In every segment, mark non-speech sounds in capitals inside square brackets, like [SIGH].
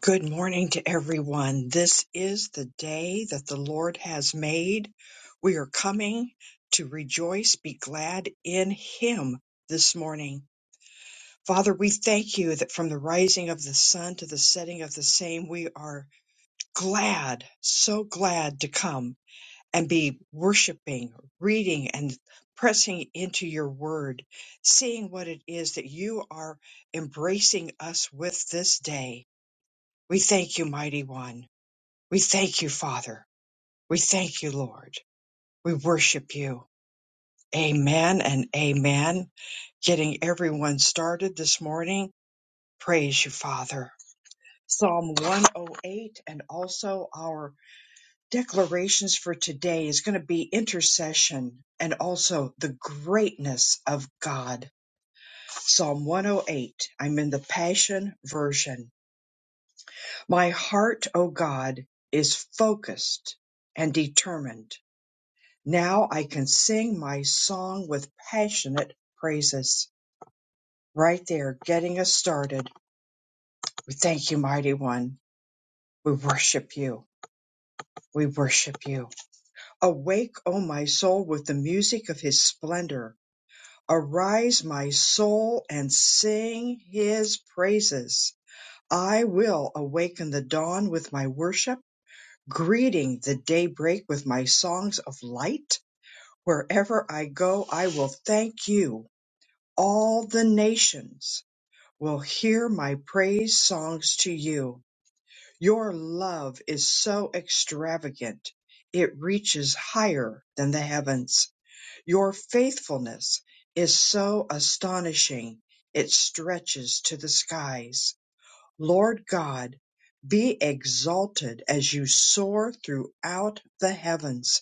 Good morning to everyone. This is the day that the Lord has made. We are coming to rejoice, be glad in Him this morning. Father, we thank you that from the rising of the sun to the setting of the same, we are glad, so glad to come and be worshiping, reading, and pressing into your word, seeing what it is that you are embracing us with this day. We thank you, mighty one. We thank you, Father. We thank you, Lord. We worship you. Amen and amen. Getting everyone started this morning. Praise you, Father. Psalm 108 and also our declarations for today is going to be intercession and also the greatness of God. Psalm 108. I'm in the Passion Version. My heart, O God, is focused and determined. Now I can sing my song with passionate praises. Right there, getting us started. We thank you, mighty one. We worship you. We worship you. Awake, O my soul, with the music of his splendor. Arise, my soul, and sing his praises. I will awaken the dawn with my worship, greeting the daybreak with my songs of light. Wherever I go, I will thank you all the nations will hear my praise songs to you. Your love is so extravagant. It reaches higher than the heavens. Your faithfulness is so astonishing. It stretches to the skies. Lord God, be exalted as you soar throughout the heavens.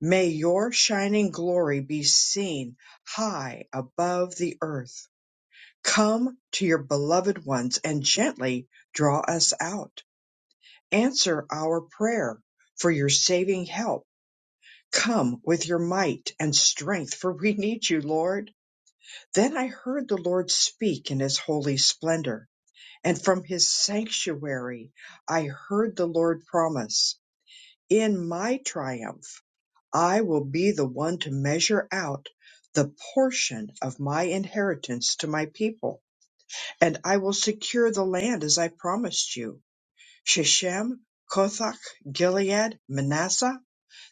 May your shining glory be seen high above the earth. Come to your beloved ones and gently draw us out. Answer our prayer for your saving help. Come with your might and strength, for we need you, Lord. Then I heard the Lord speak in his holy splendor, and from his sanctuary I heard the Lord promise, In my triumph, I will be the one to measure out the portion of my inheritance to my people and I will secure the land as I promised you. Shechem, Kothach, Gilead, Manasseh,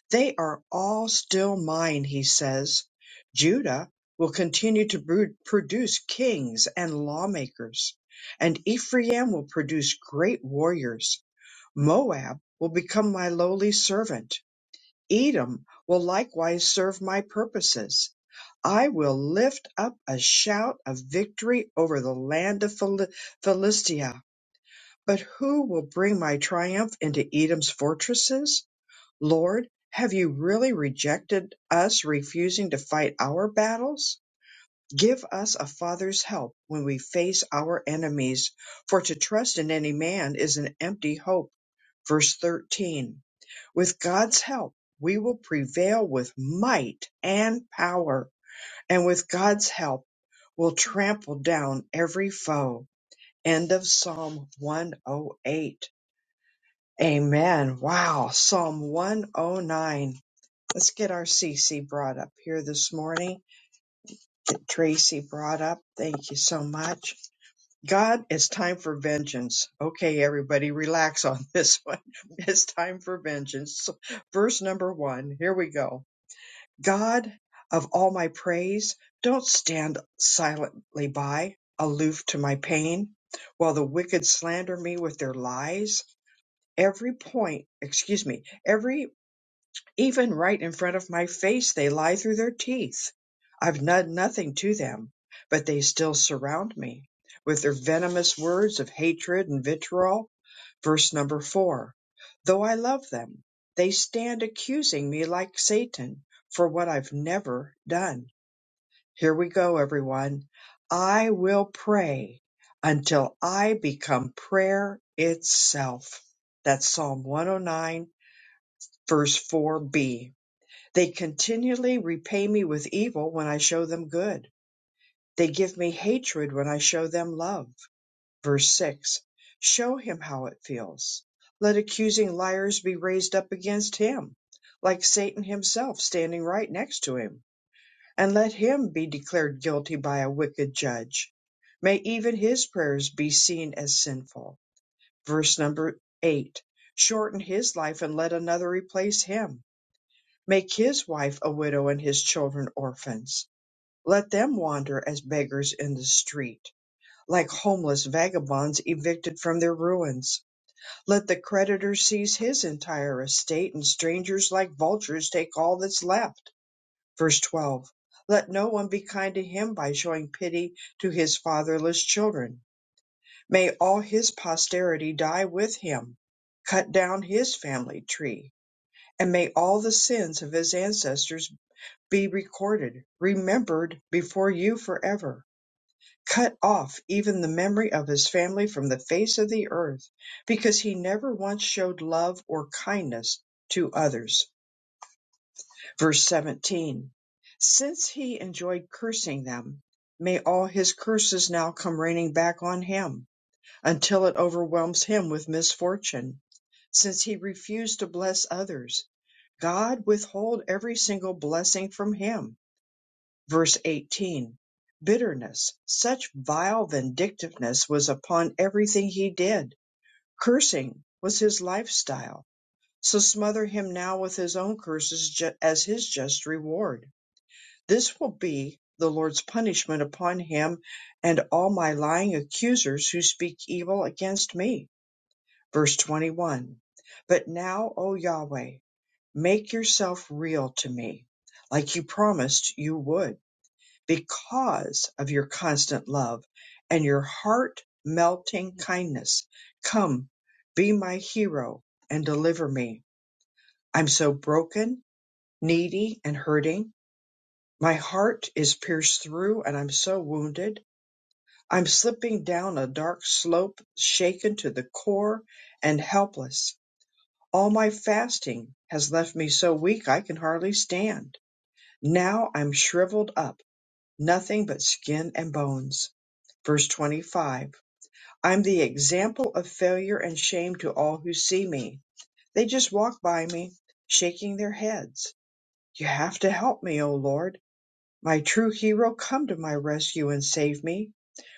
they are all still mine, he says. Judah will continue to bru- produce kings and lawmakers, and Ephraim will produce great warriors. Moab will become my lowly servant Edom will likewise serve my purposes. I will lift up a shout of victory over the land of Phil- Philistia. But who will bring my triumph into Edom's fortresses? Lord, have you really rejected us, refusing to fight our battles? Give us a father's help when we face our enemies, for to trust in any man is an empty hope. Verse 13. With God's help, we will prevail with might and power, and with God's help, we'll trample down every foe. End of Psalm 108. Amen. Wow. Psalm 109. Let's get our CC brought up here this morning. Tracy brought up. Thank you so much. God, it's time for vengeance. Okay, everybody, relax on this one. [LAUGHS] It's time for vengeance. So, Verse number one. Here we go. God of all my praise, don't stand silently by, aloof to my pain, while the wicked slander me with their lies. Every point, excuse me, Every. Even right in front of my face they lie through their teeth. I've done nothing to them, but they still surround me with their venomous words of hatred and vitriol. Verse number four. Though I love them, they stand accusing me like Satan for what I've never done. Here we go, everyone. I will pray until I become prayer itself. That's Psalm 109, verse 4b they continually repay me with evil when I show them good. They give me hatred when I show them love. Verse 6 Show him how it feels. Let accusing liars be raised up against him, like Satan himself standing right next to him. And let him be declared guilty by a wicked judge. May even his prayers be seen as sinful. Verse number 8 Shorten his life and let another replace him Make his wife a widow and his children orphans. Let them wander as beggars in the street, like homeless vagabonds evicted from their ruins. Let the creditor seize his entire estate, and strangers like vultures take all that's left. Verse 12. Let no one be kind to him by showing pity to his fatherless children. May all his posterity die with him. Cut down his family tree, and may all the sins of his ancestors be recorded, remembered before you forever. Cut off even the memory of his family from the face of the earth, because he never once showed love or kindness to others. Verse 17 Since he enjoyed cursing them, may all his curses now come raining back on him until it overwhelms him with misfortune. Since he refused to bless others, God withhold every single blessing from him verse 18 bitterness such vile vindictiveness was upon everything he did cursing was his lifestyle so smother him now with his own curses ju- as his just reward this will be the lord's punishment upon him and all my lying accusers who speak evil against me verse 21 but now o yahweh make yourself real to me like you promised you would because of your constant love and your heart melting kindness. Come, be my hero and deliver me. I'm so broken, needy, and hurting. My heart is pierced through and I'm so wounded. I'm slipping down a dark slope, shaken to the core and helpless. All my fasting has left me so weak I can hardly stand. Now I'm shriveled up, nothing but skin and bones. Verse 25 I'm the example of failure and shame to all who see me. They just walk by me, shaking their heads. You have to help me, O Lord. My true hero, come to my rescue and save me,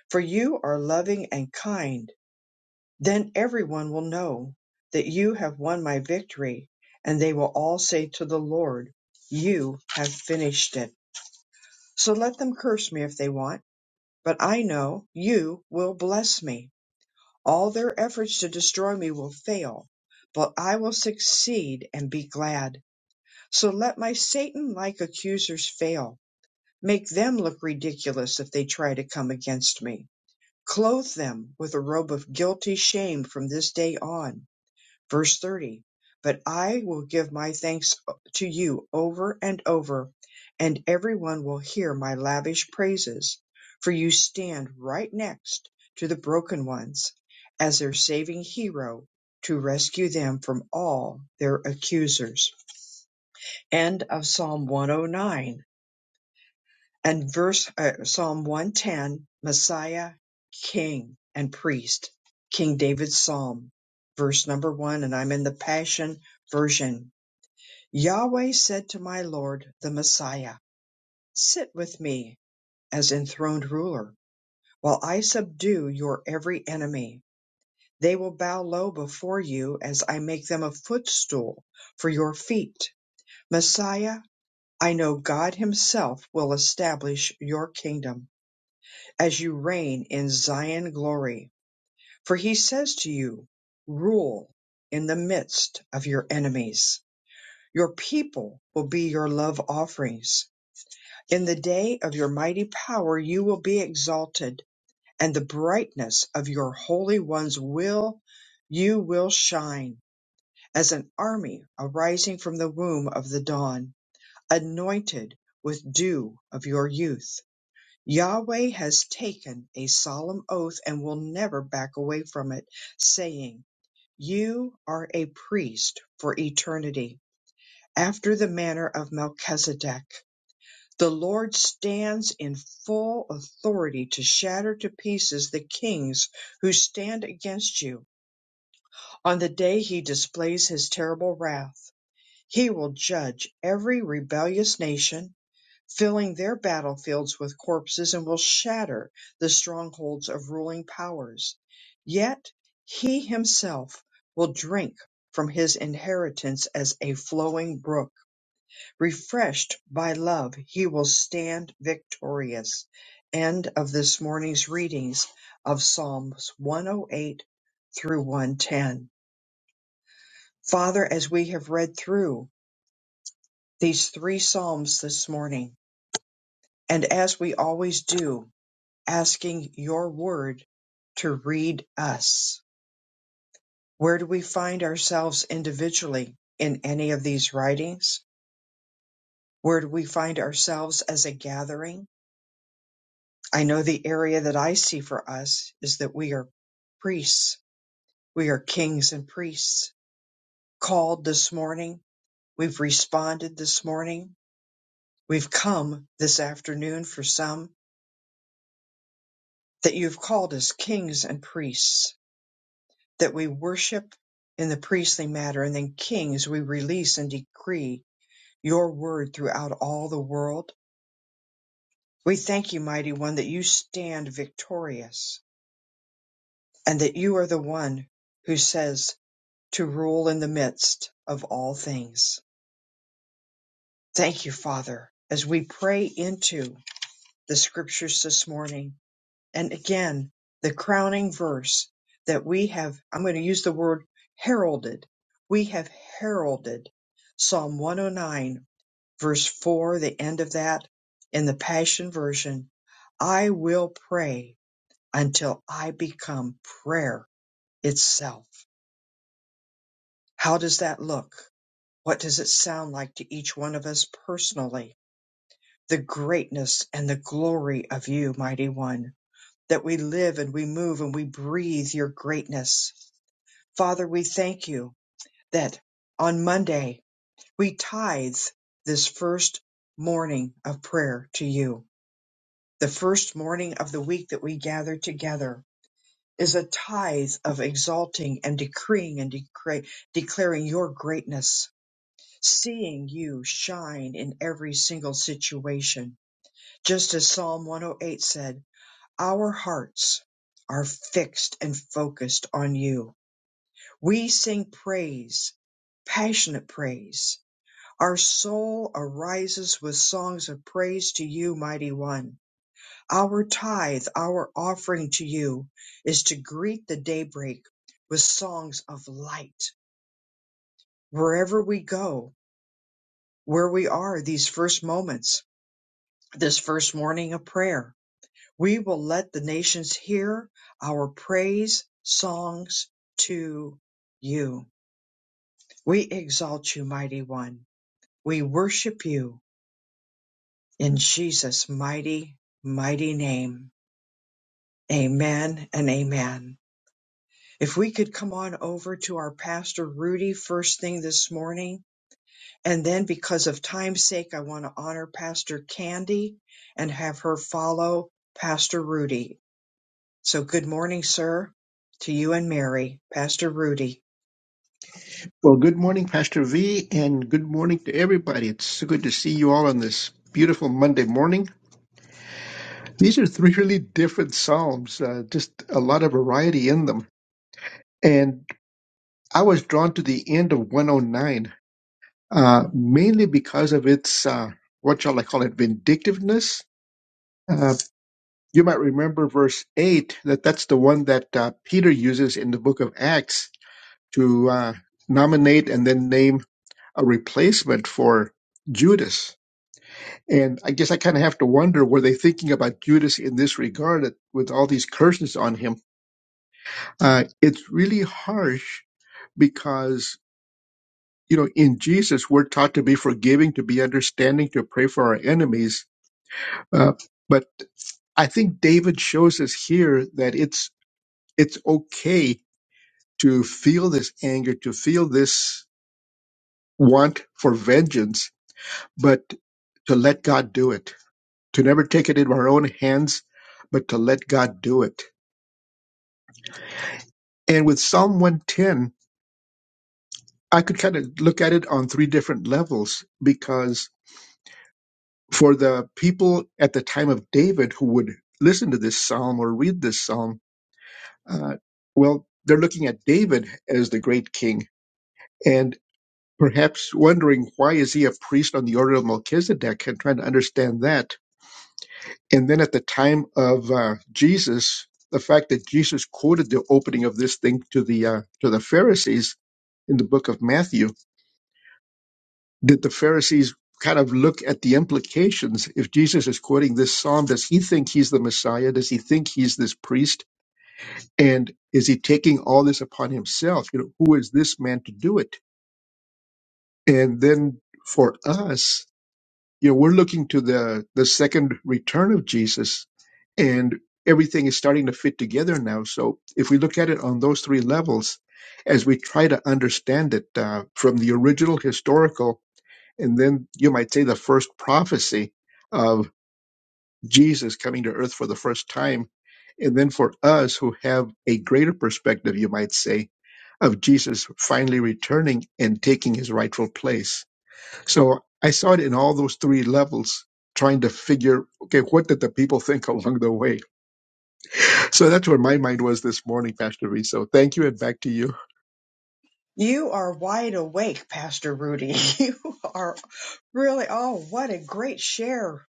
for you are loving and kind. Then everyone will know that you have won my victory, and they will all say to the Lord, You have finished it. So let them curse me if they want, but I know you will bless me. All their efforts to destroy me will fail, but I will succeed and be glad. So let my Satan like accusers fail. Make them look ridiculous if they try to come against me. Clothe them with a robe of guilty shame from this day on. Verse 30 But I will give my thanks to you over and over, and everyone will hear my lavish praises, for you stand right next to the broken ones as their saving hero to rescue them from all their accusers. End of Psalm 109 and verse uh, Psalm 110, Messiah, King and Priest, King David's Psalm, verse number one, and I'm in the Passion Version. Yahweh said to my Lord, the Messiah, Sit with me as enthroned ruler, while I subdue your every enemy. They will bow low before you as I make them a footstool for your feet. Messiah, I know God Himself will establish your kingdom. as you reign in Zion glory. For he says to you, rule in the midst of your enemies. Your people will be your love offerings. In the day of your mighty power, you will be exalted and the brightness of your holy ones will, you will shine as an army arising from the womb of the dawn, anointed with dew of your youth. Yahweh has taken a solemn oath and will never back away from it, saying, You are a priest for eternity, after the manner of Melchizedek. The Lord stands in full authority to shatter to pieces the kings who stand against you. On the day he displays his terrible wrath, he will judge every rebellious nation filling their battlefields with corpses and will shatter the strongholds of ruling powers. Yet he himself will drink from his inheritance as a flowing brook. Refreshed by love, he will stand victorious. End of this morning's readings of Psalms 108 through 110. Father, as we have read through these three Psalms this morning, and as we always do, asking your word to read us. Where do we find ourselves individually in any of these writings? Where do we find ourselves as a gathering? I know the area that I see for us is that we are priests. We are kings and priests called this morning. We've responded this morning. We've come this afternoon for some that you've called us kings and priests that we worship in the priestly matter, and then kings we release and decree your word throughout all the world. We thank you, mighty one, that you stand victorious and that you are the one who says to rule in the midst of all things. Thank you, Father, as we pray into the scriptures this morning. And again, the crowning verse that we have, I'm going to use the word heralded. We have heralded Psalm 109, verse 4, the end of that in the Passion Version. I will pray until I become prayer itself. How does that look? What does it sound like to each one of us personally? The greatness and the glory of you, mighty one that we live and we move and we breathe your greatness. Father, we thank you that on Monday we tithe this first morning of prayer to you. The first morning of the week that we gather together is a tithe of exalting and decreeing and decra- declaring your greatness, seeing you shine in every single situation. Just as Psalm 108 said, Our hearts are fixed and focused on you. We sing praise, passionate praise. Our soul arises with songs of praise to you, mighty one. Our tithe, our offering to you is to greet the daybreak with songs of light. Wherever we go, where we are these first moments, this first morning of prayer, We will let the nations hear our praise songs to you. We exalt you, mighty one. We worship you in Jesus' mighty, mighty name. Amen and amen. If we could come on over to our pastor Rudy first thing this morning, and then because of time's sake, I want to honor Pastor Candy and have her follow Pastor Rudy So good morning, sir, to you and Mary, Pastor Rudy. Well, good morning, Pastor V, and good morning to everybody. It's so good to see you all on this beautiful Monday morning. These are three really different Psalms, uh, just a lot of variety in them. And I was drawn to the end of 109, uh, mainly because of its, uh, what shall I call it, vindictiveness. Uh, you might remember verse 8, that that's the one that uh, Peter uses in the book of Acts to uh, nominate and then name a replacement for Judas And I guess I kind of have to wonder were they thinking about Judas in this regard that with all these curses on him? Uh, it's really harsh because, you know, in Jesus, we're taught to be forgiving, to be understanding, to pray for our enemies. Uh, but I think David shows us here that it's, it's okay to feel this anger, to feel this want for vengeance, but to let God do it, to never take it into our own hands, but to let God do it And with Psalm 110, I could kind of look at it on three different levels because for the people at the time of David who would listen to this psalm or read this psalm, uh, well, they're looking at David as the great king and perhaps wondering why is he a priest on the order of Melchizedek and trying to understand that. And then at the time of uh, Jesus, the fact that Jesus quoted the opening of this thing to the uh, to the Pharisees in the book of Matthew did the Pharisees kind of look at the implications if Jesus is quoting this psalm? Does he think he's the Messiah? Does he think he's this priest? And is he taking all this upon himself? You know, who is this man to do it? And then for us, you know, we're looking to the the second return of Jesus, and everything is starting to fit together now. So if we look at it on those three levels, as we try to understand it uh, from the original historical and then you might say the first prophecy of Jesus coming to earth for the first time. And then for us who have a greater perspective, you might say, of Jesus finally returning and taking his rightful place. So I saw it in all those three levels, trying to figure, okay, what did the people think [LAUGHS] along the way? So that's where my mind was this morning, Pastor V. So thank you and back to you. You are wide awake, Pastor Rudy. [LAUGHS] You are really, oh, what a great share.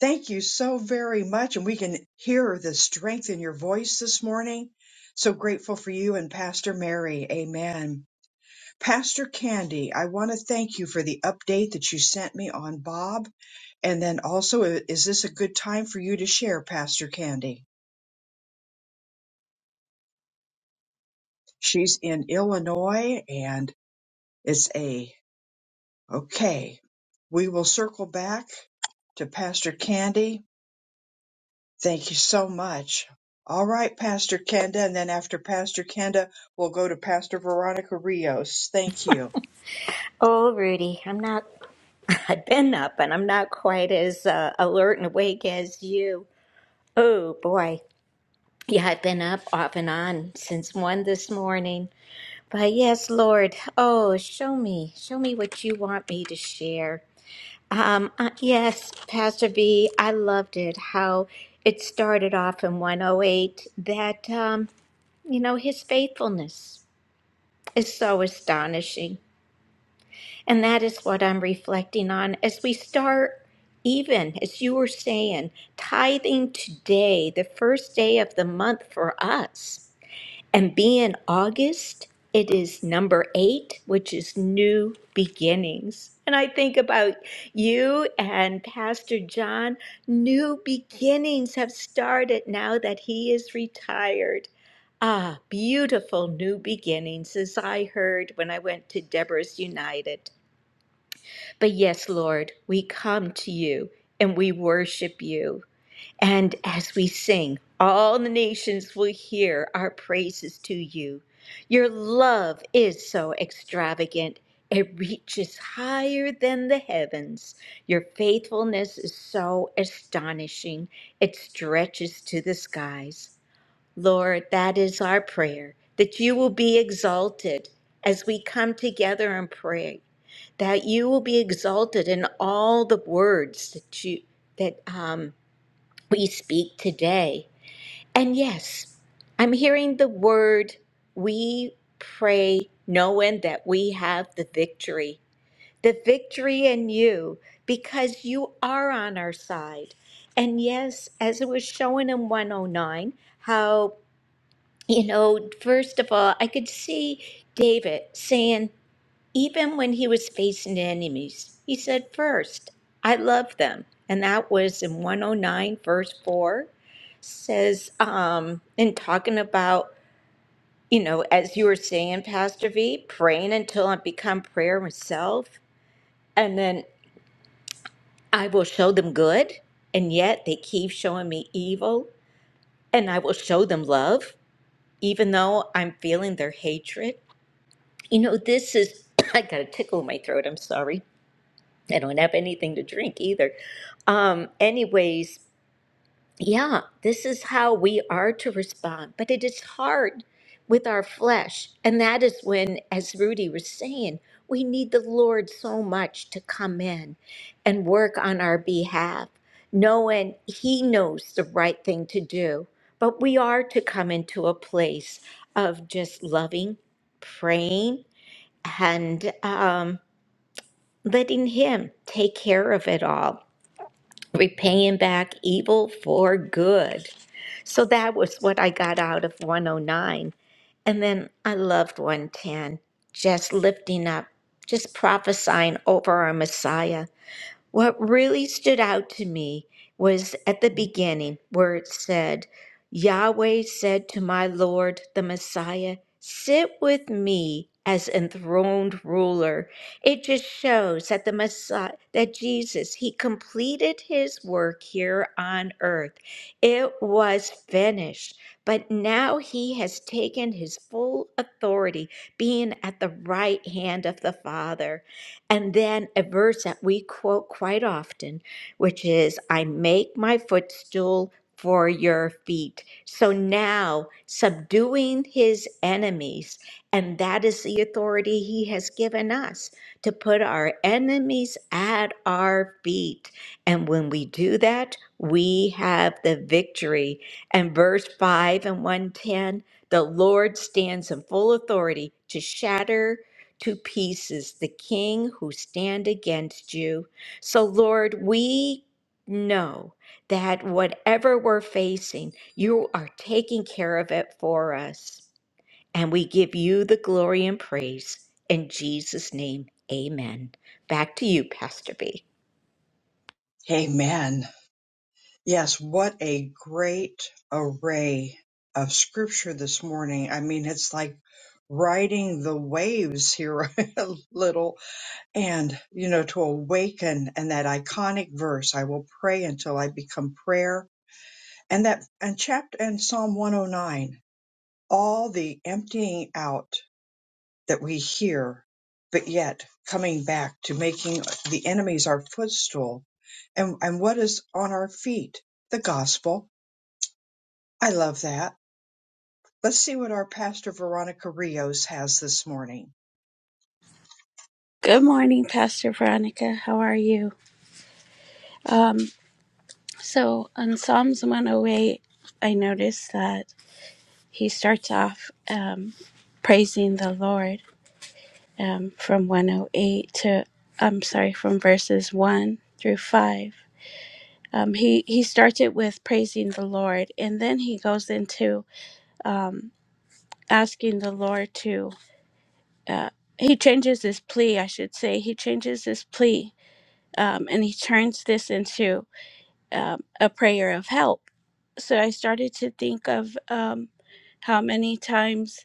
Thank you so very much. And we can hear the strength in your voice this morning. So grateful for you and Pastor Mary. Amen. Pastor Candy, I want to thank you for the update that you sent me on Bob. And then also, i- is this a good time for you to share, Pastor Candy? She's in Illinois and. It's A. Okay. We will circle back to Pastor Candy. Thank you so much. All right, Pastor Kenda. And then after Pastor Kenda, we'll go to Pastor Veronica Rios. Thank you. Oh, Rudy, I'm not, [LAUGHS] I've been up and I'm not quite as uh, alert and awake as you. Oh, boy. Yeah, I've been up off and on since one this morning. But yes, Lord, oh, show me, show me what you want me to share. Um, uh, yes, Pastor V, I loved it how it started off in 108 that, um, you know, his faithfulness is so astonishing. And that is what I'm reflecting on as we start, even as you were saying, tithing today, the first day of the month for us. And being August, it is number eight, which is new beginnings. And I think about you and Pastor John. New beginnings have started now that he is retired. Ah, beautiful new beginnings, as I heard when I went to Deborah's United. But yes, Lord, we come to you and we worship you. And as we sing, all the nations will hear our praises to you. Your love is so extravagant, it reaches higher than the heavens. Your faithfulness is so astonishing, it stretches to the skies. Lord, that is our prayer, that you will be exalted as we come together and pray that you will be exalted in all the words that you that um, we speak today. And yes, I'm hearing the word we pray knowing that we have the victory. The victory in you because you are on our side. And yes, as it was showing in 109, how, you know, first of all, I could see David saying, even when he was facing enemies, he said, First, I love them. And that was in 109, verse 4, says, um, in talking about, you know, as you were saying, Pastor V, praying until I become prayer myself, and then I will show them good, and yet they keep showing me evil, and I will show them love, even though I'm feeling their hatred. You know, this is, [COUGHS] I got a tickle in my throat, I'm sorry They don't have anything to drink either. Um, anyways, yeah, this is how we are to respond, but it is hard with our flesh. And that is when, as Rudy was saying, we need the Lord so much to come in and work on our behalf, knowing He knows the right thing to do. But we are to come into a place of just loving, praying, and um, letting Him take care of it all repaying back evil for good. So that was what I got out of 109. And then I loved 110, just lifting up, just prophesying over our Messiah what really stood out to me was at the beginning where it said, Yahweh said to my Lord, the Messiah, sit with me as enthroned ruler. It just shows that the Messiah, that Jesus, he completed his work here on earth. It was finished, but now he has taken his full authority, being at the right hand of the Father. And then a verse that we quote quite often, which is, I make my footstool for your feet. So now, subduing his enemies, and that is the authority he has given us to put our enemies at our feet. And when we do that, we have the victory. And verse 5 and 110 the Lord stands in full authority to shatter to pieces the king who stand against you. So, Lord, we know that whatever we're facing, you are taking care of it for us. And we give you the glory and praise. In Jesus' name, amen. Back to you, Pastor B. Amen. Yes, what a great array of scripture this morning. I mean, it's like riding the waves here [LAUGHS] a little and, you know, to awaken and that iconic verse, I will pray until I become prayer and that and chapter and psalm 109 all the emptying out that we hear but yet coming back to making the enemies our footstool and and what is on our feet the gospel i love that let's see what our pastor veronica rios has this morning Good morning, Pastor Veronica. How are you? Um, so on Psalms 108, I noticed that he starts off um, praising the Lord um, from 108 to, I'm sorry, from verses 1 through 5. Um, he, he started with praising the Lord, and then he goes into um, asking the Lord to, uh, he changes his plea, I should say. He changes his plea, um, and he turns this into um, a prayer of help. So I started to think of um, how many times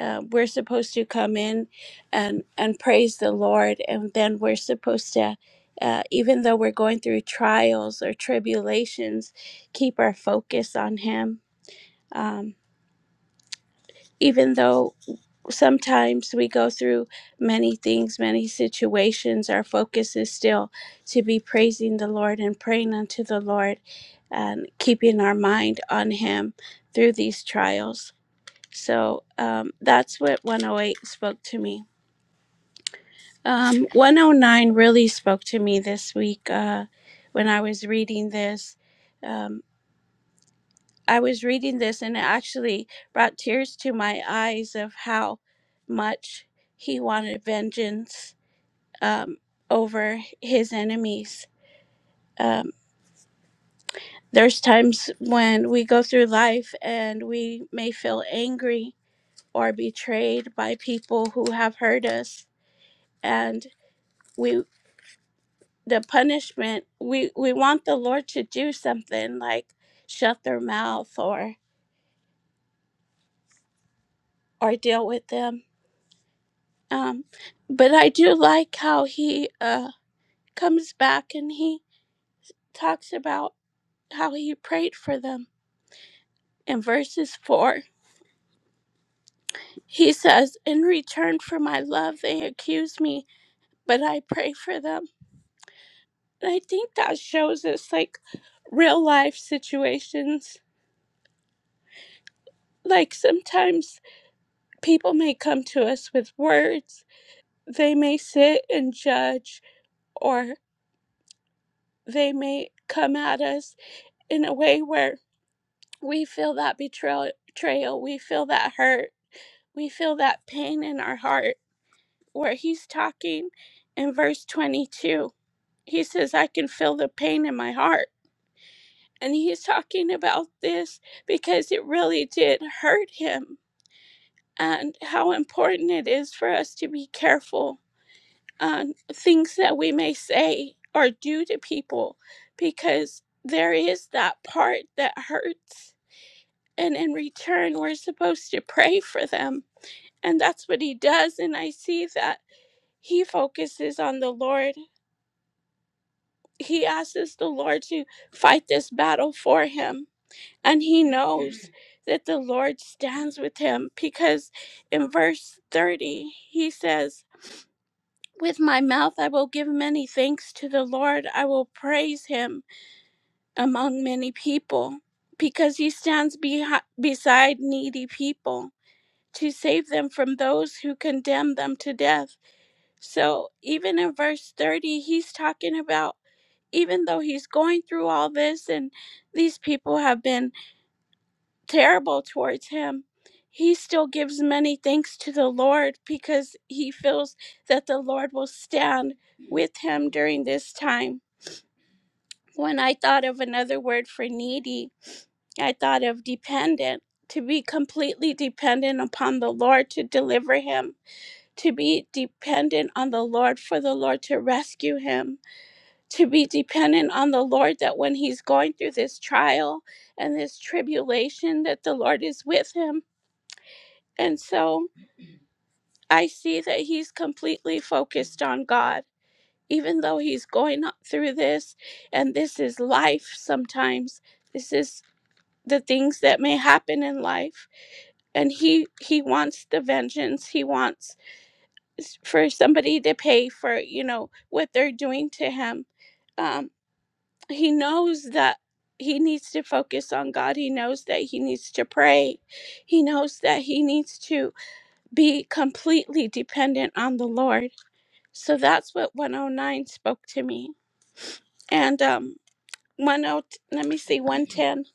uh, we're supposed to come in and, and praise the Lord, and then we're supposed to, uh, even though we're going through trials or tribulations, keep our focus on Him. Um, even though sometimes we go through many things, many situations. Our focus is still to be praising the Lord and praying unto the Lord and keeping our mind on Him through these trials. So um, that's what 108 spoke to me. Um, 109 really spoke to me this week uh, when I was reading this. Um, I was reading this and it actually brought tears to my eyes of how much he wanted vengeance um, over his enemies. Um, there's times when we go through life and we may feel angry or betrayed by people who have hurt us, and we the punishment we we want the Lord to do something like shut their mouth or or deal with them Um, but I do like how he uh, comes back and he talks about how he prayed for them. In verses 4, he says, In return for my love, they accuse me, but I pray for them. And I think that shows us like real life situations. Like sometimes people may come to us with words, they may sit and judge, or they may come at us in a way where We feel that betrayal, betrayal. We feel that hurt. We feel that pain in our heart. Where he's talking in verse 22, he says, I can feel the pain in my heart. And he's talking about this because it really did hurt him and how important it is for us to be careful on things that we may say or do to people because there is that part that hurts. And in return, we're supposed to pray for them And that's what he does. And I see that he focuses on the Lord. He asks the Lord to fight this battle for him. And he knows that the Lord stands with him because in verse 30, he says, With my mouth I will give many thanks to the Lord. I will praise him among many people because he stands behi- beside needy people to save them from those who condemn them to death. So even in verse 30, he's talking about even though he's going through all this and these people have been terrible towards him, he still gives many thanks to the Lord because he feels that the Lord will stand with him during this time. When I thought of another word for needy, I thought of dependent, to be completely dependent upon the Lord to deliver him, to be dependent on the Lord for the Lord to rescue him to be dependent on the Lord that when he's going through this trial and this tribulation that the Lord is with him. And so I see that he's completely focused on God even though he's going through this and this is life sometimes. This is the things that may happen in life and he he wants the vengeance he wants s- for somebody to pay for you know what they're doing to him Um. he knows that he needs to focus on God. He knows that he needs to pray. He knows that he needs to be completely dependent on the Lord. So that's what 109 spoke to me. And um 10 let me see 110.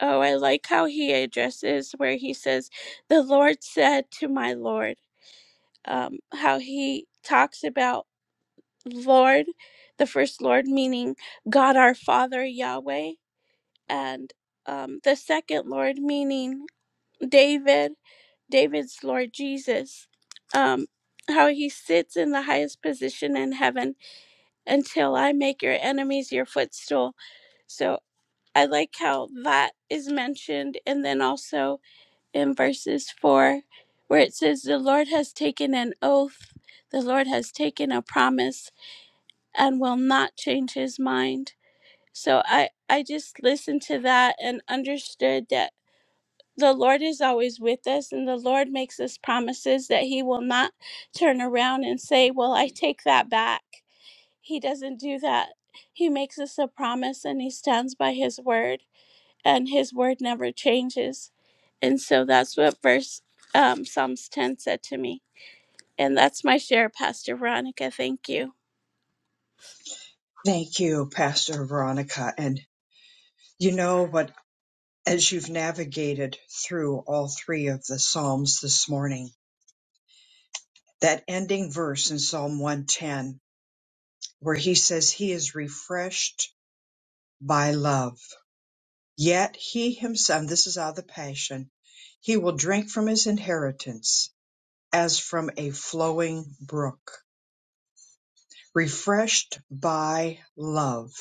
Oh, I like how he addresses where he says, "The Lord said to my Lord." Um how he talks about Lord, the first Lord meaning God our Father Yahweh and um, the second Lord, meaning David, David's Lord Jesus, um, how he sits in the highest position in heaven until I make your enemies your footstool. So I like how that is mentioned. And then also in verses 4, where it says, The Lord has taken an oath, the Lord has taken a promise, and will not change his mind. So I, I just listened to that and understood that the Lord is always with us, and the Lord makes us promises that He will not turn around and say, Well, I take that back. He doesn't do that. He makes us a promise and He stands by His word, and His word never changes. And so that's what verse um, Psalms 10 said to me. And that's my share, Pastor Veronica. Thank you. thank you pastor veronica and you know what as you've navigated through all three of the psalms this morning that ending verse in psalm 110 where he says he is refreshed by love. Yet he himself, and this is out of the Passion, he will drink from his inheritance as from a flowing brook. Refreshed by love,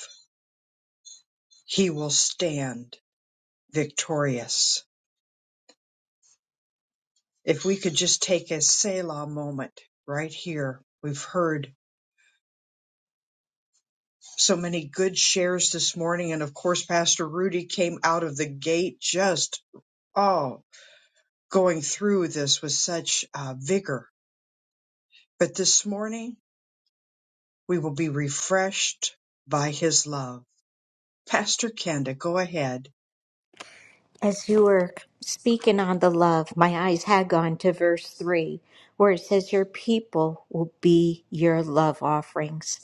he will stand victorious. If we could just take a Selah moment right here. We've heard so many good shares this morning. And of course, Pastor Rudy came out of the gate just, oh. going through this with such uh, vigor. But this morning, we will be refreshed by his love. Pastor Kenda, go ahead. As you were speaking on the love, my eyes had gone to verse 3, where it says, Your people will be your love offerings.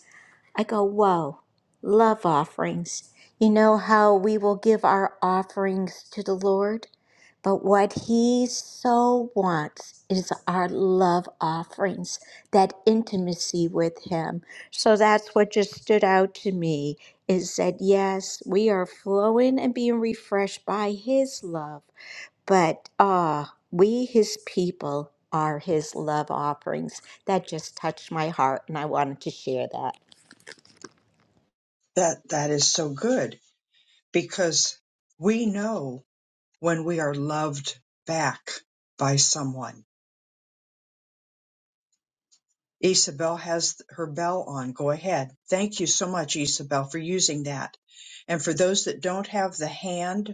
I go, whoa, love offerings. You know how we will give our offerings to the Lord? But what He so wants is our love offerings, that intimacy with Him. So that's what just stood out to me is that, yes, we are flowing and being refreshed by His love, but ah, we, His people, are His love offerings. That just touched my heart, and I wanted to share that. That, that is so good because we know when we are loved back by someone. Isabel has her bell on. Go ahead. Thank you so much, Isabel, for using that. And for those that don't have the hand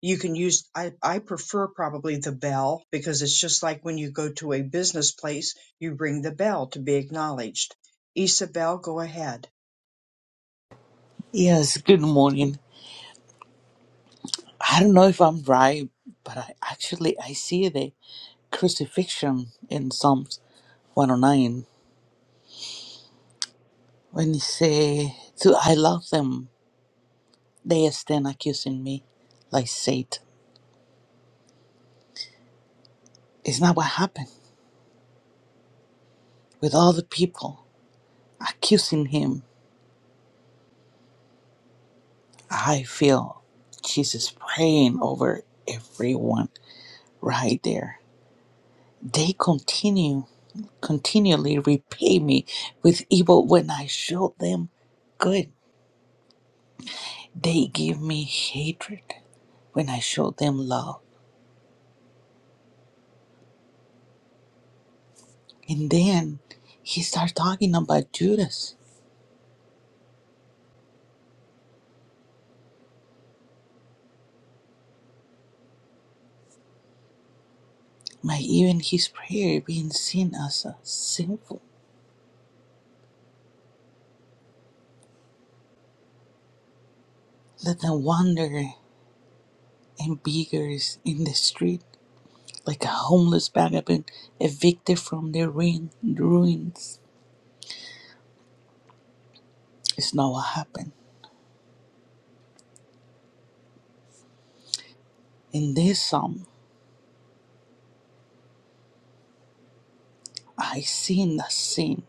you can use I, I prefer probably the bell because it's just like when you go to a business place you ring the bell to be acknowledged isabel go ahead Yes, good morning. I don't know if I'm right, but I actually I see the crucifixion in Psalms 109 when he say, "To I love them, they stand accusing me, like Satan." It's not what happened with all the people accusing him. I feel Jesus praying over everyone right there. They continue continually repay me with evil when I show them good They give me hatred when I show them love. And then he starts talking about Judas, my even his prayer being seen as a sinful. Let them wander and beggars in the street, like a homeless vagabond evicted from their ruin, ruins. It's not what happened. In this psalm, I seen the sin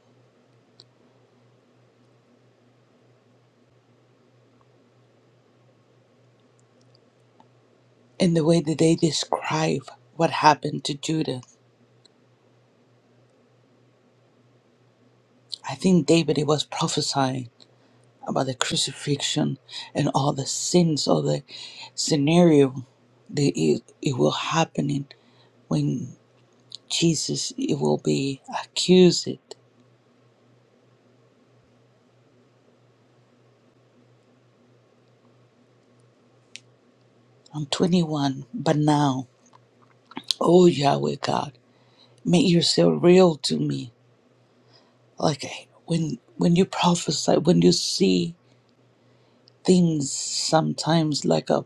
in the way that they describe what happened to Judah. I think David was prophesying about the crucifixion and all the sins, all the scenario that it, it will happen in when Jesus it will be accused. I'm 21, but now, oh Yahweh God, make yourself real to me. Like I- when when you prophesy, when you see things sometimes like a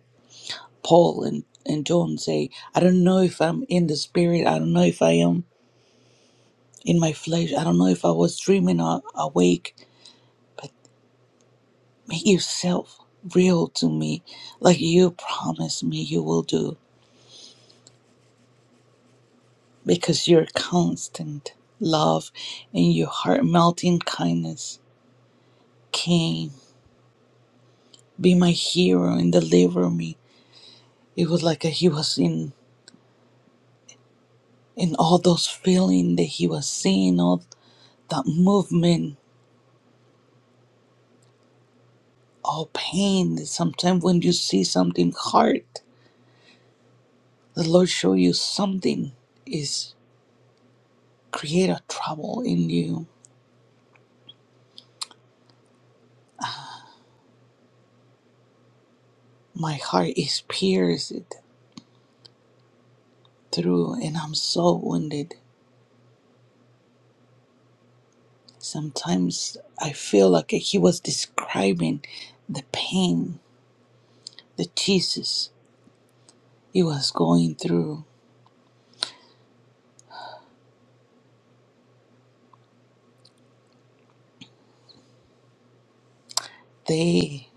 Paul and, and John say, I don't know if I'm in the spirit, I don't know if I am in my flesh, I don't know if I was dreaming or awake but make yourself real to me like you promised me you will do because your constant love and your heart melting kindness came be my hero and deliver me it was like he was in in all those feeling that he was seeing all that movement all pain that sometimes when you see something hard the lord show you something is create a trouble in you My heart is pierced through and I'm so wounded. Sometimes I feel like he was describing the pain that Jesus he was going through. They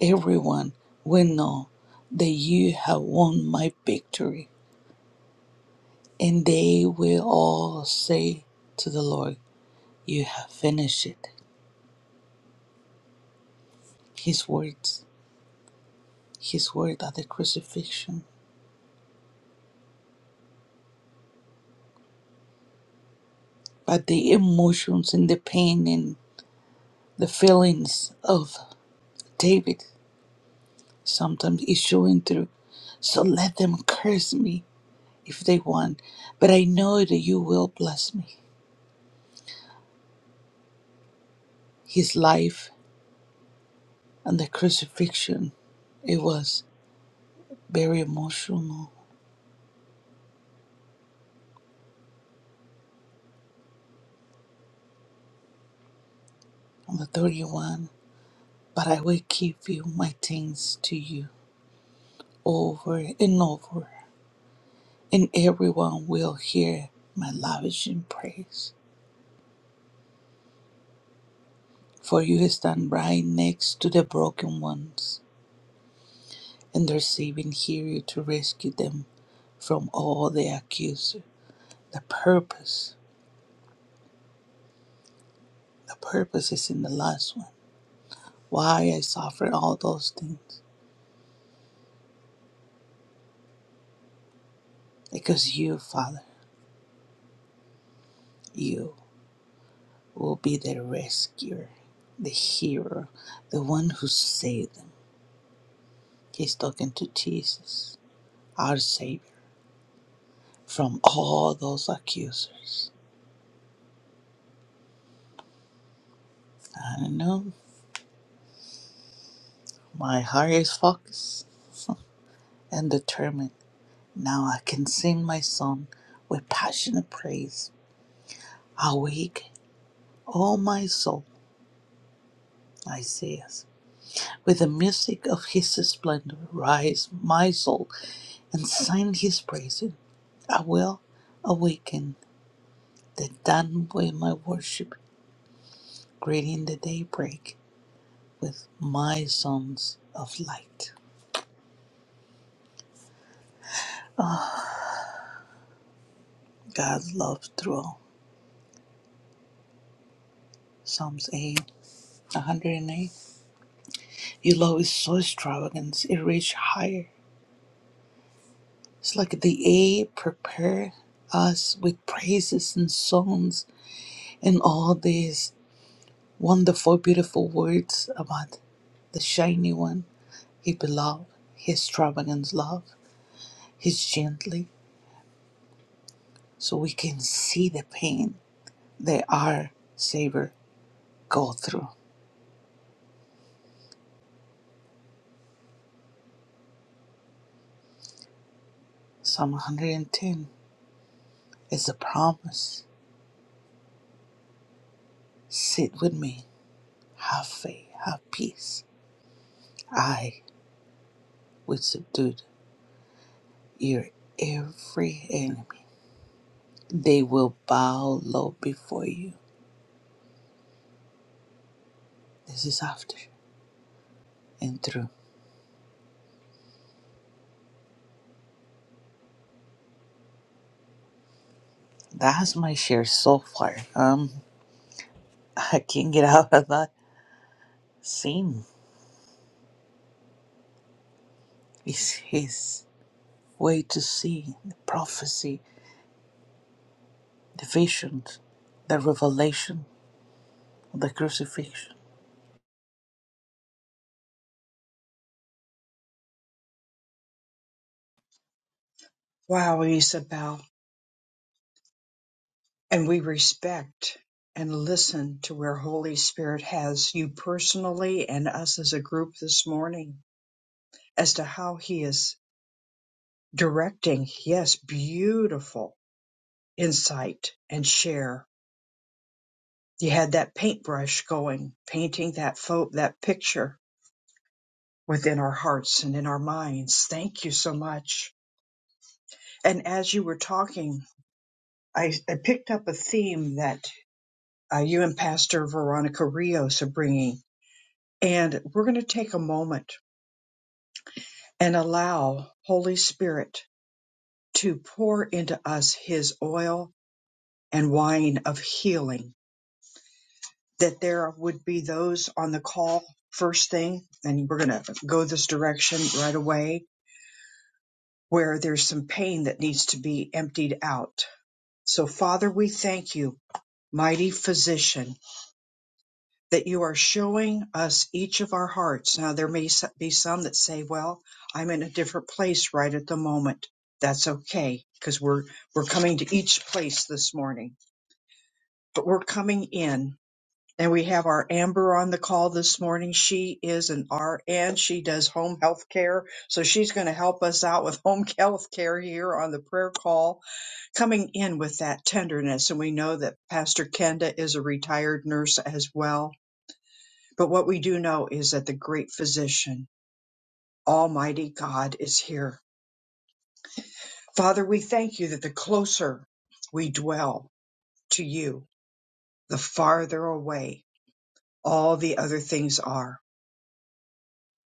everyone will know that you have won my victory. And they will all say to the Lord, You have finished it. His words, his word at the crucifixion. But the emotions and the pain and. the feelings of David sometimes is showing through. So let them curse me if they want, but I know that you will bless me. His life and the crucifixion, it was very emotional on the 31. But I will give you my thanks to you over and over, and everyone will hear my lavishing praise. For you stand right next to the broken ones and their saving hero to rescue them from all the accuser. The purpose, the purpose is in the last one. Why I suffer all those things? Because you, Father, you will be the rescuer, the hero, the one who saved them. He's talking to Jesus, our Savior, from all those accusers. I know my heart is focused [LAUGHS] and determined Now I can sing my song with passionate praise. Awake, O my soul, Isaiah. With the music of his splendor, rise, my soul, and sing his praises. I will awaken the dawn with my worship, greeting the daybreak with my songs of light. God's love through all. Psalms 8, 108. Your love is so extravagant, it reaches higher. It's like the A prepare us with praises and songs and all these wonderful, beautiful words about the shiny one, his beloved, his extravagant love, his gently, so we can see the pain that our Savior go through. Psalm 110 is a promise. Sit with me, have faith, have peace. I will subdue your every enemy. They will bow low before you. This is after and through. That's my share so far. Um, [LAUGHS] I can't get out of that scene. It's his way to see the prophecy, the visions, the revelation, the crucifixion. wow isabel and we respect and listen to where holy spirit has you personally and us as a group this morning as to how he is directing yes beautiful insight and share you had that paintbrush going painting that photo that picture within our hearts and in our minds. Thank you so much. And as you were talking, I, I picked up a theme that uh, you and Pastor Veronica Rios are bringing. And we're going to take a moment and allow Holy Spirit to pour into us his oil and wine of healing. That there would be those on the call first thing, and we're going to go this direction right away, where there's some pain that needs to be emptied out So, Father, we thank you, mighty physician, that you are showing us each of our hearts. Now, there may s- be some that say, well, I'm in a different place right at the moment. That's okay because we're, we're coming to each place this morning, but we're coming in and we have our Amber on the call this morning. She is an RN. She does home health care. So she's going to help us out with home [LAUGHS] health care here on the prayer call coming in with that tenderness. And we know that Pastor Kenda is a retired nurse as well. But what we do know is that the great physician, Almighty God, is here. Father, we thank you that the closer we dwell to you, the farther away all the other things are,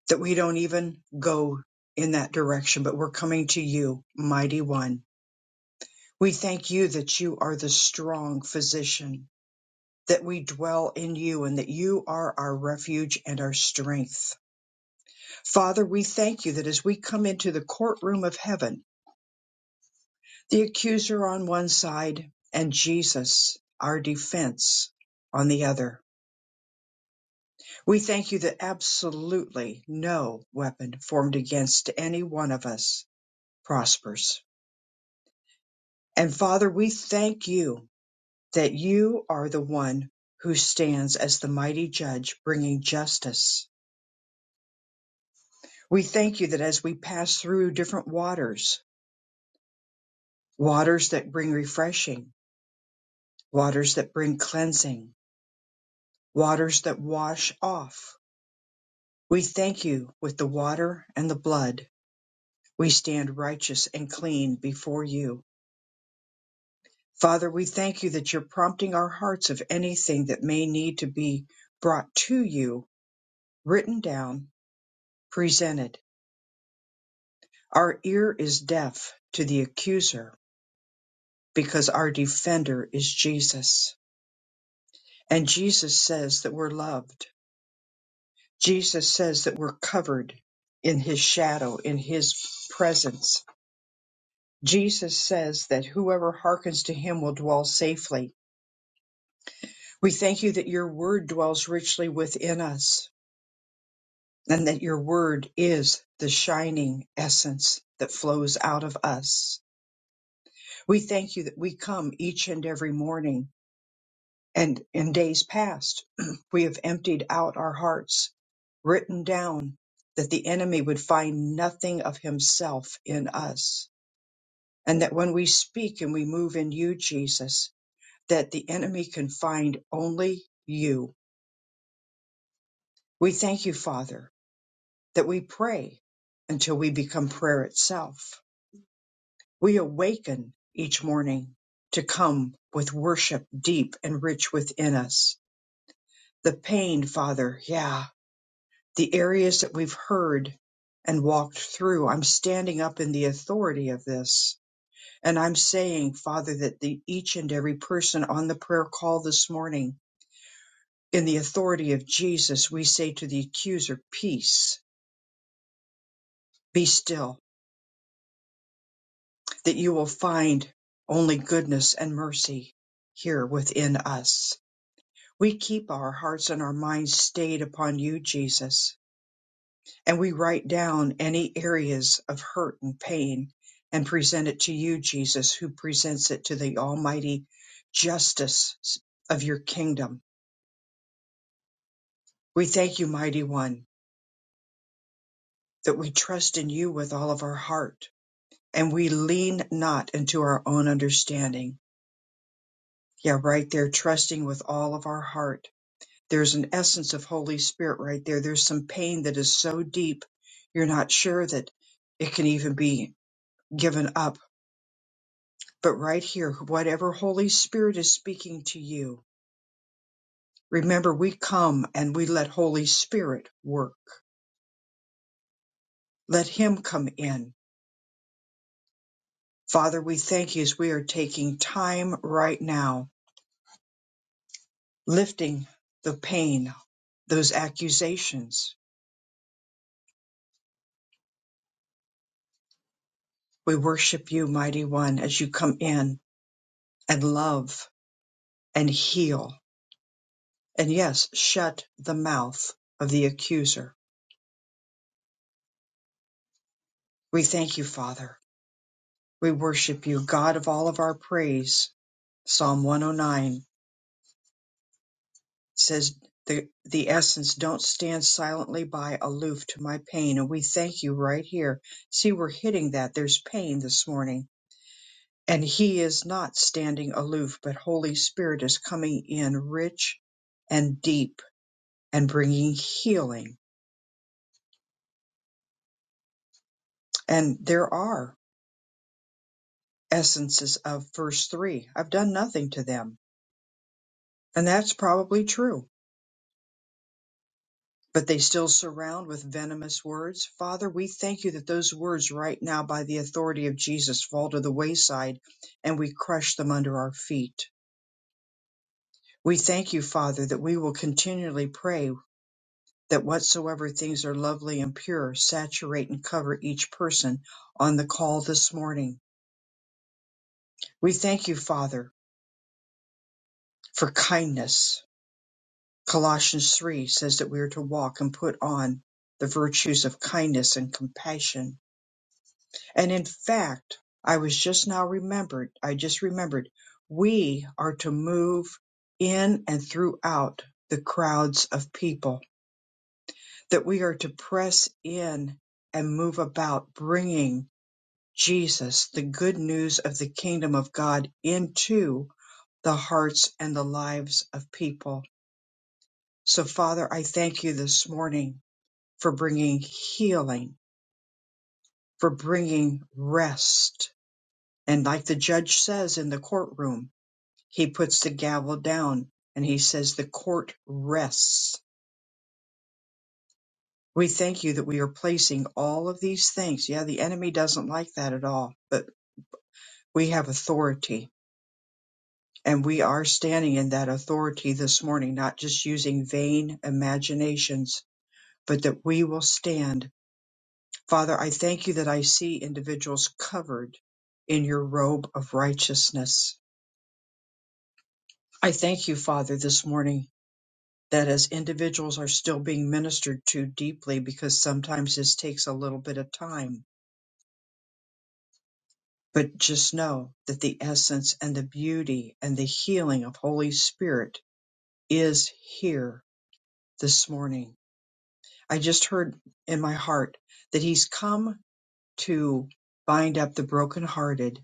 that we don't even go in that direction, but we're coming to you, Mighty One. We thank you that you are the strong physician that we dwell in you and that you are our refuge and our strength. Father, we thank you that as we come into the courtroom of heaven, the accuser on one side and Jesus, our defense, on the other, we thank you that absolutely no weapon formed against any one of us prospers. And Father, we thank you that you are the one who stands as the mighty judge bringing justice We thank you that as we pass through different waters, waters that bring refreshing, waters that bring cleansing, waters that wash off, we thank you with the water and the blood. We stand righteous and clean before you. Father, we thank you that you're prompting our hearts of anything that may need to be brought to you, written down, presented. Our ear is deaf to the accuser because our defender is Jesus. And Jesus says that we're loved. Jesus says that we're covered in his shadow, in his presence. Jesus says that whoever hearkens to him will dwell safely. We thank you that your word dwells richly within us and that your word is the shining essence that flows out of us. We thank you that we come each and every morning And in days past, [CLEARS THROAT] we have emptied out our hearts, written down that the enemy would find nothing of himself in us. And that when we speak and we move in you, Jesus, that the enemy can find only you. We thank you, Father, that we pray until we become prayer itself. We awaken each morning to come with worship deep and rich within us. The pain, Father, yeah, the areas that we've heard and walked through. I'm standing up in the authority of this. And I'm saying, Father, that the, each and every person on the prayer call this morning, in the authority of Jesus, we say to the accuser, Peace, be still, that you will find only goodness and mercy here within us. We keep our hearts and our minds stayed upon you, Jesus and we write down any areas of hurt and pain and present it to you, Jesus, who presents it to the almighty justice of your kingdom. We thank you, mighty one, that we trust in you with all of our heart and we lean not into our own understanding. Yeah, right there, trusting with all of our heart. There's an essence of Holy Spirit right there. There's some pain that is so deep, you're not sure that it can even be given up But right here, whatever Holy Spirit is speaking to you, remember we come and we let Holy Spirit work. Let Him come in. Father, we thank you as we are taking time right now, lifting the pain, those accusations. We worship you, Mighty One, as you come in and love and heal. And yes, shut the mouth of the accuser. We thank you, Father. We worship you, God of all of our praise Psalm 109 says, the, the essence, don't stand silently by aloof to my pain. And we thank you right here. See, we're hitting that. There's pain this morning. And he is not standing aloof, but Holy Spirit is coming in rich and deep and bringing healing. And there are essences of verse three. I've done nothing to them. And that's probably true but they still surround with venomous words. Father, we thank you that those words right now, by the authority of Jesus, fall to the wayside and we crush them under our feet. We thank you, Father, that we will continually pray that whatsoever things are lovely and pure saturate and cover each person on the call this morning. We thank you, Father, for kindness. Colossians 3 says that we are to walk and put on the virtues of kindness and compassion And in fact, I was just now remembered, I just remembered, we are to move in and throughout the crowds of people, that we are to press in and move about bringing Jesus, the good news of the kingdom of God, into the hearts and the lives of people. So, Father, I thank you this morning for bringing healing, for bringing rest. And like the judge says in the courtroom, He puts the gavel down and he says, The court rests. We thank you that we are placing all of these things. Yeah, the enemy doesn't like that at all, but we have authority and we are standing in that authority this morning, not just using vain imaginations, but that we will stand. Father, I thank you that I see individuals covered in your robe of righteousness. I thank you, Father, this morning. that as individuals are still being ministered to deeply because sometimes this takes a little bit of time. But just know that the essence and the beauty and the healing of Holy Spirit is here this morning. I just heard in my heart that He's come to bind up the brokenhearted,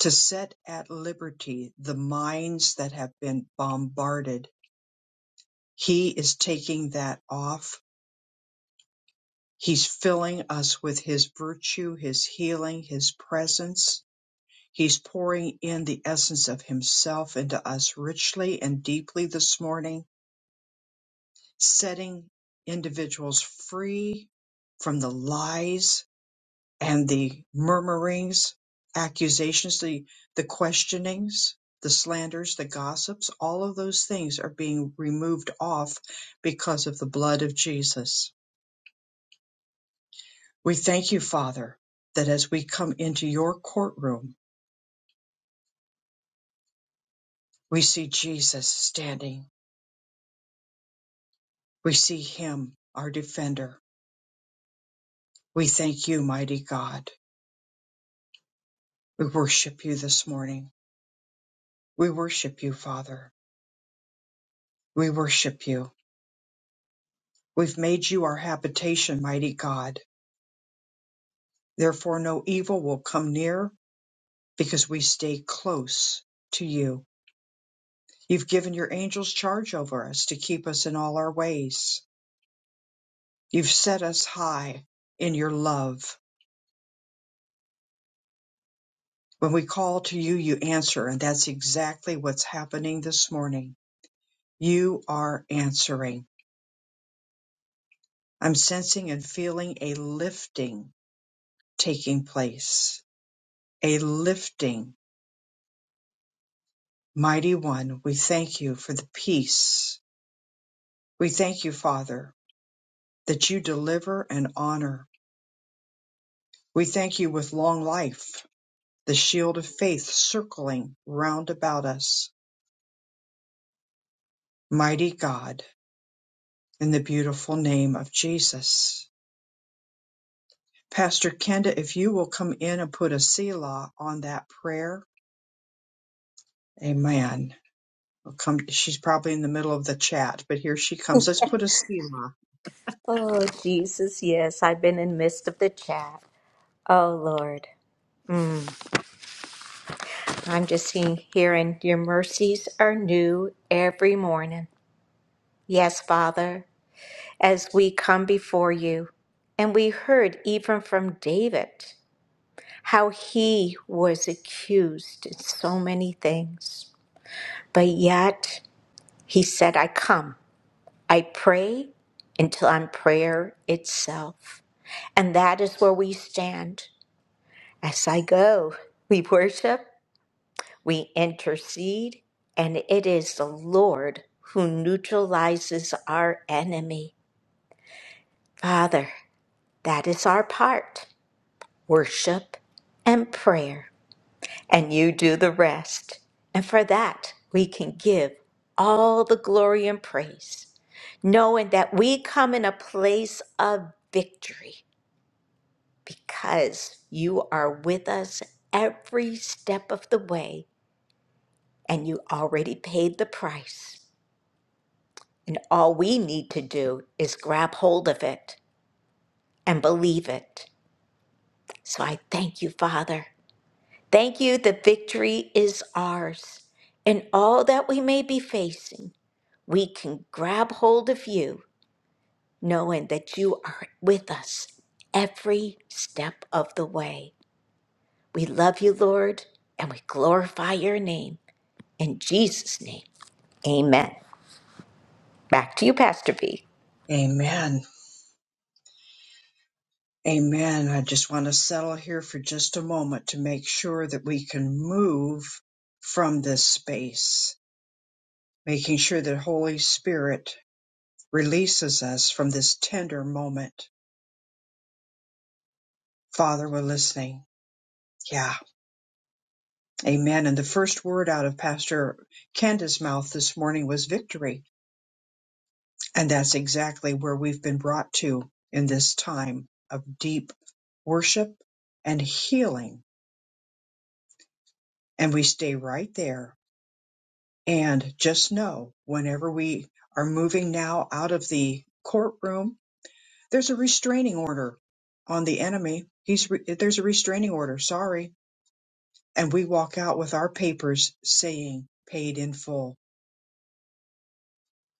to set at liberty the minds that have been bombarded. He is taking that off He's filling us with His virtue, His healing, His presence. He's pouring in the essence of Himself into us richly and deeply this morning, setting individuals free from the lies and the murmurings, accusations, the, the questionings, the slanders, the gossips. All of those things are being removed off because of the blood of Jesus We thank you, Father, that as we come into your courtroom, we see Jesus standing. We see him, our defender. We thank you, mighty God. We worship you this morning. We worship you, Father. We worship you. We've made you our habitation, mighty God. Therefore, no evil will come near because we stay close to you. You've given your angels charge over us to keep us in all our ways. You've set us high in your love When we call to you, you answer. And that's exactly what's happening this morning. You are answering. I'm sensing and feeling a lifting taking place. A lifting. Mighty One, we thank you for the peace. We thank you, Father, that you deliver and honor. We thank you with long life, the shield of faith circling round about us. Mighty God, in the beautiful name of Jesus. Pastor Kenda, if you will come in and put a Selah on that prayer, amen. We'll come, she's probably in the middle of the chat, but here she comes. Let's put a Selah. Oh, Jesus, yes, I've been in midst of the chat. Oh, Lord, I'm just seeing, hearing your mercies are new every morning. Yes, Father, as we come before you, and we heard even from David how he was accused in so many things, but yet he said, I come, I pray until I'm prayer itself. And that is where we stand. As I go, we worship, we intercede, and it is the Lord who neutralizes our enemy. Father, that is our part worship and prayer, and you do the rest. And for that, we can give all the glory and praise, knowing that we come in a place of victory because you are with us every step of the way and you already paid the price. And all we need to do is grab hold of it and believe it. So I thank you, Father. Thank you that victory is ours. And all that we may be facing, we can grab hold of you, knowing that you are with us every step of the way. We love you, Lord, and we glorify your name. In Jesus' name, amen. Back to you, Pastor B. Amen. Amen. I just want to settle here for just a moment to make sure that we can move from this space, making sure that Holy Spirit releases us from this tender moment. Father, we're listening. Yeah. Amen. And the first word out of Pastor Kenda's mouth this morning was victory And that's exactly where we've been brought to in this time of deep worship and healing. And we stay right there. And just know whenever we are moving now out of the courtroom, there's a restraining order on the enemy. He's re- there's a restraining order. Sorry. And we walk out with our papers saying paid in full.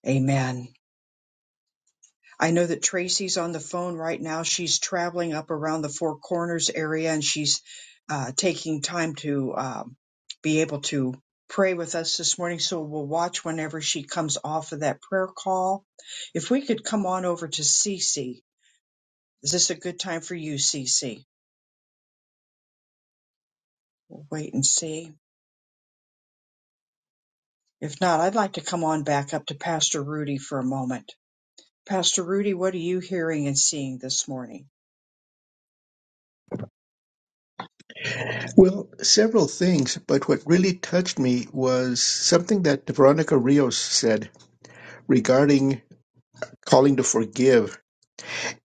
Amen. I know that Tracy's on the phone right now. She's traveling up around the Four Corners area and she's uh, taking time to um, be able to pray with us this morning. So we'll watch whenever she comes off of that prayer call. If we could come on over to Cece. Is this a good time for you, Cece? We'll wait and see. If not, I'd like to come on back up to Pastor Rudy for a moment. Pastor Rudy, what are you hearing and seeing this morning? Well, several things, but what really touched me was something that Veronica Rios said regarding calling to forgive.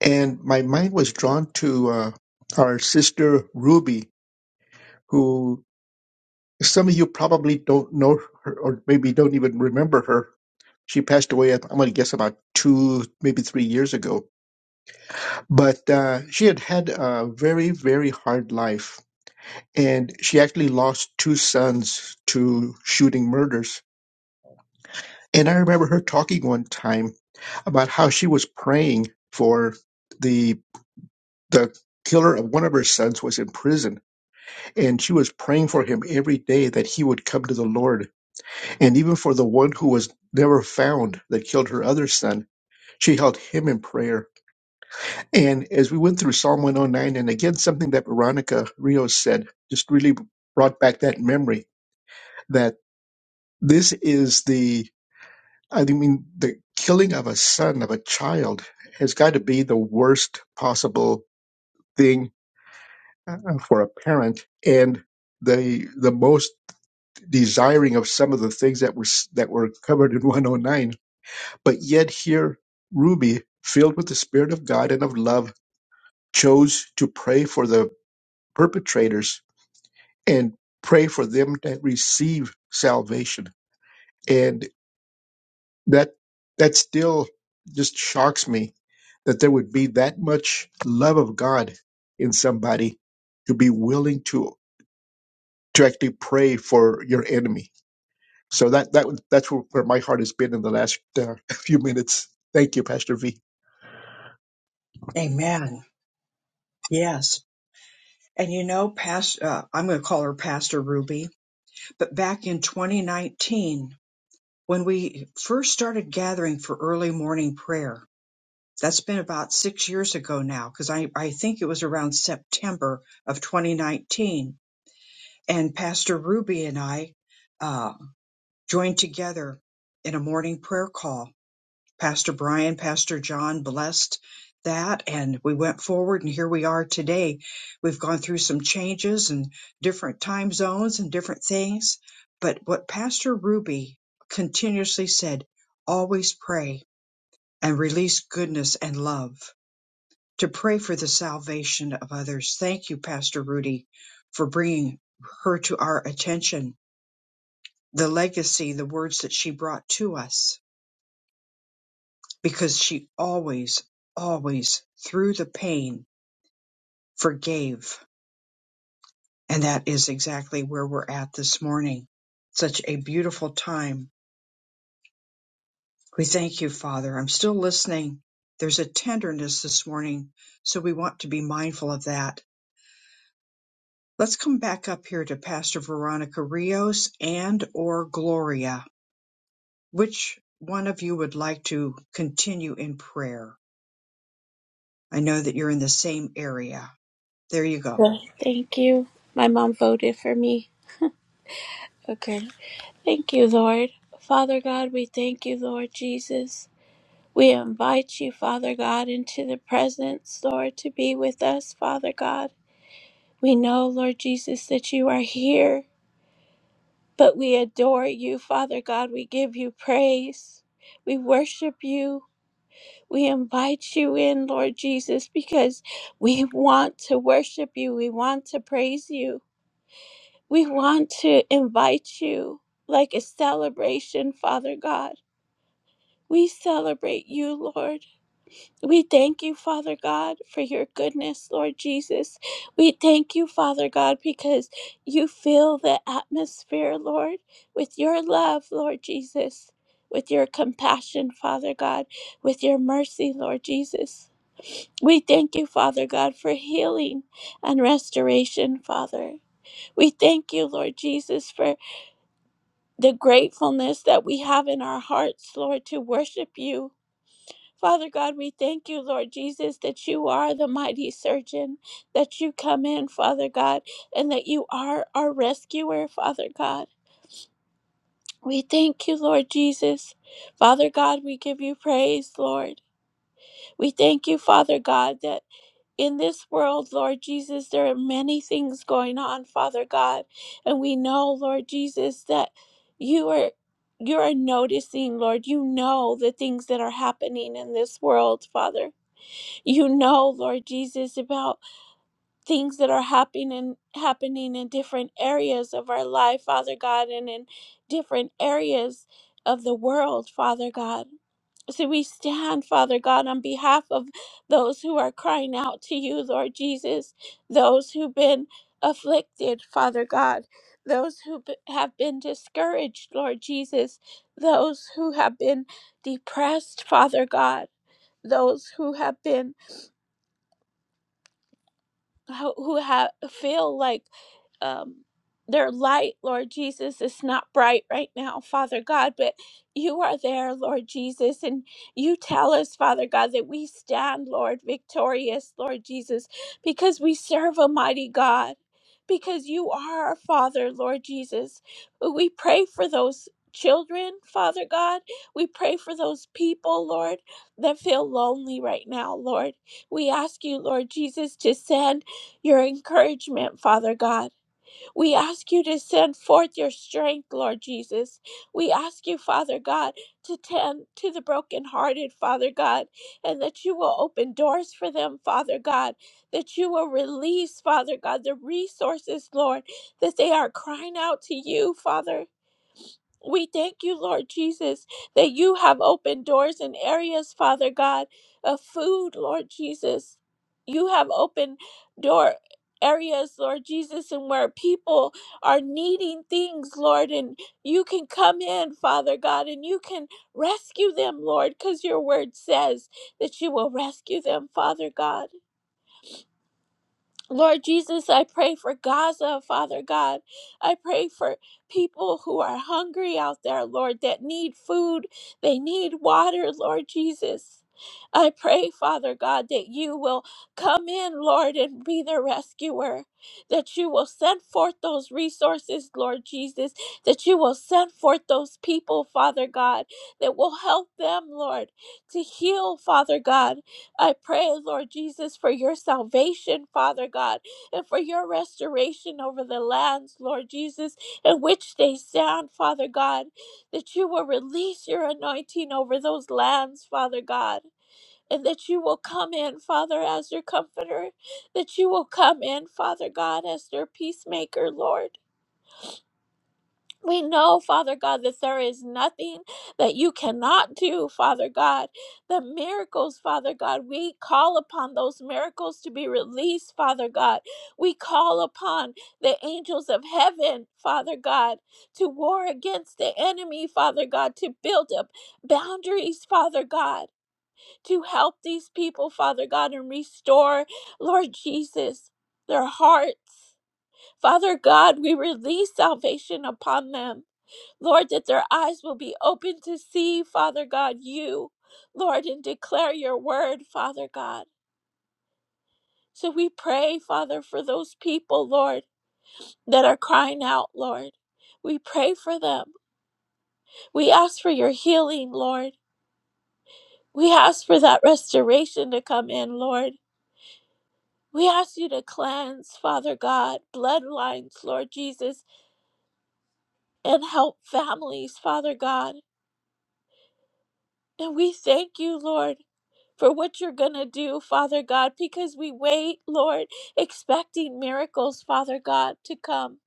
And my mind was drawn to uh, our sister Ruby, who some of you probably don't know her or maybe don't even remember her. She passed away, I'm going to guess, about two, maybe three years ago. But uh, she had had a very, very hard life. And she actually lost two sons to shooting murders. And I remember her talking one time about how she was praying for the the killer of one of her sons was in prison and she was praying for him every day that he would come to the lord and even for the one who was never found that killed her other son she held him in prayer and as we went through psalm 109 and again something that veronica rios said just really brought back that memory that this is the i mean the killing of a son of a child has got to be the worst possible thing uh, for a parent and the the most desiring of some of the things that were s- that were covered in [LAUGHS] 109 but yet here ruby filled with the spirit of god and of love chose to pray for the perpetrators and pray for them to receive salvation and that that still just shocks me that there would be that much love of god in somebody to be willing to to actually pray for your enemy So that that was- that's where where my heart has been in the last uh, [LAUGHS] few minutes. Thank you, Pastor V. Amen. Yes. And you know, past, uh, I'm going to call her Pastor Ruby, but back in 2019, when we first started gathering for early morning prayer, that's been about six years ago now, because I, I think it was around September of 2019. And Pastor Ruby and I uh, joined together in a morning prayer call Pastor Brian, Pastor John blessed that and we went forward and here we are today. We've gone through some changes and different time zones and different things. But what Pastor Ruby continuously said, always pray and release goodness and love to pray for the salvation of others. Thank you, Pastor Rudy, for bringing her to our attention, the legacy, the words that she brought to us because she always, always, through the pain, forgave. And that is exactly where we're at this morning. Such a beautiful time. We thank you, Father. I'm still listening. There's a tenderness this morning, so we want to be mindful of that. Let's come back up here to Pastor Veronica Rios and or Gloria. Which one of you would like to continue in prayer? I know that you're in the same area. There you go. Good. Thank you. My mom voted for me. Okay. Thank you, Lord. Father God, we thank you, Lord Jesus. We invite you, Father God, into the presence, Lord, to be with us, Father God. We know, Lord Jesus, that you are here, but we adore you, Father God. We give you praise. We worship you. We invite you in, Lord Jesus, because we want to worship you. We want to praise you. We want to invite you like a celebration, Father God. We celebrate you, Lord. We thank you, Father God, for your goodness, Lord Jesus. We thank you, Father God, because you fill the atmosphere, Lord, with your love, Lord Jesus, with your compassion, Father God, with your mercy, Lord Jesus. We thank you, Father God, for healing and restoration, Father. We thank you, Lord Jesus, for the gratefulness that we have in our hearts, Lord, to worship you Father God, we thank you, Lord Jesus, that you are the mighty surgeon, that you come in, Father God, and that you are our rescuer, Father God. We thank you, Lord Jesus. Father God, we give you praise, Lord. We thank you, Father God, that in this world, Lord Jesus, there are many things going on, Father God. And we know, Lord Jesus, that you are you are noticing, Lord. You know the things that are happening in this world, Father you know, Lord Jesus, about things that are happening and happening in different areas of our life, Father God, and in different areas of the world, Father God. So we stand, Father God, on behalf of those who are crying out to you, Lord Jesus, those who've been afflicted, Father God, those who b- have been discouraged, Lord Jesus, those who have been depressed, Father God, those who have been ho- who have feel like um, their light, Lord Jesus, is not bright right now, Father God, but you are there, Lord Jesus, and you tell us, Father God, that we stand, Lord, victorious, Lord Jesus, because we serve a mighty God, because you are our Father, Lord Jesus. We pray for those. Children, Father God, we pray for those people, Lord, that feel lonely right now, Lord. We ask you, Lord Jesus, to send your encouragement, Father God. We ask you to send forth your strength, Lord Jesus. We ask you, Father God, to tend to the brokenhearted, Father God, and that you will open doors for them, Father God, that you will release, Father God, the resources, Lord, that they are crying out to you, Father. We thank you, Lord Jesus, that you have opened doors in areas, Father God, of food, Lord Jesus. You have opened door areas, Lord Jesus, and where people are needing things, Lord, and you can come in, Father God, and you can rescue them, Lord, because your word says that you will rescue them, Father God. Lord Jesus, I pray for Gaza, Father God. I pray for people who are hungry out there, Lord, that need food, they need water, Lord Jesus. I pray, Father God, that you will come in, Lord, and be their rescuer, that you will send forth those resources, Lord Jesus, that you will send forth those people, Father God, that will help them, Lord, to heal, Father God. I pray, Lord Jesus, for your salvation, Father God, and for your restoration over the lands, Lord Jesus, in which they stand, Father God, that you will release your anointing over those lands, Father God. And that you will come in, Father, as your comforter, that you will come in, Father God, as their peacemaker, Lord we know, Father God, that there is nothing that you cannot do, Father God. The miracles, Father God, we call upon those miracles to be released, Father God. We call upon the angels of heaven, Father God, to war against the enemy, Father God, to build up boundaries, Father God, to help these people, Father God, and restore, Lord Jesus, their hearts. Father God, we release salvation upon them. Lord, that their eyes will be open to see, Father God, you, Lord, and declare your word, Father God. So we pray, Father, for those people, Lord, that are crying out, Lord. We pray for them. We ask for your healing, Lord. We ask for that restoration to come in, Lord. We ask you to cleanse, Father God, bloodlines, Lord Jesus, and help families, Father God. And we thank you, Lord. for what you're going to do, Father God, because we wait, Lord, expecting miracles, Father God, to come.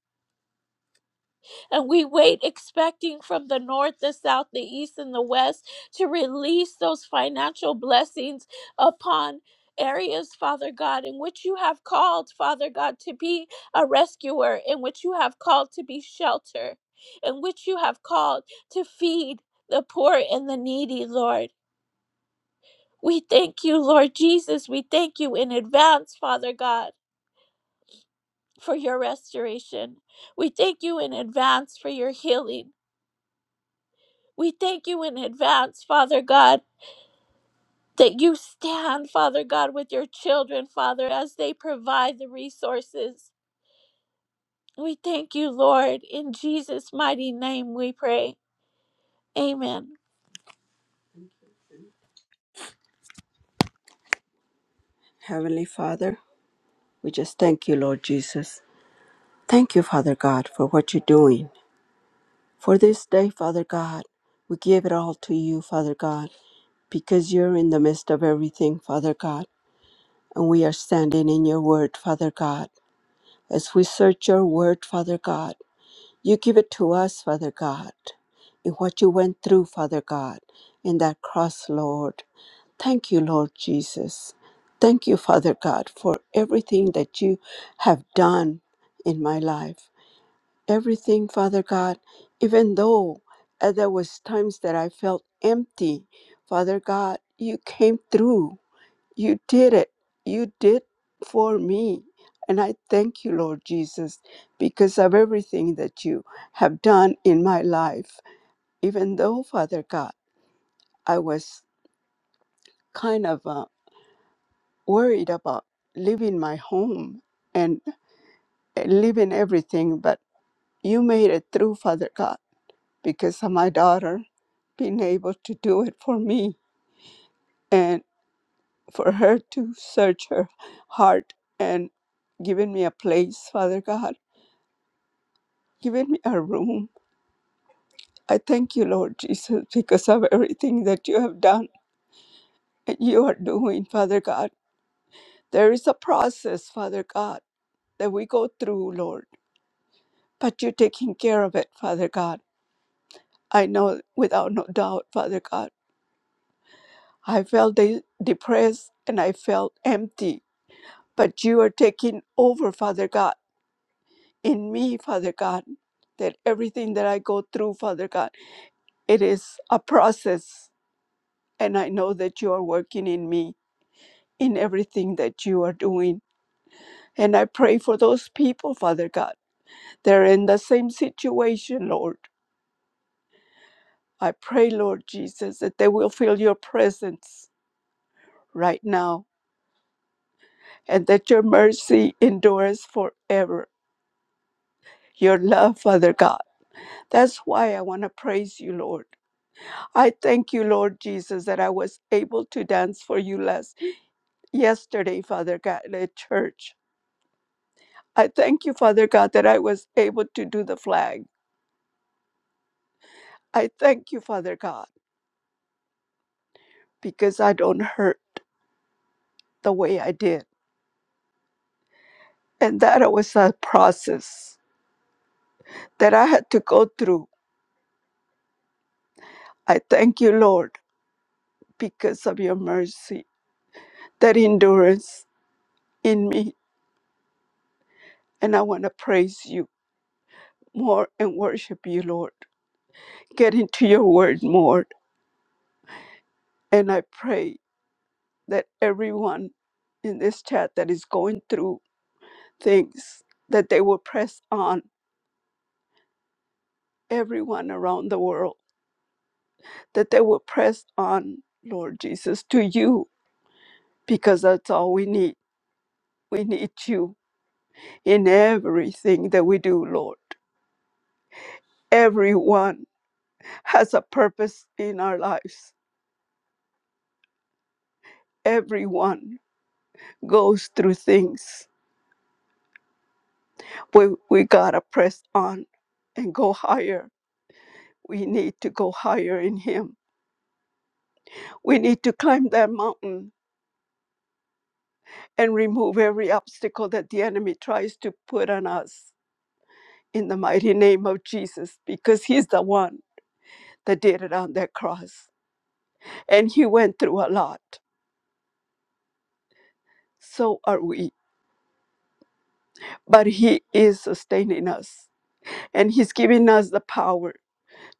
And we wait expecting from the north, the south, the east, and the west to release those financial blessings upon. Areas, Father God, in which you have called, Father God, to be a rescuer, in which you have called to be shelter, in which you have called to feed the poor and the needy, Lord. We thank you, Lord Jesus. We thank you in advance, Father God, for your restoration. We thank you in advance for your healing. We thank you in advance, Father God, that you stand, Father God, with your children, Father, as they provide the resources. We thank you, Lord. In Jesus' mighty name we pray. Amen. Heavenly Father, we just thank you, Lord Jesus. Thank you, Father God, for what you're doing. For this day, Father God, we give it all to you, Father God, because you're in the midst of everything, Father God, and we are standing in your word, Father God. As we search your word, Father God, you give it to us, Father God, in what you went through, Father God, in that cross, Lord. Thank you, Lord Jesus. Thank you, Father God, for everything that you have done in my life everything, Father God, even though uh, there was times that I felt empty, Father God, you came through. You did it. You did for me. And I thank you, Lord Jesus, because of everything that you have done in my life. Even though, Father God, I was kind of uh, worried about leaving my home and uh, leaving everything, but you made it through, Father God because of my daughter being able to do it for me and for her to search her heart and giving me a place, Father God, giving me a room. I thank you, Lord Jesus, because of everything that you have done and you are doing, Father God. There is a process, Father God, that we go through, Lord, but you're taking care of it, Father God. I know without no doubt, Father God. I felt de- depressed and I felt empty But you are taking over, Father God, in me, Father God, that everything that I go through, Father God, it is a process. And I know that you are working in me in everything that you are doing. And I pray for those people, Father God. They're in the same situation, Lord. I pray, Lord Jesus, that they will feel your presence right now and that your mercy endures forever. Your love, Father God. That's why I want to praise you, Lord. I thank you, Lord Jesus, that I was able to dance for you last yesterday, Father God, at church. I thank you, Father God, that I was able to do the flag. I thank you, Father God, because I don't hurt the way I did. And that was a process that I had to go through. I thank you, Lord, because of your mercy, that endurance in me. And I want to praise you more and worship you, Lord. Get into your word more. And I pray that everyone in this chat that is going through things that they will press on everyone around the world that they will press on lord jesus to you because that's all we need we need you in everything that we do lord everyone has a purpose in our lives everyone goes through things we, we gotta press on and go higher we need to go higher in him We need to climb that mountain and remove every obstacle that the enemy tries to put on us in the mighty name of Jesus, because He's the one that did it on that cross. And He went through a lot. So are we. But He is sustaining us, and He's giving us the power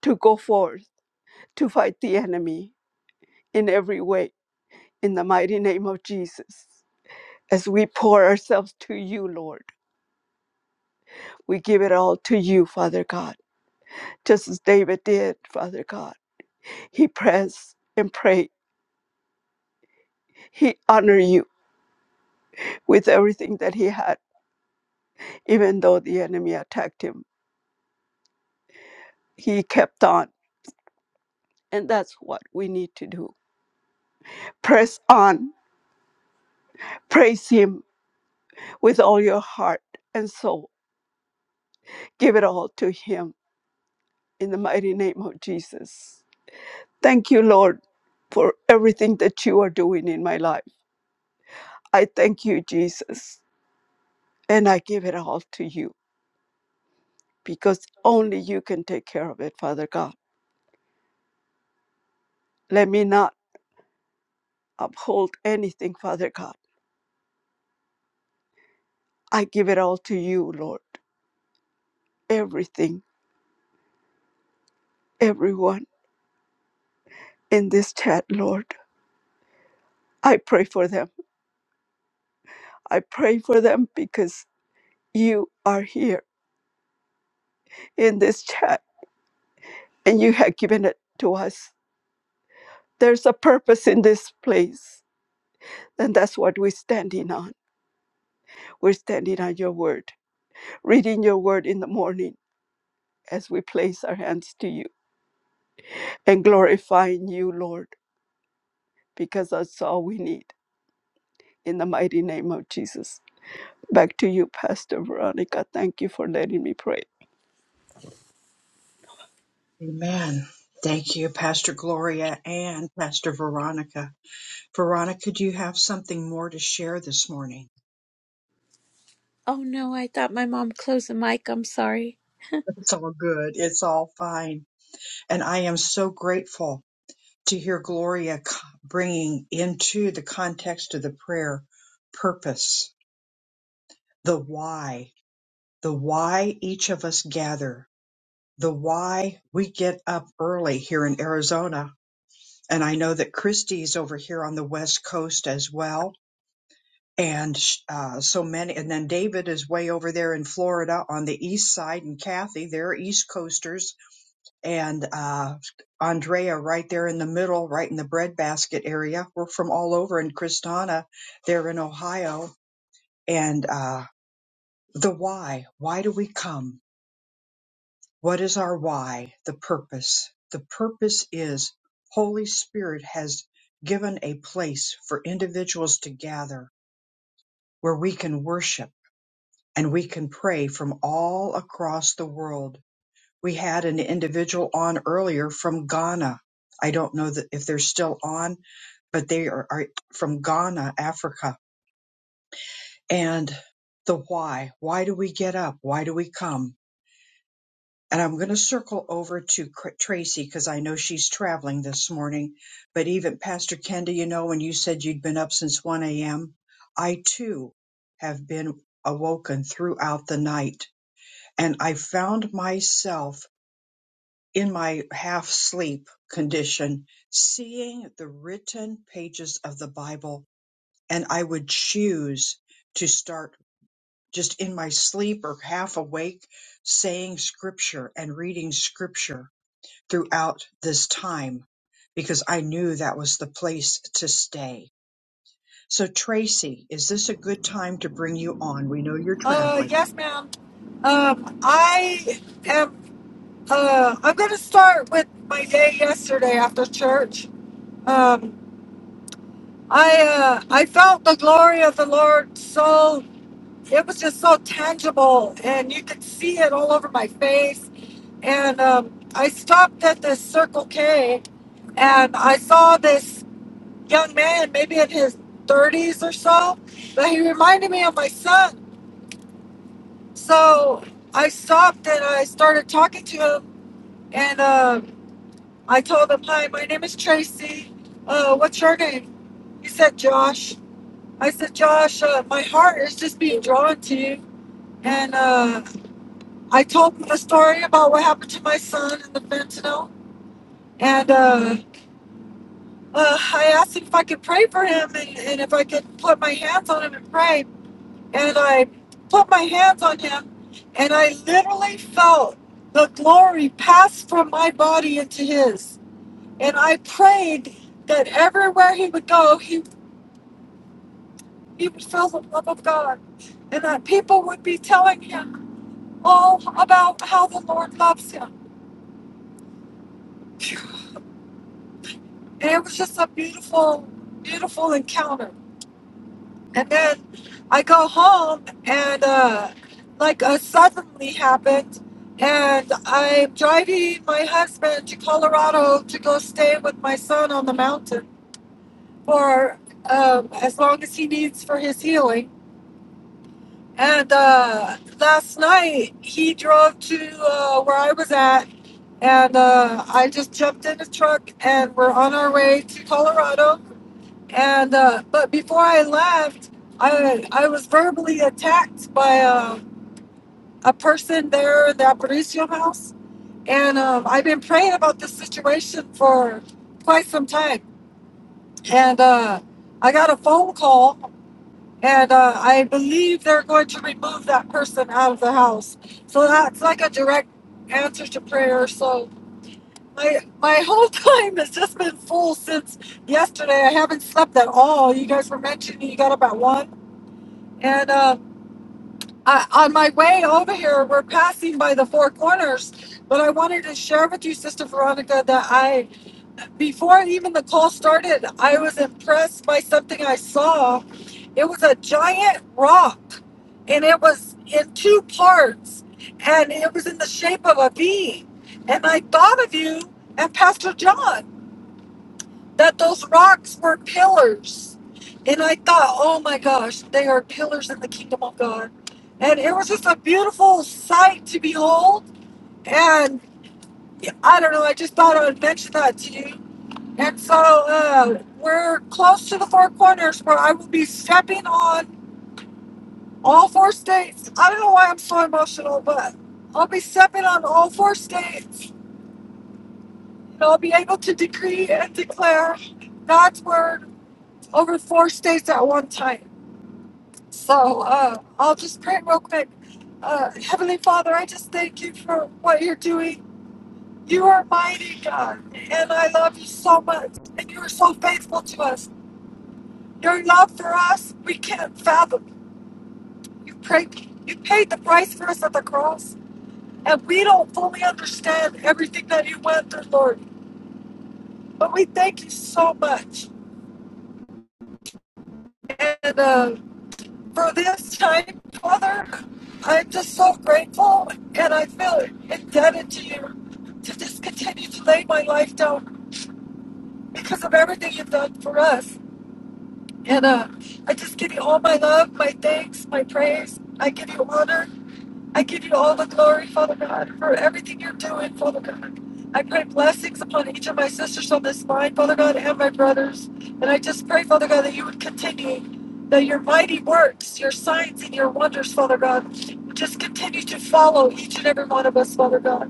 to go forth to fight the enemy in every way in the mighty name of Jesus. As we pour ourselves to you, Lord, we give it all to you, Father God just as David did, Father God. He pressed and prayed. He honored you with everything that he had, even though the enemy attacked him. He kept on. And that's what we need to do. Press on. Praise him with all your heart and soul. Give it all to him in the mighty name of Jesus. Thank you, Lord, for everything that you are doing in my life. I thank you, Jesus, and I give it all to you. because only you can take care of it, Father God. Let me not uphold anything, Father God. I give it all to you, Lord. Everything, everyone in this chat, Lord. I pray for them. I pray for them because you are here in this chat and you have given it to us. There's a purpose in this place, and that's what we're standing on. We're standing on your word, reading your word in the morning as we place our hands to you and glorifying you, Lord because that's all we need. In the mighty name of Jesus. Back to you, Pastor Veronica. Thank you for letting me pray. Amen. Thank you, Pastor Gloria and Pastor Veronica. Veronica, do you have something more to share this morning? Oh no, I thought my mom closed the mic. I'm sorry. It's all good. It's all fine. And I am so grateful to hear Gloria c- bringing into the context of the prayer purpose, the why, the why each of us gather, the why we get up early here in Arizona. And I know that Christy's over here on the West Coast as well and uh, so many. And then David is way over there in Florida on the east side, and Kathy, they're East Coasters, and uh, Andrea right there in the middle, right in the breadbasket area. We're from all over, and Kristana, they're in Ohio, and uh, the why. Why do we come? What is our why? The purpose. The purpose is Holy Spirit has given a place for individuals to gather where we can worship and we can pray from all across the world. We had an individual on earlier from Ghana. I don't know that if they're still on, but they are, are from Ghana, Africa. And the why. Why do we get up? Why do we come? And I'm going to circle over to Cr- Tracy because I know she's traveling this morning. But even Pastor Kenda, you know, when you said you'd been up since 1 a.m., I too have been awoken throughout the night and I found myself in my half sleep condition seeing the written pages of the Bible, and I would choose to start just in my sleep or half awake saying scripture and reading scripture throughout this time because I knew that was the place to stay. So, Tracy, is this a good time to bring you on? We know you're Uh, traveling. yes, ma'am. Um, I am. Uh, I'm going to start with my day yesterday after church. Um, I uh, I felt the glory of the Lord so. It was just so tangible, and you could see it all over my face. And um, I stopped at this Circle K, and I saw this young man, maybe in his 30s or so, but he reminded me of my son. So I stopped and I started talking to him And uh, I told him, Hi, my name is Tracy. Uh, what's your name? He said, Josh. I said, Josh, uh, my heart is just being drawn to you. And uh, I told him the story about what happened to my son and the fentanyl. And uh, uh, I asked him if I could pray for him and, and if I could put my hands on him and pray. And I put my hands on him and I literally felt the glory pass from my body into his And I prayed that everywhere he would go, he, he would feel the love of God and that people would be telling him all about how the Lord loves him. And it was just a beautiful, beautiful encounter. And then I go home and uh, like uh, suddenly happened. And I'm driving my husband to Colorado to go stay with my son on the mountain for um, as long as he needs for his healing And uh, last night he drove to uh, where I was at, and uh, I just jumped in his truck and we're on our way to Colorado. And uh, but before I left, I I was verbally attacked by a, a person there in the Aparicio house, and um, I've been praying about this situation for quite some time. And uh, I got a phone call And uh, I believe they're going to remove that person out of the house. So that's like a direct answer to prayer. So my my [LAUGHS] whole time has just been full since yesterday. I haven't slept at all. You guys were mentioning you got up at one, and uh, I, on my way over here, we're passing by the Four Corners. But I wanted to share with you, Sister Veronica, that I before even the call started, I was impressed by something I saw. It was a giant rock, and it was in two parts, and it was in the shape of a V. And I thought of you and Pastor John that those rocks were pillars. And I thought, oh my gosh, they are pillars in the kingdom of God. And it was just a beautiful sight to behold. And I don't know, I just thought I would mention that to you and so uh, we're close to the Four Corners where I will be stepping on all four states. I don't know why I'm so emotional, but I'll be stepping on all four states. And I'll be able to decree and declare God's word over four states at one time. So uh, I'll just pray real quick. Uh, Heavenly Father, I just thank you for what you're doing. You are mighty, God, and I love you so much. And you are so faithful to us. Your love for us, we can't fathom. You paid, you paid the price for us at the cross, and we don't fully understand everything that you went through, Lord. But we thank you so much. And uh, for this time, Father, I'm just so grateful, and I feel indebted to you to just continue to lay my life down because of everything you've done for us. And uh, I just give you all my love, my thanks, my praise. I give you honor I give you all the glory, Father God, for everything you're doing, Father God. I pray blessings upon each of my sisters on this line, Father God, and my brothers. And I just pray, Father God, that you would continue, that your mighty works, your signs, and your wonders, Father God, would just continue to follow each and every one of us, Father God.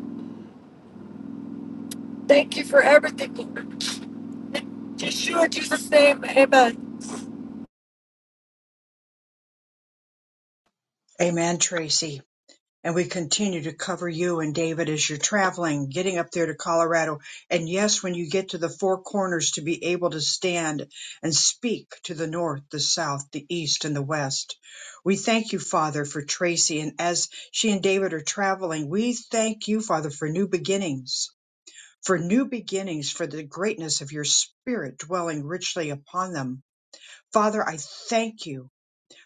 Thank you for everything. In Yeshua, Jesus' name, amen. Amen, Tracy. and we continue to cover you and David as you're traveling, getting up there to Colorado. And yes, when you get to the four corners, to be able to stand and speak to the north, the south, the east, and the west. We thank you, Father, for Tracy. And as she and David are traveling, we thank you, Father, for new beginnings. For new beginnings, for the greatness of your spirit dwelling richly upon them. Father, I thank you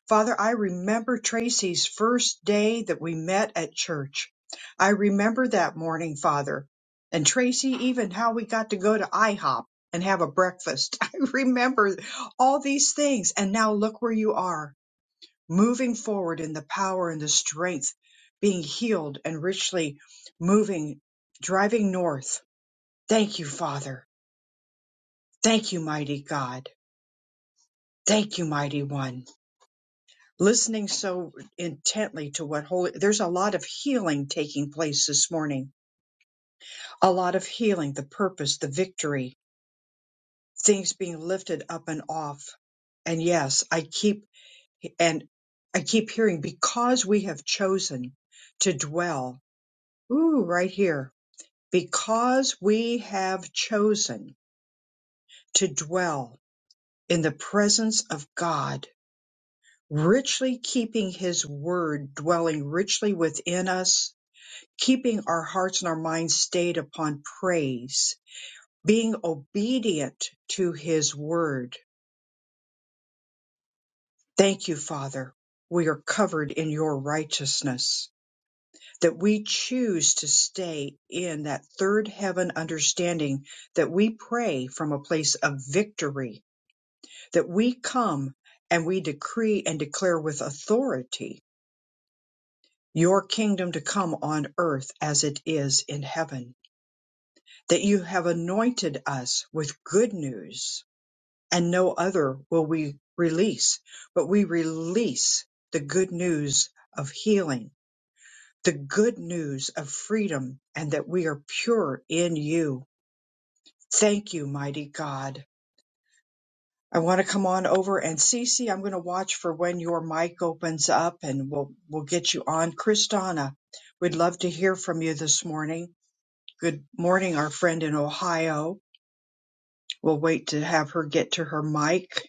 Father, I remember Tracy's first day that we met at church. I remember that morning, Father. And Tracy, even how we got to go to IHOP and have a breakfast. [LAUGHS] I remember all these things. And now look where you are, moving forward in the power and the strength, being healed and richly moving, driving north. Thank you, Father. Thank you, mighty God. Thank you, mighty one. listening so intently to what holy there's a lot of healing taking place this morning a lot of healing the purpose the victory things being lifted up and off and yes i keep and i keep hearing because we have chosen to dwell ooh right here because we have chosen to dwell in the presence of god richly keeping his word dwelling richly within us keeping our hearts and our minds stayed upon praise, being obedient to his word. Thank you, Father. We are covered in your righteousness, that we choose to stay in that third heaven understanding that we pray from a place of victory, that we come and we decree and declare with authority your kingdom to come on earth as it is in heaven. that you have anointed us with good news, and no other will we release, but we release the good news of healing, the good news of freedom, and that we are pure in you. Thank you, mighty God. I want to come on over and Cece, I'm going to watch for when your mic opens up and we'll we'll get you on. Kristana, we'd love to hear from you this morning. Good morning, our friend in Ohio. We'll wait to have her get to her mic.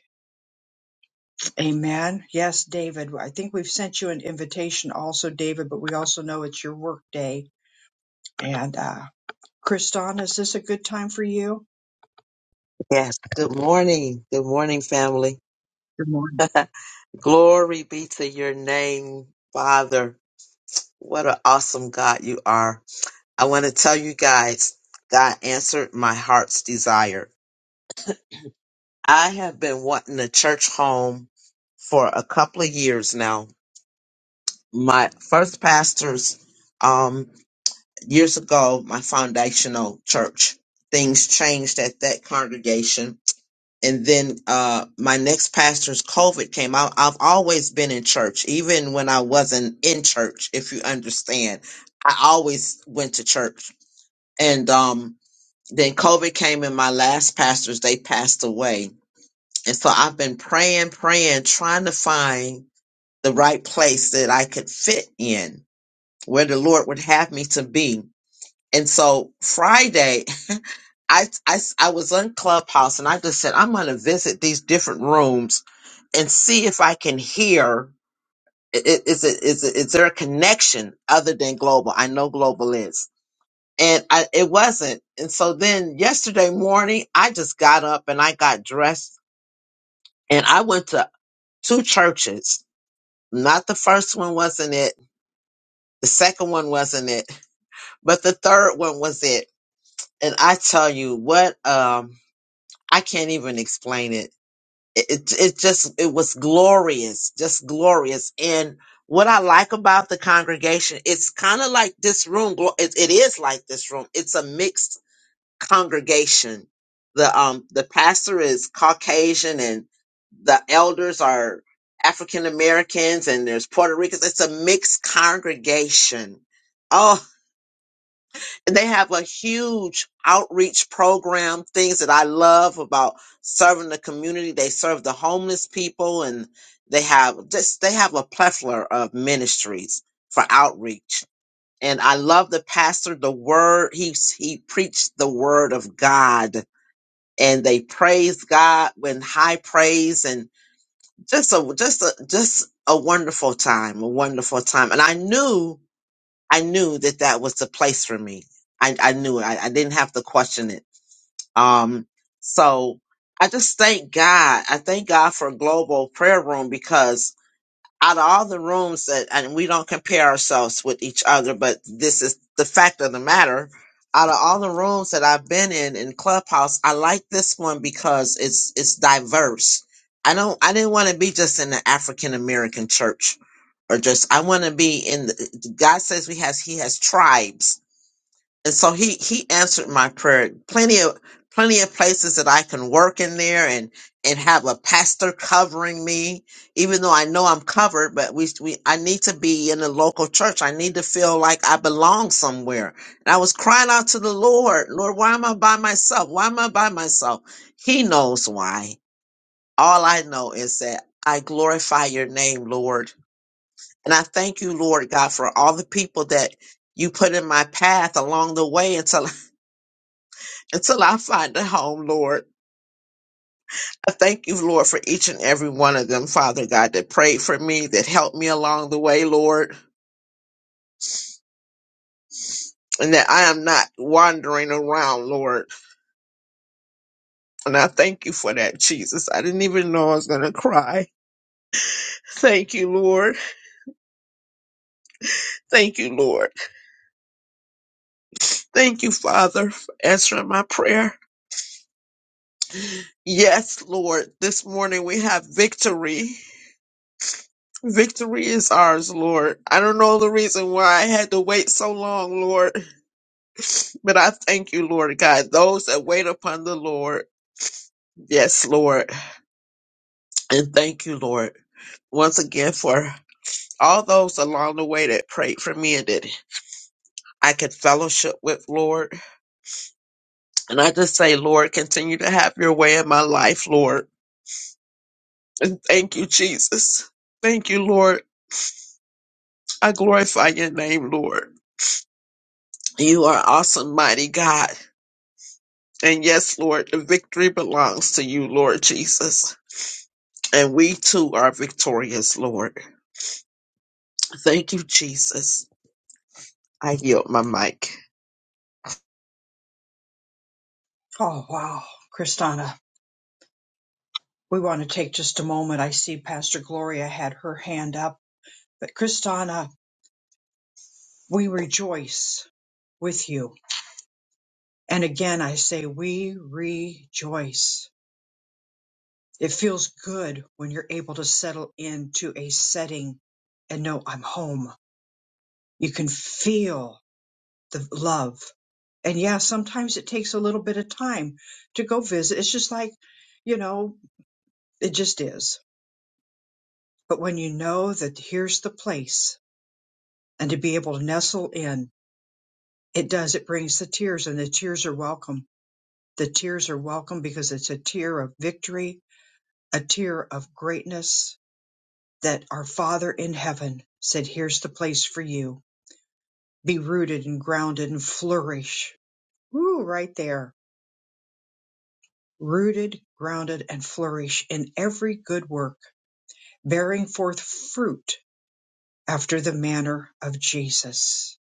Amen. Yes, David. I think we've sent you an invitation also, David, but we also know it's your work day. And uh Kristana, is this a good time for you? Yes. Good morning. Good morning, family. Good morning. Glory be to your name, Father. What an awesome God you are. I want to tell you guys, God answered my heart's desire. I have been wanting a church home for a couple of years now. My first pastors, um, years ago, my foundational church, things changed at that congregation and then uh my next pastor's covid came out i've always been in church even when i wasn't in church if you understand i always went to church and um then covid came and my last pastors they passed away and so i've been praying praying trying to find the right place that i could fit in where the lord would have me to be and so friday [LAUGHS] I, I, I was on Clubhouse and I just said, I'm going to visit these different rooms and see if I can hear. i- i- Is it is it is there a connection other than global? I know global is, and I, it wasn't. And so then yesterday morning, I just got up and I got dressed and I went to two churches. Not the first one wasn't it. The second one wasn't it, but the third one was it. And I tell you what, um, I can't even explain it it it just it was glorious, just glorious. And what I like about the congregation, it's kind of like this room. glo- It, it is like this room. It's a mixed congregation. The um the pastor is Caucasian, and the elders are African Americans, and there's Puerto Ricans. It's a mixed congregation. Oh, they have a huge outreach program things that i love about serving the community they serve the homeless people and they have just they have a plethora of ministries for outreach and i love the pastor the word he he preached the word of god and they praise god with high praise and just a just a just a wonderful time a wonderful time and i knew I knew that that was the place for me. I, I knew it. I, I didn't have to question it. Um, so I just thank God. I thank God for Global Prayer Room because out of all the rooms that and we don't compare ourselves with each other but this is the fact of the matter out of all the rooms that i've been in in clubhouse i like this one because it's it's diverse i don't i didn't want to be just in the african american church or just i want to be in the, god says we has he has tribes and so he he answered my prayer plenty of plenty of places that i can work in there and and have a pastor covering me even though i know i'm covered but we, we i need to be in a local church i need to feel like i belong somewhere and i was crying out to the lord lord why am i by myself why am i by myself he knows why all i know is that i glorify your name lord and i thank you lord god for all the people that you put in my path along the way until until I find a home, Lord. I thank you, Lord, for each and every one of them, Father God, that prayed for me, that helped me along the way, Lord, and that I am not wandering around, Lord. And I thank you for that, Jesus. I didn't even know I was going to cry. Thank you, Lord. Thank you, Lord. Thank you, Father, for answering my prayer. Yes, Lord, this morning we have victory. Victory is ours, Lord. I don't know the reason why I had to wait so long, Lord. But I thank you, Lord God. Those that wait upon the Lord, yes, Lord. And thank you, Lord, once again for all those along the way that prayed for me and that I could fellowship with, Lord. And I just say, Lord, continue to have your way in my life, Lord. And thank you, Jesus. Thank you, Lord. I glorify your name, Lord. You are awesome, mighty God. And yes, Lord, the victory belongs to you, Lord Jesus. And we too are victorious, Lord. Thank you, Jesus. I yield my mic. Oh wow. Kristana, we want to take just a moment. I see Pastor Gloria had her hand up. But Kristana, we rejoice with you. And again I say we rejoice It feels good when you're able to settle into a setting and know I'm home. You can feel the love. And yeah, sometimes it takes a little bit of time to go visit. It's just like, you know, it just is. But when you know that here's the place and to be able to nestle in, it does. It brings the tears and the tears are welcome. The tears are welcome because it's a tear of victory, a tear of greatness, that our Father in heaven said, Here's the place for you. Be rooted and grounded and flourish. Woo, right there. Rooted, grounded, and flourish in every good work, bearing forth fruit after the manner of Jesus.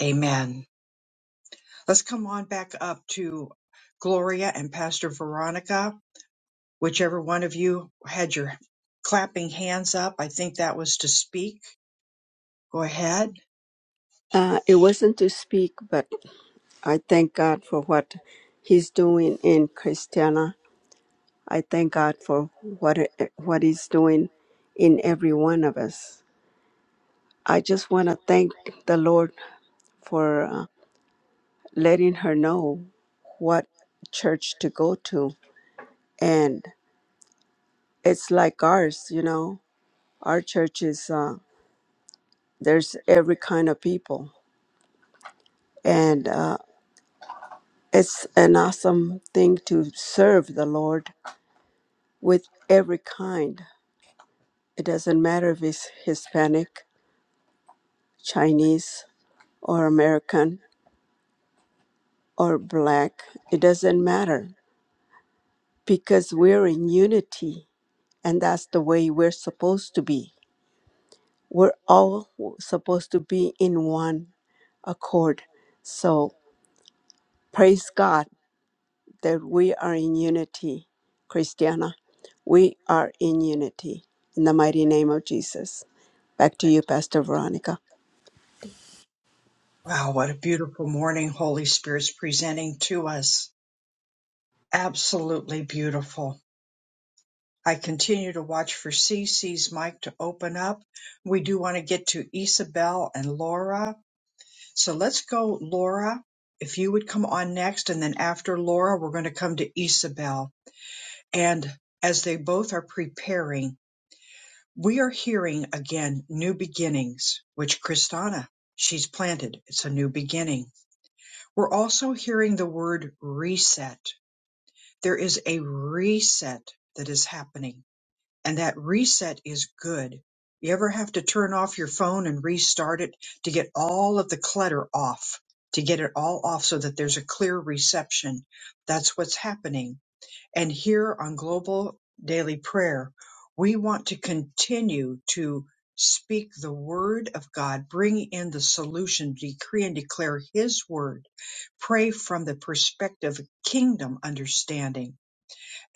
Amen. Let's come on back up to Gloria and Pastor Veronica. Whichever one of you had your clapping hands up, I think that was to speak. Go ahead. Uh, it wasn't to speak, but I thank God for what He's doing in Christiana. I thank God for what what He's doing in every one of us. I just want to thank the Lord for uh, letting her know what church to go to, and. it's like ours, you know. Our church is uh, there's every kind of people, and uh, it's an awesome thing to serve the Lord with every kind. It doesn't matter if it's Hispanic, Chinese, or American or black. It doesn't matter because we're in unity, and that's the way we're supposed to be. We're all supposed to be in one accord. So praise God that we are in unity, Christiana. We are in unity in the mighty name of Jesus. Back to you, Pastor Veronica. Wow, what a beautiful morning Holy Spirit's presenting to us. Absolutely beautiful. I continue to watch for CC's mic to open up. We do want to get to Isabel and Laura. So let's go, Laura. If you would come on next, and then after Laura, we're going to come to Isabel. And as they both are preparing, we are hearing again new beginnings, which Kristana, she's planted. It's a new beginning We're also hearing the word reset. There is a reset that is happening, and that reset is good. You ever have to turn off your phone and restart it to get all of the clutter off, to get it all off so that there's a clear reception? That's what's happening and here on Global Daily Prayer, we want to continue to speak the word of God, bring in the solution, decree and declare his word, pray from the perspective of kingdom understanding.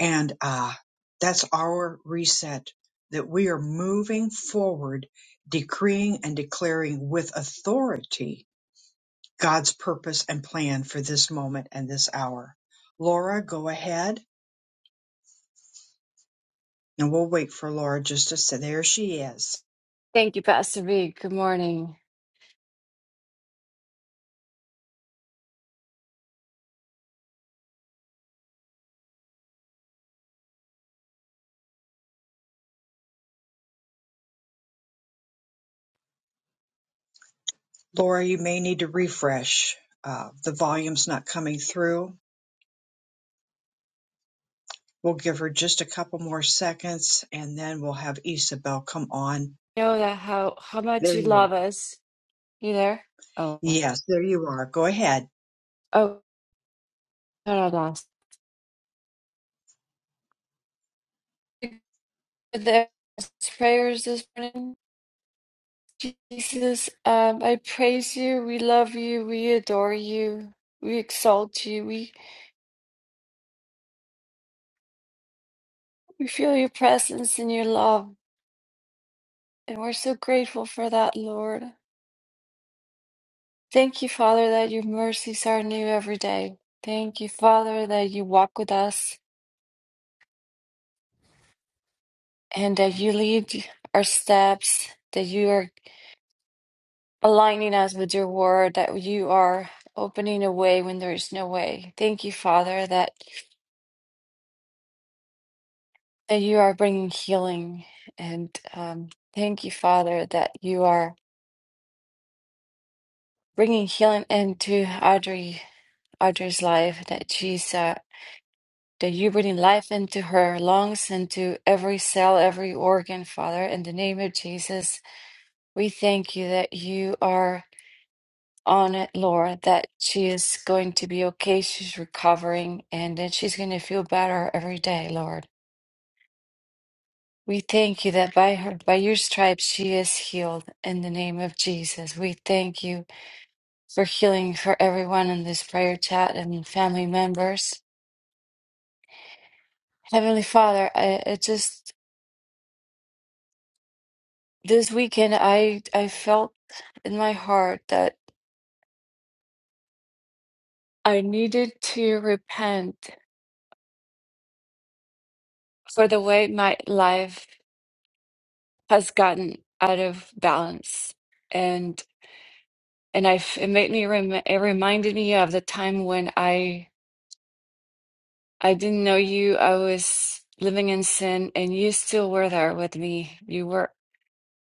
And uh, that's our reset that we are moving forward, decreeing and declaring with authority God's purpose and plan for this moment and this hour. Laura, go ahead. And we'll wait for Laura just a sec. There she is. Thank you, Pastor V. Good morning. Laura, you may need to refresh. Uh, the volume's not coming through. We'll give her just a couple more seconds and then we'll have Isabel come on. You know that how how much There you you are. love us. You there? Oh, Yes, there you are. Go ahead. oh, no, no, lost. The prayers this morning, Jesus. Um, I praise you. We love you. We adore you. We exalt you. We we feel your presence and your love, and we're so grateful for that, Lord. Thank you, Father, that your mercies are new every day. Thank you, Father, that you walk with us. and that you lead our steps, that you are aligning us with your word, that you are opening a way when there is no way. Thank you, Father, that, that you are bringing healing. And um, thank you, Father, that you are bringing healing into Audrey, Audrey's life, that she's, uh, that you're bringing life into her lungs, into every cell, every organ, Father. In the name of Jesus, we thank you that you are. on it, Laura, that she is going to be okay. She's recovering and that she's going to feel better every day, Lord. We thank you that by her, by your stripes, she is healed in the name of Jesus. We thank you for healing for everyone in this prayer chat and family members. Heavenly Father, I, I just, this weekend, I, I felt in my heart that I needed to repent for the way my life has gotten out of balance and and I f- it made me rem- it reminded me of the time when I I didn't know you I was living in sin and you still were there with me you were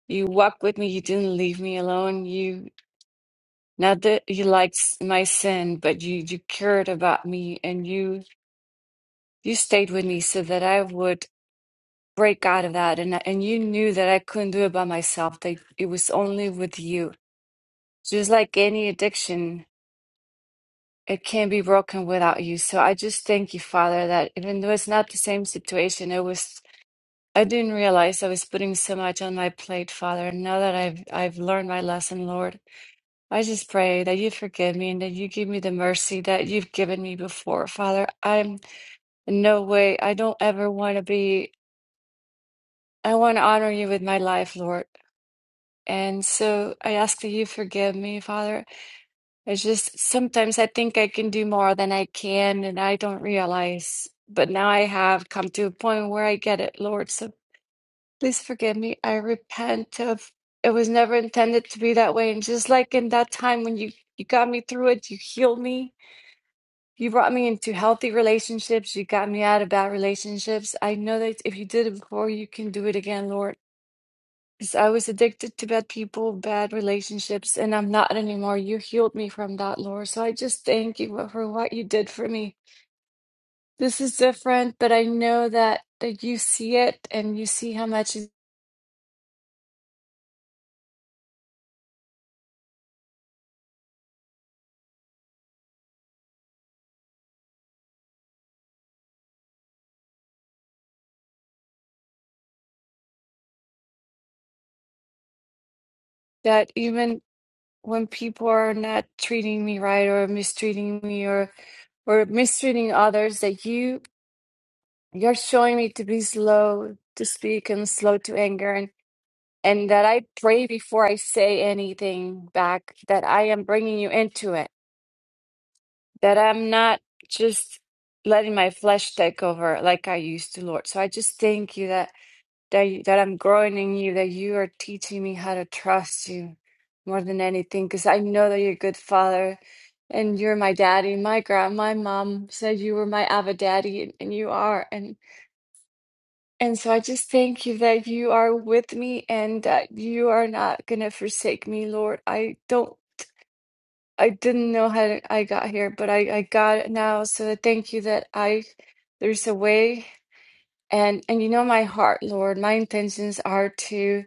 you walked with me you didn't leave me alone you not that you liked s- my sin but you you cared about me and you you stayed with me so that I would break out of that and and you knew that I couldn't do it by myself that it was only with you just like any addiction it can't be broken without you. So I just thank you, Father, that even though it's not the same situation, it was I didn't realize I was putting so much on my plate, Father. And now that I've I've learned my lesson, Lord, I just pray that you forgive me and that you give me the mercy that you've given me before, Father. I'm in no way I don't ever want to be I want to honor you with my life, Lord. And so I ask that you forgive me, Father, It's just sometimes I think I can do more than I can, and I don't realize. But now I have come to a point where I get it, Lord. So please forgive me. I repent of it was never intended to be that way. And just like in that time when you you got me through it, you healed me. You brought me into healthy relationships. You got me out of bad relationships. I know that if you did it before, you can do it again, Lord. 'Cause I was addicted to bad people, bad relationships, and I'm not anymore. You healed me from that, Lord. So I just thank you for what you did for me. This is different, but I know that that you see it and you see how much is- that even when people are not treating me right or mistreating me or or mistreating others, that you you're showing me to be slow to speak and slow to anger and and that I pray before I say anything back, that I am bringing you into it that I'm not just letting my flesh take over like I used to, Lord. So I just thank you that that you, that I'm growing in you, that you are teaching me how to trust you more than anything, because I know that you're a good father. And you're my daddy. My grand, my mom said you were my Abba daddy, and, and you are. And and so I just thank you that you are with me, and that you are not gonna forsake me, Lord. I don't I didn't know how I got here, but I, I got it now. So I thank you that I there's a way and and you know my heart, Lord. My intentions are to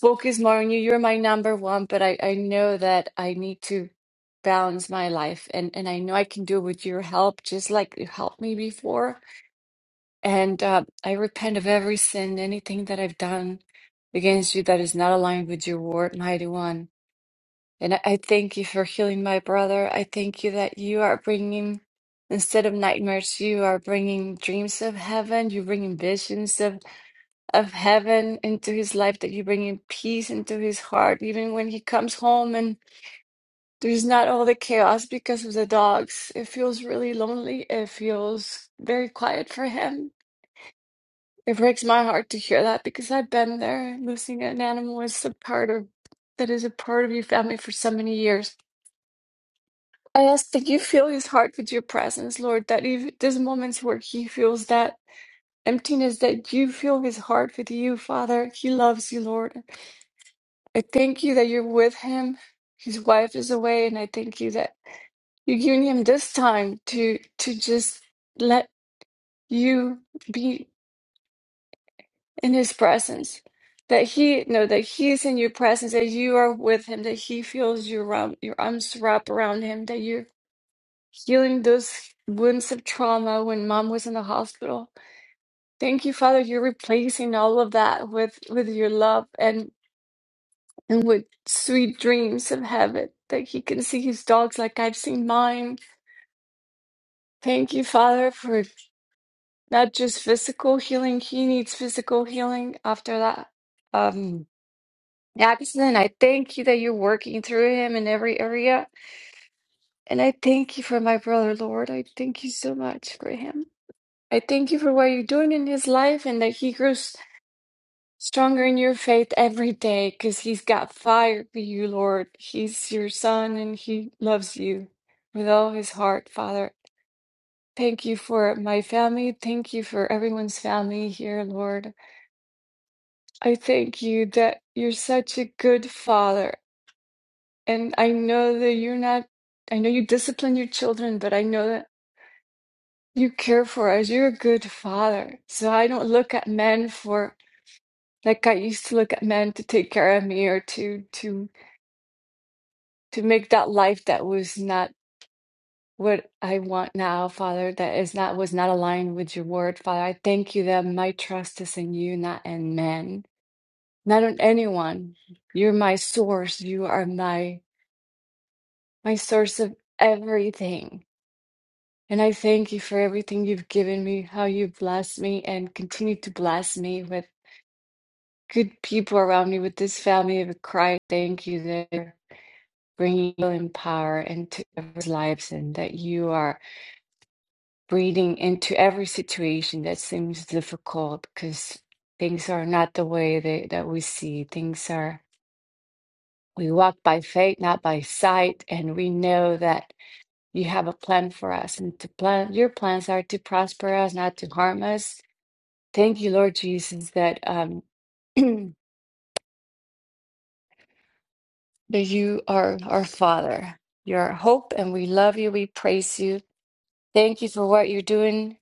focus more on you. You're my number one, but I, I know that I need to balance my life and, and I know I can do it with your help, just like you helped me before. And uh, I repent of every sin, anything that I've done against you that is not aligned with your word, mighty one. And I I thank you for healing my brother. I thank you that you are bringing, instead of nightmares, you are bringing dreams of heaven. You're bringing visions of, of heaven into his life, that you're bringing peace into his heart, even when he comes home and there's not all the chaos because of the dogs. It feels really lonely. It feels very quiet for him. It breaks my heart to hear that because I've been there. Losing an animal is a part of that is a part of your family for so many years I ask that you fill his heart with your presence, Lord, that if there's moments where he feels that emptiness, that you fill his heart with you, Father. He loves you, Lord. I thank you that you're with him. His wife is away, and I thank you that you're giving him this time to to just let you be in his presence. That he know that he is in your presence, that you are with him, that he feels your arm, your arms wrap around him, that you healing those wounds of trauma when mom was in the hospital. Thank you, Father. You're replacing all of that with with your love and and with sweet dreams of heaven that he can see his dogs like I've seen mine. Thank you, Father, for not just physical healing. He needs physical healing after that um, accident. I thank you that you're working through him in every area. And I thank you for my brother, Lord. I thank you so much for him. I thank you for what you're doing in his life and that he grows stronger in your faith every day because he's got fire for you, Lord. He's your son and he loves you with all his heart, Father. Thank you for my family. Thank you for everyone's family here, Lord. I thank you that you're such a good father. And I know that you're not, I know you discipline your children, but I know that you care for us. You're a good father. So I don't look at men for Like I used to look at men to take care of me or to to to make that life that was not what I want now, Father, that is not was not aligned with your word, Father. I thank you that my trust is in you, not in men, not in anyone. You're my source. You are my my source of everything. And I thank you for everything you've given me, how you blessed me and continue to bless me with good people around me, with this family of Christ. Thank you there. bringing healing power into everyone's lives and that you are breathing into every situation that seems difficult because things are not the way they, that we see. Things are, we walk by faith, not by sight, and we know that you have a plan for us and to plan, your plans are to prosper us, not to harm us. Thank you, Lord Jesus, that, um, [CLEARS THROAT] that you are our Father, your hope, and we love you, we praise you. Thank you for what you're doing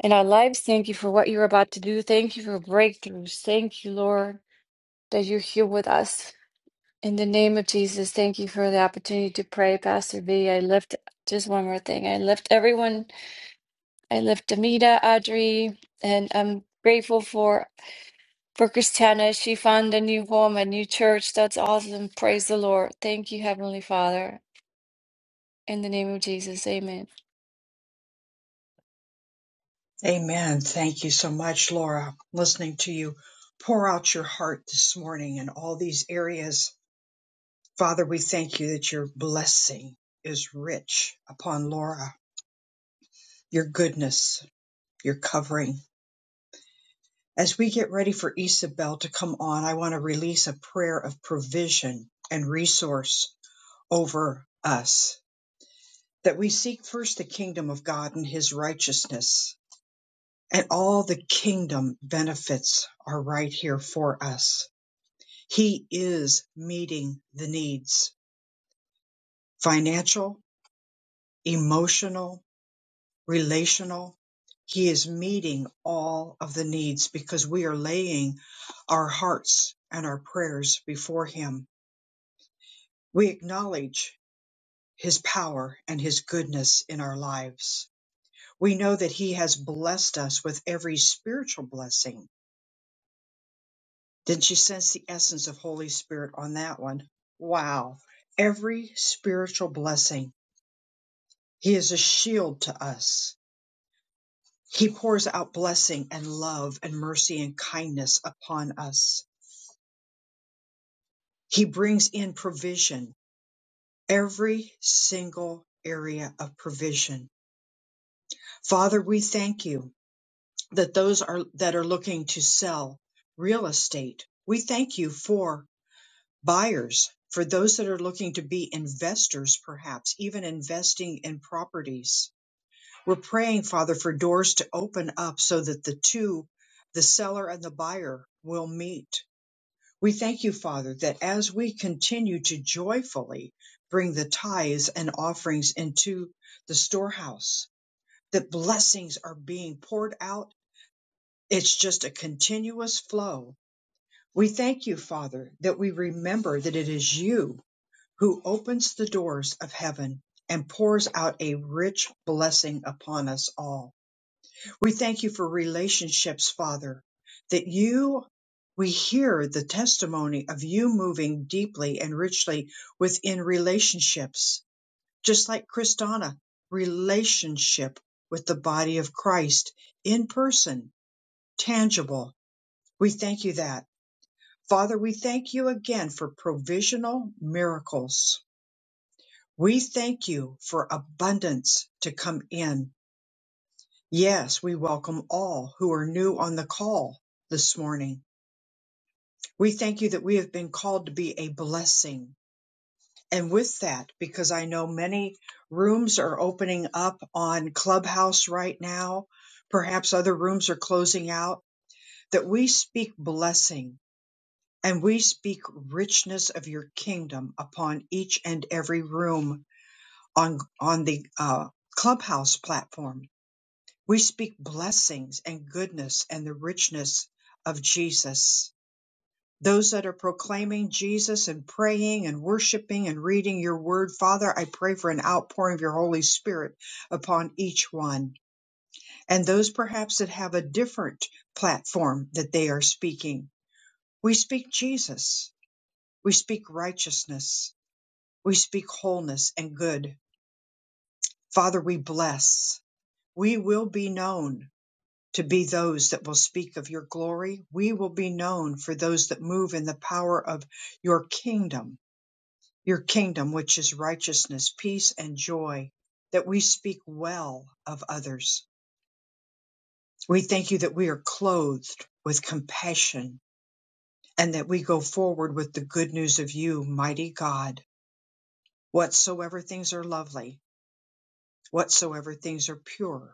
in our lives. Thank you for what you're about to do. Thank you for breakthroughs. Thank you, Lord, that you're here with us. In the name of Jesus, thank you for the opportunity to pray, Pastor V. I lift just one more thing. I lift everyone. I lift Amita, Audrey, and I'm grateful for for Christiana. She found a new home, a new church. That's awesome. Praise the Lord. Thank you, Heavenly Father. In the name of Jesus, Amen. Amen. Thank you so much, Laura. Listening to you pour out your heart this morning in all these areas. Father, we thank you that your blessing is rich upon Laura, your goodness, your covering As we get ready for Isabel to come on, I want to release a prayer of provision and resource over us. That we seek first the kingdom of God and his righteousness, and all the kingdom benefits are right here for us. He is meeting the needs financial, emotional, relational. He is meeting all of the needs because we are laying our hearts and our prayers before him We acknowledge His power and His goodness in our lives. We know that He has blessed us with every spiritual blessing. Didn't you sense the essence of Holy Spirit on that one? Wow. Every spiritual blessing. He is a shield to us. He pours out blessing and love and mercy and kindness upon us. He brings in provision, every single area of provision. Father, we thank you that those are that are looking to sell real estate. We thank you for buyers, for those that are looking to be investors, perhaps even investing in properties. We're praying, Father, for doors to open up so that the two, the seller and the buyer, will meet. We thank you, Father, that as we continue to joyfully bring the tithes and offerings into the storehouse, that blessings are being poured out it's just a continuous flow. We thank you, Father, that we remember that it is you who opens the doors of heaven and pours out a rich blessing upon us all. We thank you for relationships, Father, that you we hear the testimony of you moving deeply and richly within relationships, just like Christana, relationship with the body of Christ in person, tangible. We thank you that. Father, we thank you again for provisional miracles. We thank you for abundance to come in. Yes, we welcome all who are new on the call this morning. We thank you that we have been called to be a blessing. And with that, because I know many rooms are opening up on Clubhouse right now, perhaps other rooms are closing out, that we speak blessing And we speak richness of your kingdom upon each and every room on, on the uh, clubhouse platform. We speak blessings and goodness and the richness of Jesus. Those that are proclaiming Jesus and praying and worshiping and reading your word, Father, I pray for an outpouring of your Holy Spirit upon each one. And those perhaps that have a different platform that they are speaking, we speak Jesus. We speak righteousness We speak wholeness and good. Father, we bless. We will be known to be those that will speak of your glory. We will be known for those that move in the power of your kingdom, your kingdom, which is righteousness, peace, and joy, that we speak well of others. We thank you that we are clothed with compassion and that we go forward with the good news of you, mighty God. Whatsoever things are lovely, whatsoever things are pure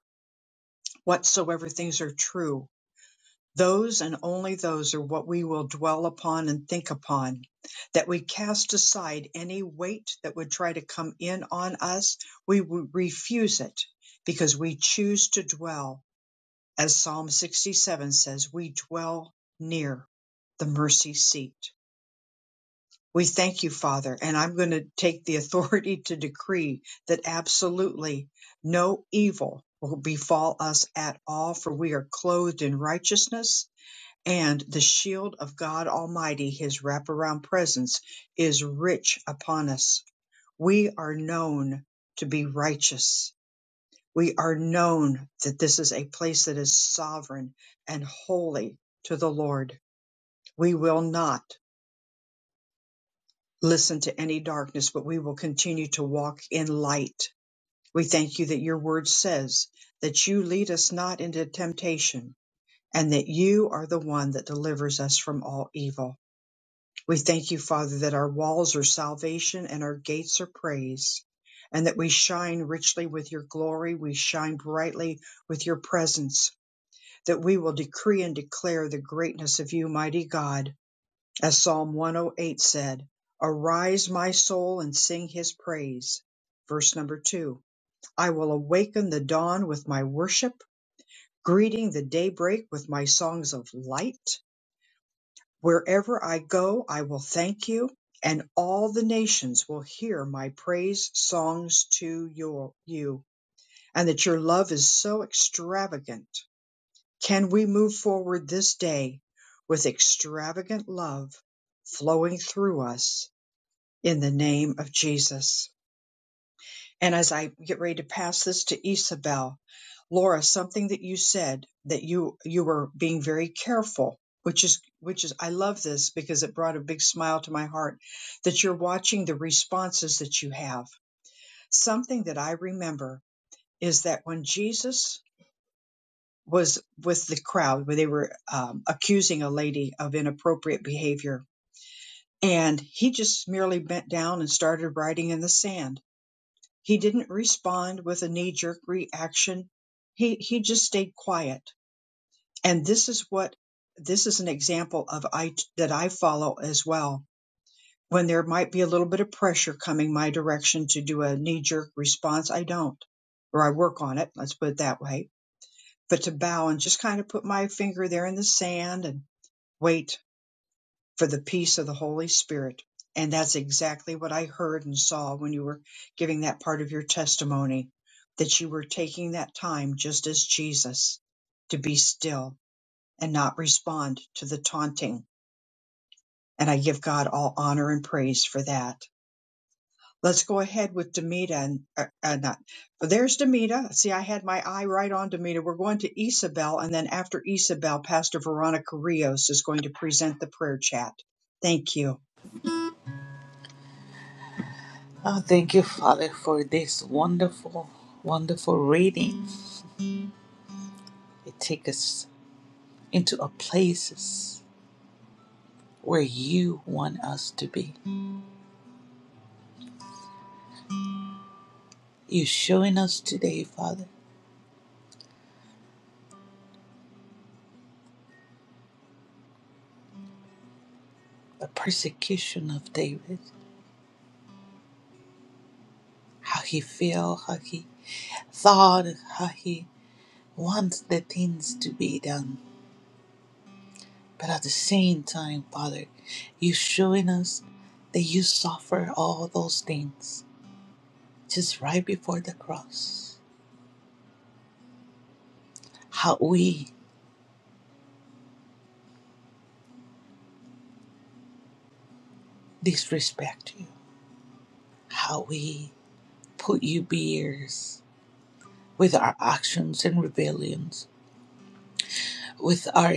whatsoever things are true, those and only those are what we will dwell upon and think upon, that we cast aside any weight that would try to come in on us. We would refuse it because we choose to dwell, as Psalm 67 says, we dwell near the mercy seat. We thank you, Father, and I'm going to take the authority to decree that absolutely no evil will befall us at all, for we are clothed in righteousness and the shield of God Almighty, his wraparound presence is rich upon us. We are known to be righteous. We are known that this is a place that is sovereign and holy to the Lord. We will not listen to any darkness, but we will continue to walk in light. We thank you that your word says that you lead us not into temptation and that you are the one that delivers us from all evil. We thank you, Father, that our walls are salvation and our gates are praise and that we shine richly with your glory. We shine brightly with your presence, that we will decree and declare the greatness of you, mighty God as Psalm 108 said, Arise, my soul, and sing his praise. Verse number two I will awaken the dawn with my worship, greeting the daybreak with my songs of light. Wherever I go, I will thank you, and all the nations will hear my praise songs to your, you, and that your love is so extravagant. Can we move forward this day with extravagant love flowing through us? in the name of Jesus. And as I get ready to pass this to Isabel, Laura, something that you said that you you were being very careful, which is which is I love this because it brought a big smile to my heart that you're watching the responses that you have. Something that I remember is that when Jesus was with the crowd, where they were um, accusing a lady of inappropriate behavior, and he just merely bent down and started writing in the sand He didn't respond with a knee jerk reaction. He, he just stayed quiet. And this is what, this is an example of I, that I follow as well. When there might be a little bit of pressure coming my direction to do a knee jerk response, I don't, or I work on it. Let's put it that way. But to bow and just kind of put my finger there in the sand and wait for the peace of the Holy Spirit. And that's exactly what I heard and saw when you were giving that part of your testimony that you were taking that time just as Jesus to be still and not respond to the taunting. And I give God all honor and praise for that. Let's go ahead with Demita and uh, uh, not. But there's Demita. See, I had my eye right on Demita. We're going to Isabel, and then after Isabel, Pastor Veronica Rios is going to present the prayer chat. Thank you. Oh, thank you, Father, for this wonderful, wonderful reading. It takes us into a places where you want us to be. You're showing us today, Father. the persecution of David, how he felt, how he thought, how he wants the things to be done. But at the same time, Father, you showing us that you suffer all those things just right before the cross. How we disrespect you, how we put you beers with our actions and rebellions, with our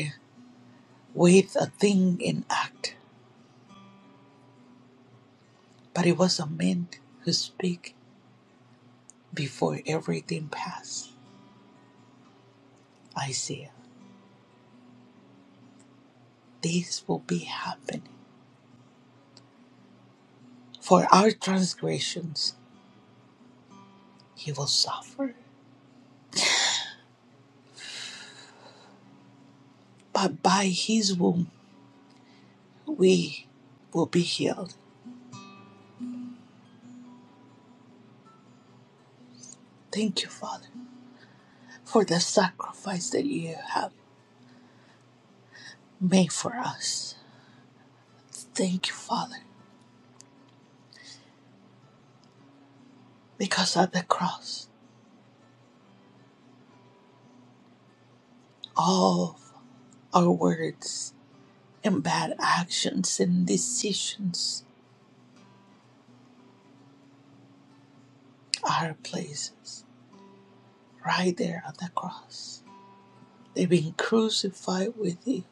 with a thing in act. But it was a man who speak before everything passed. Isaiah, this will be happening. For our transgressions he will suffer, but by his wound we will be healed. Thank you, Father, for the sacrifice that you have made for us. Thank you, Father, because at the cross, all our words and bad actions and decisions are places right there at the cross. They've been crucified with thee.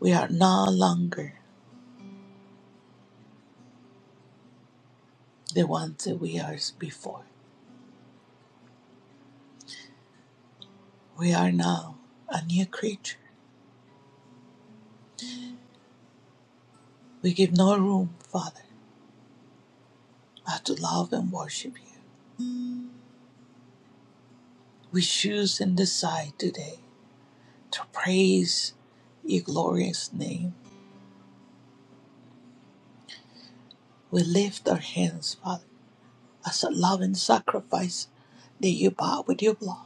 We are no longer the ones that we are before. We are now a new creature. We give no room, Father, but to love and worship you. We choose and decide today to praise your glorious name. We lift our hands, Father, as a loving sacrifice that you bought with your blood.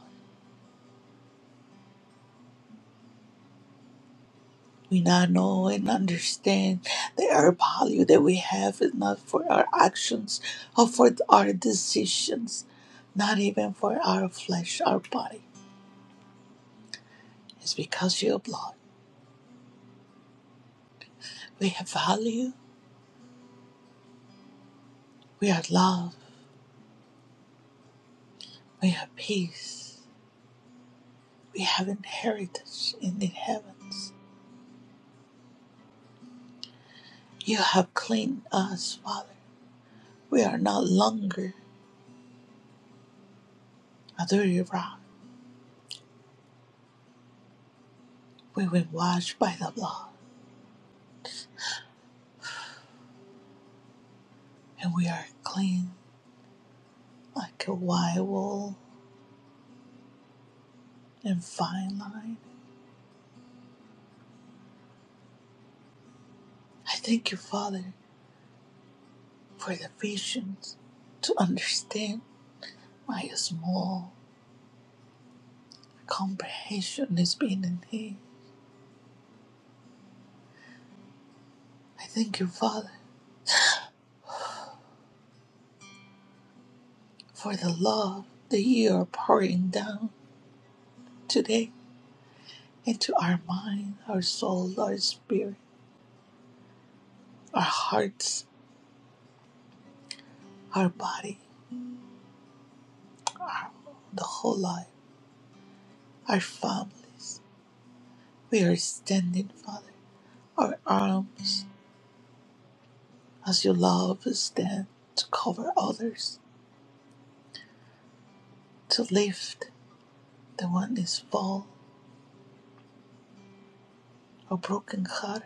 We now know and understand the air value that we have is not for our actions or for our decisions, not even for our flesh, our body. It's because of your blood. We have value, we are love, we have peace, we have an heritage in the heavens. You have cleaned us, Father. We are not longer a dirty rock. We've been washed by the blood, and we are clean like a white wool and fine line. I thank you, Father, for the patience to understand my small comprehension is being enhanced. I thank you, Father, for the love that you are pouring down today into our mind, our soul, our spirit, our hearts, our body, the whole life, our families. We are standing, Father, our arms as you love us stand to cover others, to lift The one is full of broken heart.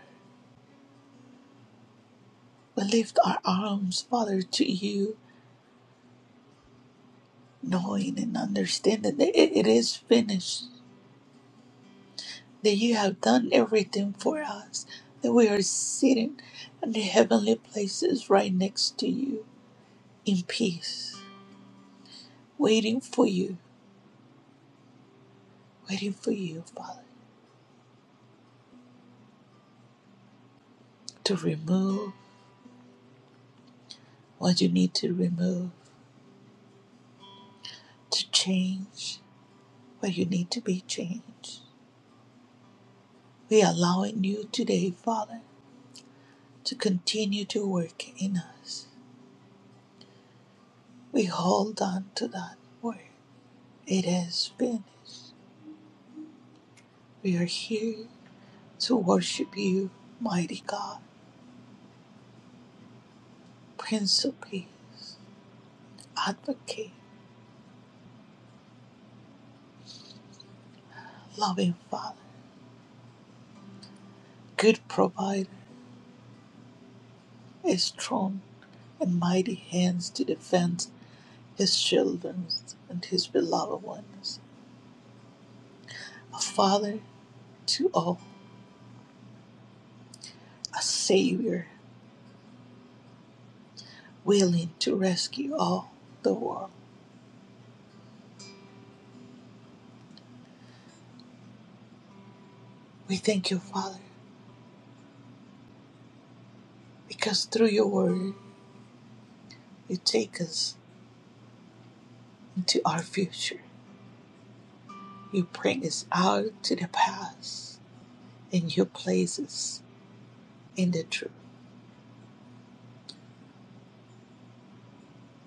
We lift our arms, Father, to you, knowing and understanding that it it is finished, that you have done everything for us, that we are sitting in the heavenly places right next to you in peace, waiting for you, waiting for you, Father, to remove what you need to remove, to change what you need to be changed. We are allowing you today, Father to continue to work in us. We hold on to that word. It is finished. We are here to worship you, mighty God, Prince of Peace, Advocate, Loving Father, Good Provider, a strong and mighty hands to defend His children and His beloved ones, a Father to all, a Savior willing to rescue all the world. We thank you, Father, because through your word, You take us into our future. You bring us out to the past and you place us in the truth.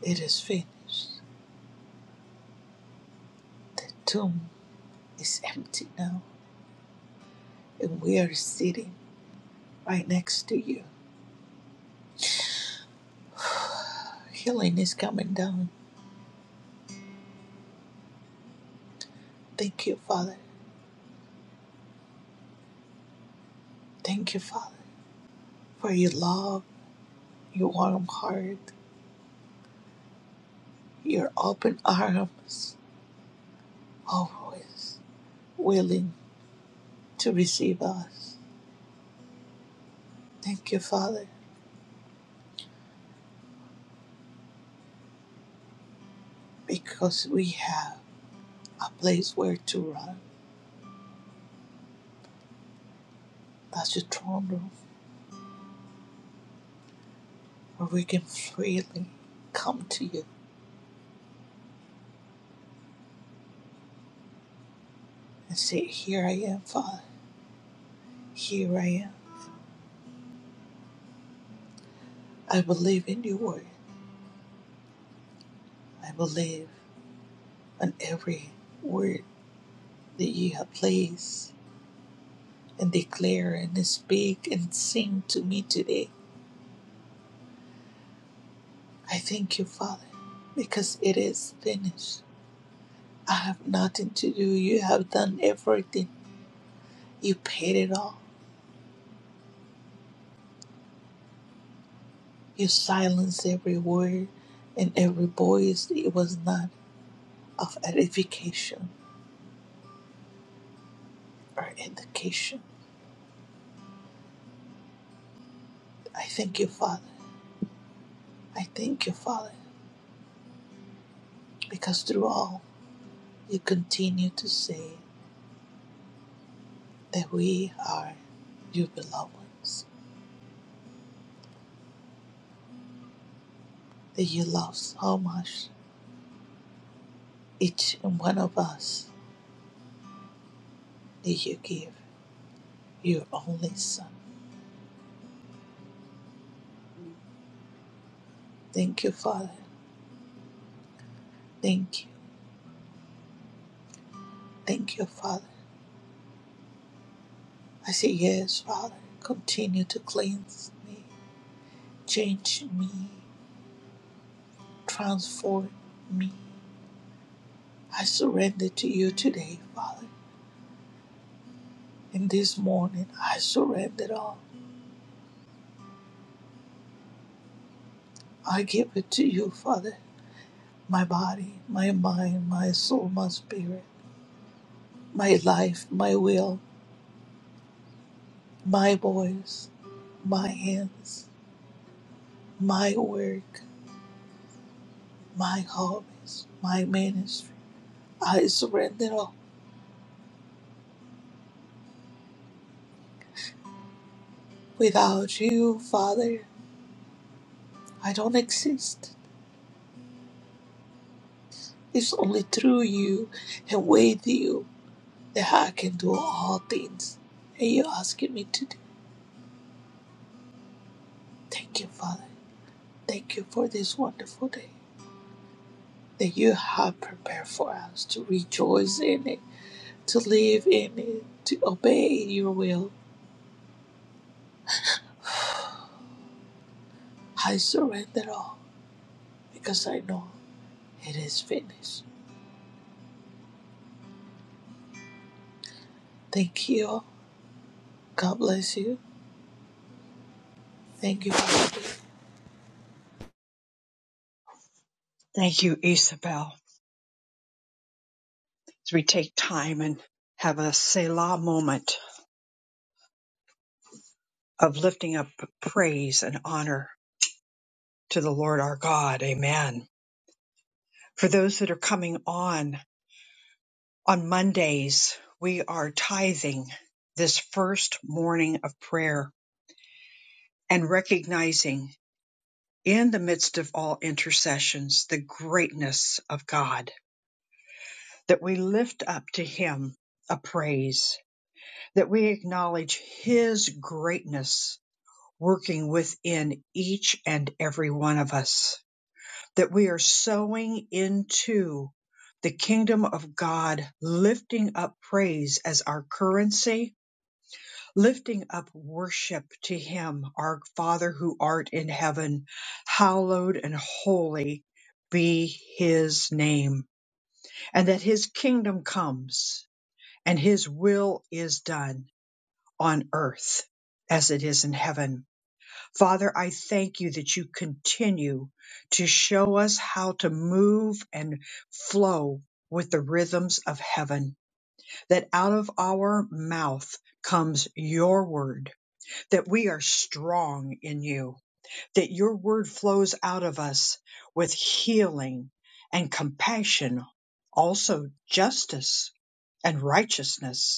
It is finished. The tomb is empty now and we are sitting right next to you. Healing is coming down. Thank you, Father. Thank you, Father, for your love, your warm heart, your open arms, always willing to receive us. Thank you, Father, because we have a place where to run. That's your throne room where we can freely come to you and say, Here I am, Father. Here I am. I believe in your word. I believe in every word that you have placed and declare and speak and sing to me today. I thank you, Father, because it is finished. I have nothing to do. You have done everything. You paid it all. You silence every word and every voice it was not of edification or education. I thank you, Father. I thank you, Father, because through all you continue to say that we are your beloved ones, that you love so much each and one of us that you give your only Son. Thank you, Father. Thank you. Thank you, Father. I say, Yes, Father. Continue to cleanse me, change me Transform me. I surrender to you today, Father. And this morning, I surrender it all. I give it to you, Father. My body, my mind, my soul, my spirit, my life, my will, my voice, my hands, my work, my hobbies, my ministry. I surrender all. Without you, Father, I don't exist. It's only through you and with you that I can do all things. And you're asking me to do. Thank you, Father. Thank you for this wonderful day that you have prepared for us to rejoice in it, to live in it, to obey your will. I surrender all because I know it is finished. Thank you. God bless you. Thank you, Father. Thank you, Isabel. As we take time and have a Selah moment of lifting up praise and honor to the Lord our God. Amen. For those that are coming on, on Mondays, we are tithing this first morning of prayer and recognizing in the midst of all intercessions the greatness of God, that we lift up to Him a praise, that we acknowledge His greatness working within each and every one of us, that we are sowing into the kingdom of God, lifting up praise as our currency, lifting up worship to Him, our Father who art in heaven, hallowed and holy be His name, and that His kingdom comes and His will is done on earth as it is in heaven Father, I thank you that you continue to show us how to move and flow with the rhythms of heaven, that out of our mouth comes your word, that we are strong in you, that your word flows out of us with healing and compassion, also justice and righteousness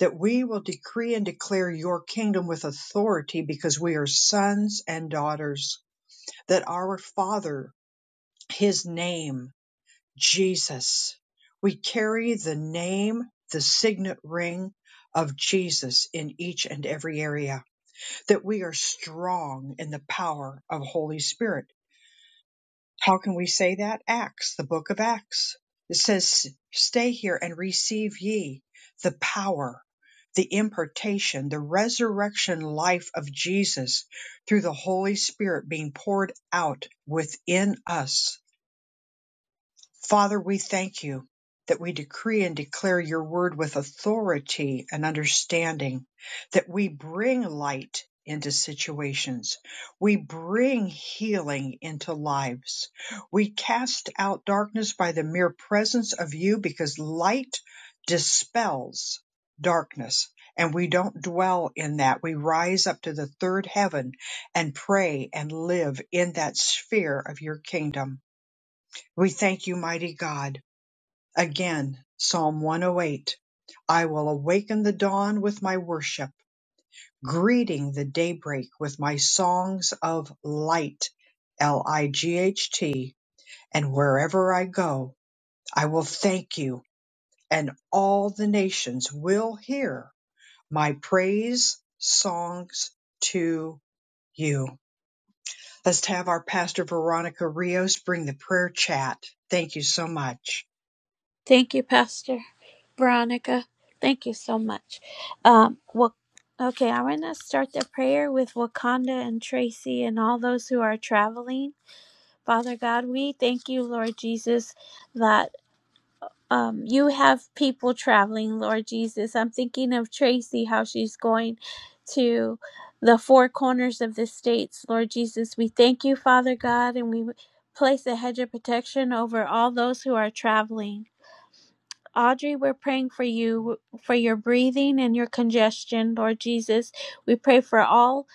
that we will decree and declare your kingdom with authority because we are sons and daughters, that our Father, his name, Jesus, we carry the name, the signet ring of Jesus in each and every area, that we are strong in the power of Holy Spirit how can we say that? Acts, the book of Acts. It says, Stay here and receive ye the power, the impartation, the resurrection life of Jesus through the Holy Spirit being poured out within us. Father, we thank you that we decree and declare your word with authority and understanding, that we bring light into situations. We bring healing into lives. We cast out darkness by the mere presence of you because light dispels darkness. And we don't dwell in that. We rise up to the third heaven and pray and live in that sphere of your kingdom. We thank you, mighty God. Again, Psalm 108. I will awaken the dawn with my worship, greeting the daybreak with my songs of light, L I G H T. And wherever I go, I will thank you, and all the nations will hear my praise songs to you. Let's have our pastor Veronica Rios bring the prayer chat. Thank you so much. Thank you, Pastor Veronica. Thank you so much. Um, well, okay, i want to start the prayer with Wakanda and Tracy and all those who are traveling. Father God, we thank you, Lord Jesus, that. um, you have people traveling, Lord Jesus. I'm thinking of Tracy, how she's going to the four corners of the states, Lord Jesus. We thank you, Father God, and we place a hedge of protection over all those who are traveling. Audrey, we're praying for you, for your breathing and your congestion, Lord Jesus. We pray for all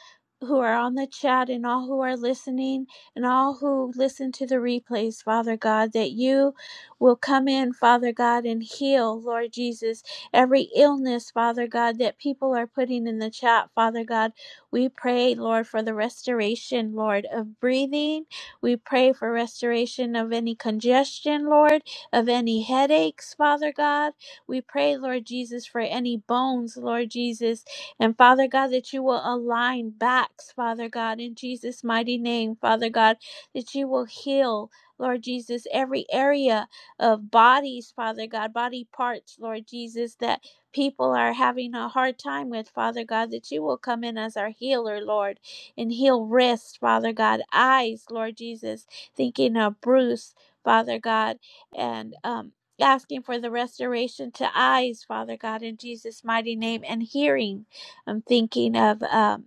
who are on the chat and all who are listening and all who listen to the replays, Father God, that you will come in, Father God, and heal, Lord Jesus, every illness, Father God, that people are putting in the chat, Father God. We pray, Lord, for the restoration, Lord, of breathing. We pray for restoration of any congestion, Lord of any headaches, Father God. We pray, Lord Jesus, for any bones, Lord Jesus. And Father God, that you will align backs, Father God, in Jesus' mighty name, Father God, that you will heal. Lord Jesus, every area of bodies, Father God, body parts, Lord Jesus, that people are having a hard time with, Father God, that you will come in as our healer, Lord, and heal wrists, Father God, eyes, Lord Jesus, thinking of Bruce, Father God and um, asking for the restoration to eyes, Father God, in Jesus' mighty name, and hearing. I'm thinking of um,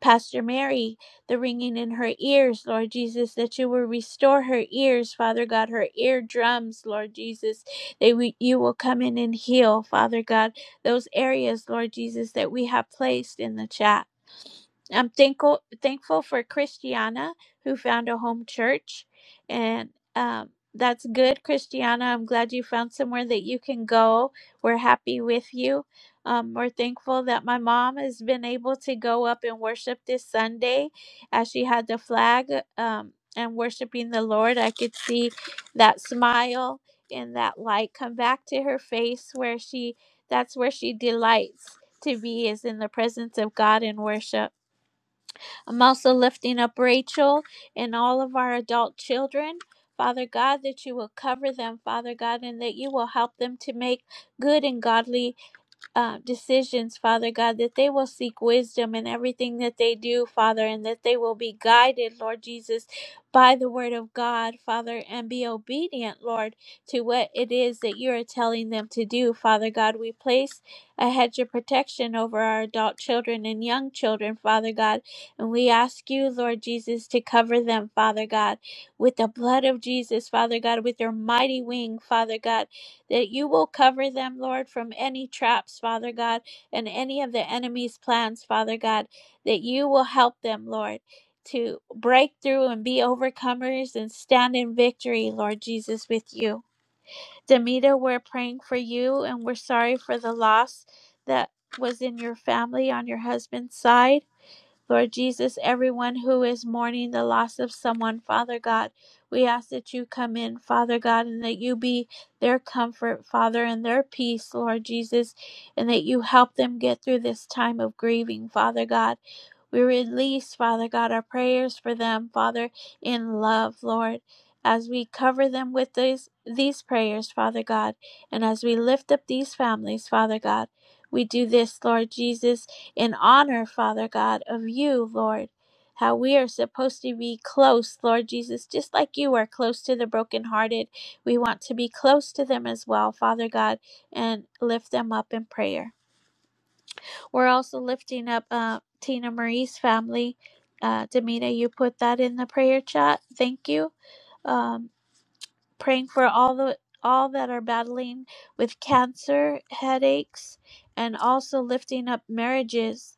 Pastor Mary, the ringing in her ears, Lord Jesus, that you will restore her ears, Father God, her eardrums, Lord Jesus, that we, you will come in and heal, Father God, those areas, Lord Jesus, that we have placed in the chat. I'm thankful thankful for Christiana who found a home church, and um, that's good, Christiana. I'm glad you found somewhere that you can go. We're happy with you. Um, we're thankful that my mom has been able to go up and worship this Sunday, as she had the flag um, and worshiping the Lord. I could see that smile and that light come back to her face, where she that's where she delights to be is in the presence of God and worship. I'm also lifting up Rachel and all of our adult children. Father God, that you will cover them, Father God, and that you will help them to make good and godly uh, decisions, Father God, that they will seek wisdom in everything that they do, Father, and that they will be guided, Lord Jesus, by the word of God, Father, and be obedient, Lord, to what it is that you are telling them to do, Father God. We place a hedge of protection over our adult children and young children, Father God, and we ask you, Lord Jesus, to cover them, Father God, with the blood of Jesus, Father God, with your mighty wing, Father God that you will cover them, Lord, from any traps, Father God, and any of the enemy's plans, Father God, that you will help them, Lord, to break through and be overcomers and stand in victory, Lord Jesus, with you. Demita, we're praying for you and we're sorry for the loss that was in your family on your husband's side. Lord Jesus, everyone who is mourning the loss of someone, Father God, we ask that you come in, Father God, and that you be their comfort, Father, and their peace, Lord Jesus, and that you help them get through this time of grieving, Father God. We release, Father God, our prayers for them, Father, in love, Lord, as we cover them with these, these prayers, Father God, and as we lift up these families, Father God. We do this, Lord Jesus in honor, Father God, of you, Lord. How we are supposed to be close, Lord Jesus, just like you are close to the brokenhearted. We want to be close to them as well, Father God, and lift them up in prayer. We're also lifting up uh, Tina Marie's family. Uh, Demita, you put that in the prayer chat. Thank you. Um, praying for all the all that are battling with cancer, headaches, and also lifting up marriages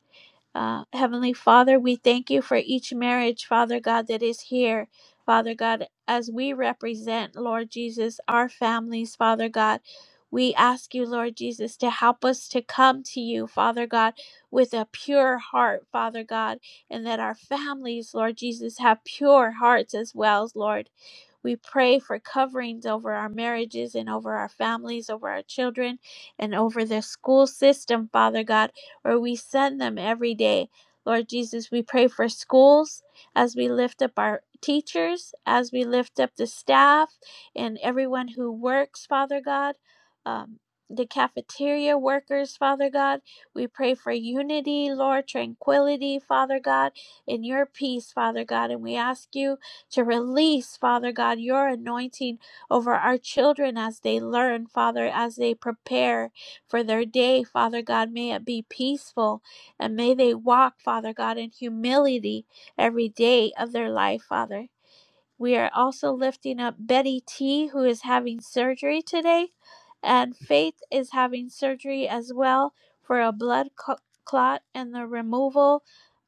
uh, Heavenly Father, we thank you for each marriage, Father God, that is here. Father God, as we represent, Lord Jesus, our families, Father God, we ask you, Lord Jesus, to help us to come to you, Father God, with a pure heart, Father God, and that our families, Lord Jesus, have pure hearts as well, Lord. We pray for coverings over our marriages and over our families, over our children, and over the school system, Father God, where we send them every day. Lord Jesus, we pray for schools as we lift up our teachers, as we lift up the staff and everyone who works, Father God, um, the cafeteria workers, Father God. We pray for unity, Lord, tranquility, Father God, in your peace, Father God. And we ask you to release, Father God, your anointing over our children as they learn, Father, as they prepare for their day, Father God. May it be peaceful and may they walk, Father God, in humility every day of their life, Father. We are also lifting up Betty T, who is having surgery today, and Faith is having surgery as well for a blood cl- clot and the removal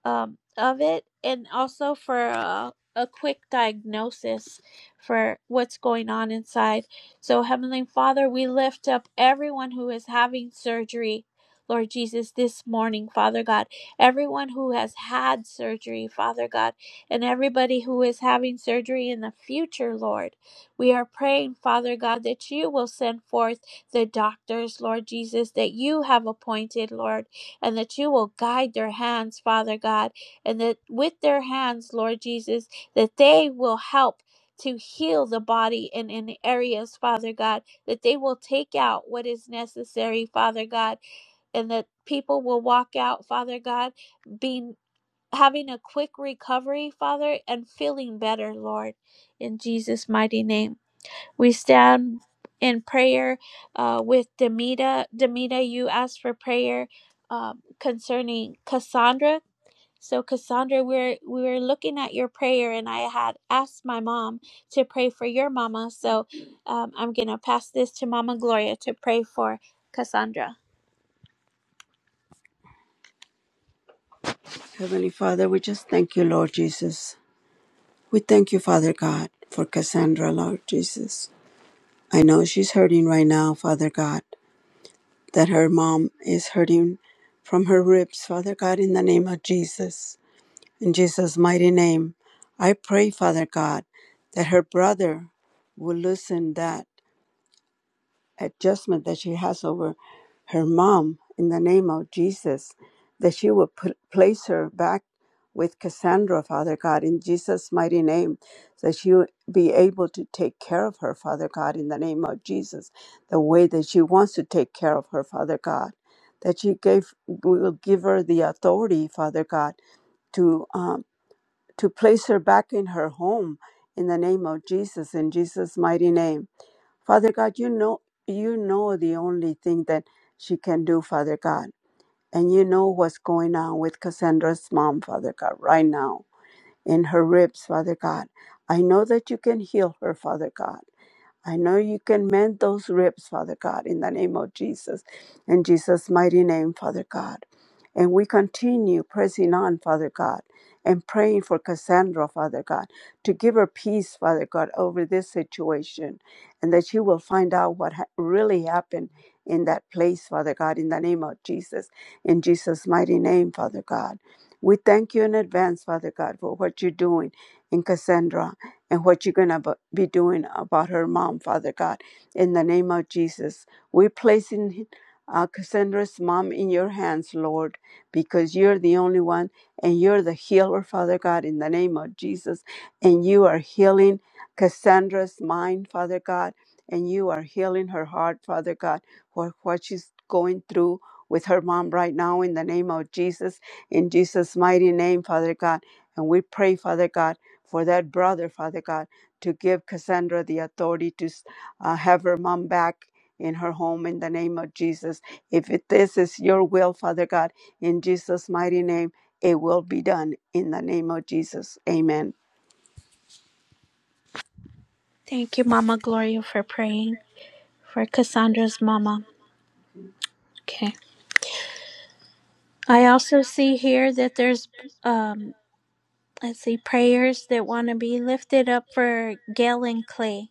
um, of it, and also for a, a quick diagnosis for what's going on inside. So, Heavenly Father, we lift up everyone who is having surgery. Lord Jesus, this morning, Father God, everyone who has had surgery, Father God and everybody who is having surgery in the future, Lord. We are praying, Father God, that you will send forth the doctors, Lord Jesus, that you have appointed, Lord, and that you will guide their hands, Father God, and that with their hands, Lord Jesus, that they will help. To heal the body in, in areas, Father God, that they will take out what is necessary, Father God, and that people will walk out, Father God, being having a quick recovery, Father, and feeling better, Lord, in Jesus' mighty name. We stand in prayer uh, with Demita. Demita, you asked for prayer um, concerning Cassandra. So, Cassandra, we're we were looking at your prayer, and I had asked my mom to pray for your mama. So, um, I'm gonna pass this to Mama Gloria to pray for Cassandra. Heavenly Father, we just thank you, Lord Jesus. We thank you, Father God, for Cassandra, Lord Jesus. I know she's hurting right now, Father God, that her mom is hurting from her ribs, Father God, in the name of Jesus. In Jesus' mighty name, I pray, Father God, that her brother will loosen that adjustment that she has over her mom in the name of Jesus, that she will put, place her back with Cassandra, Father God, in Jesus' mighty name, that she will be able to take care of her, Father God, in the name of Jesus, the way that she wants to take care of her, Father God, that you gave will give her the authority, Father God, to um, to place her back in her home in the name of Jesus, in Jesus' mighty name Father God, you know you know the only thing that she can do, Father God. And you know what's going on with Cassandra's mom, Father God, right now in her ribs, Father God. I know that you can heal her, Father God. I know you can mend those ribs, Father God, in the name of Jesus, in Jesus' mighty name, Father God. And we continue pressing on, Father God, and praying for Cassandra, Father God, to give her peace, Father God, over this situation, and that she will find out what ha- really happened in that place, Father God, in the name of Jesus, in Jesus' mighty name, Father God. We thank you in advance, Father God, for what you're doing in Cassandra and what you're going to be doing about her mom, Father God. In the name of Jesus, we're placing uh, Cassandra's mom in your hands, Lord, because you're the only one and you're the healer, Father God, in the name of Jesus. And you are healing Cassandra's mind, Father God, and you are healing her heart, Father God, for what she's going through with her mom right now in the name of Jesus, in Jesus' mighty name, Father God. And we pray, Father God for that brother, Father God, to give Cassandra the authority to uh, have her mom back in her home in the name of Jesus. If it, this is your will, Father God, in Jesus' mighty name, it will be done in the name of Jesus. Amen. Thank you, Mama Gloria, for praying for Cassandra's mama. Okay. I also see here that there's, um, let's see, prayers that want to be lifted up for Gail and Clay.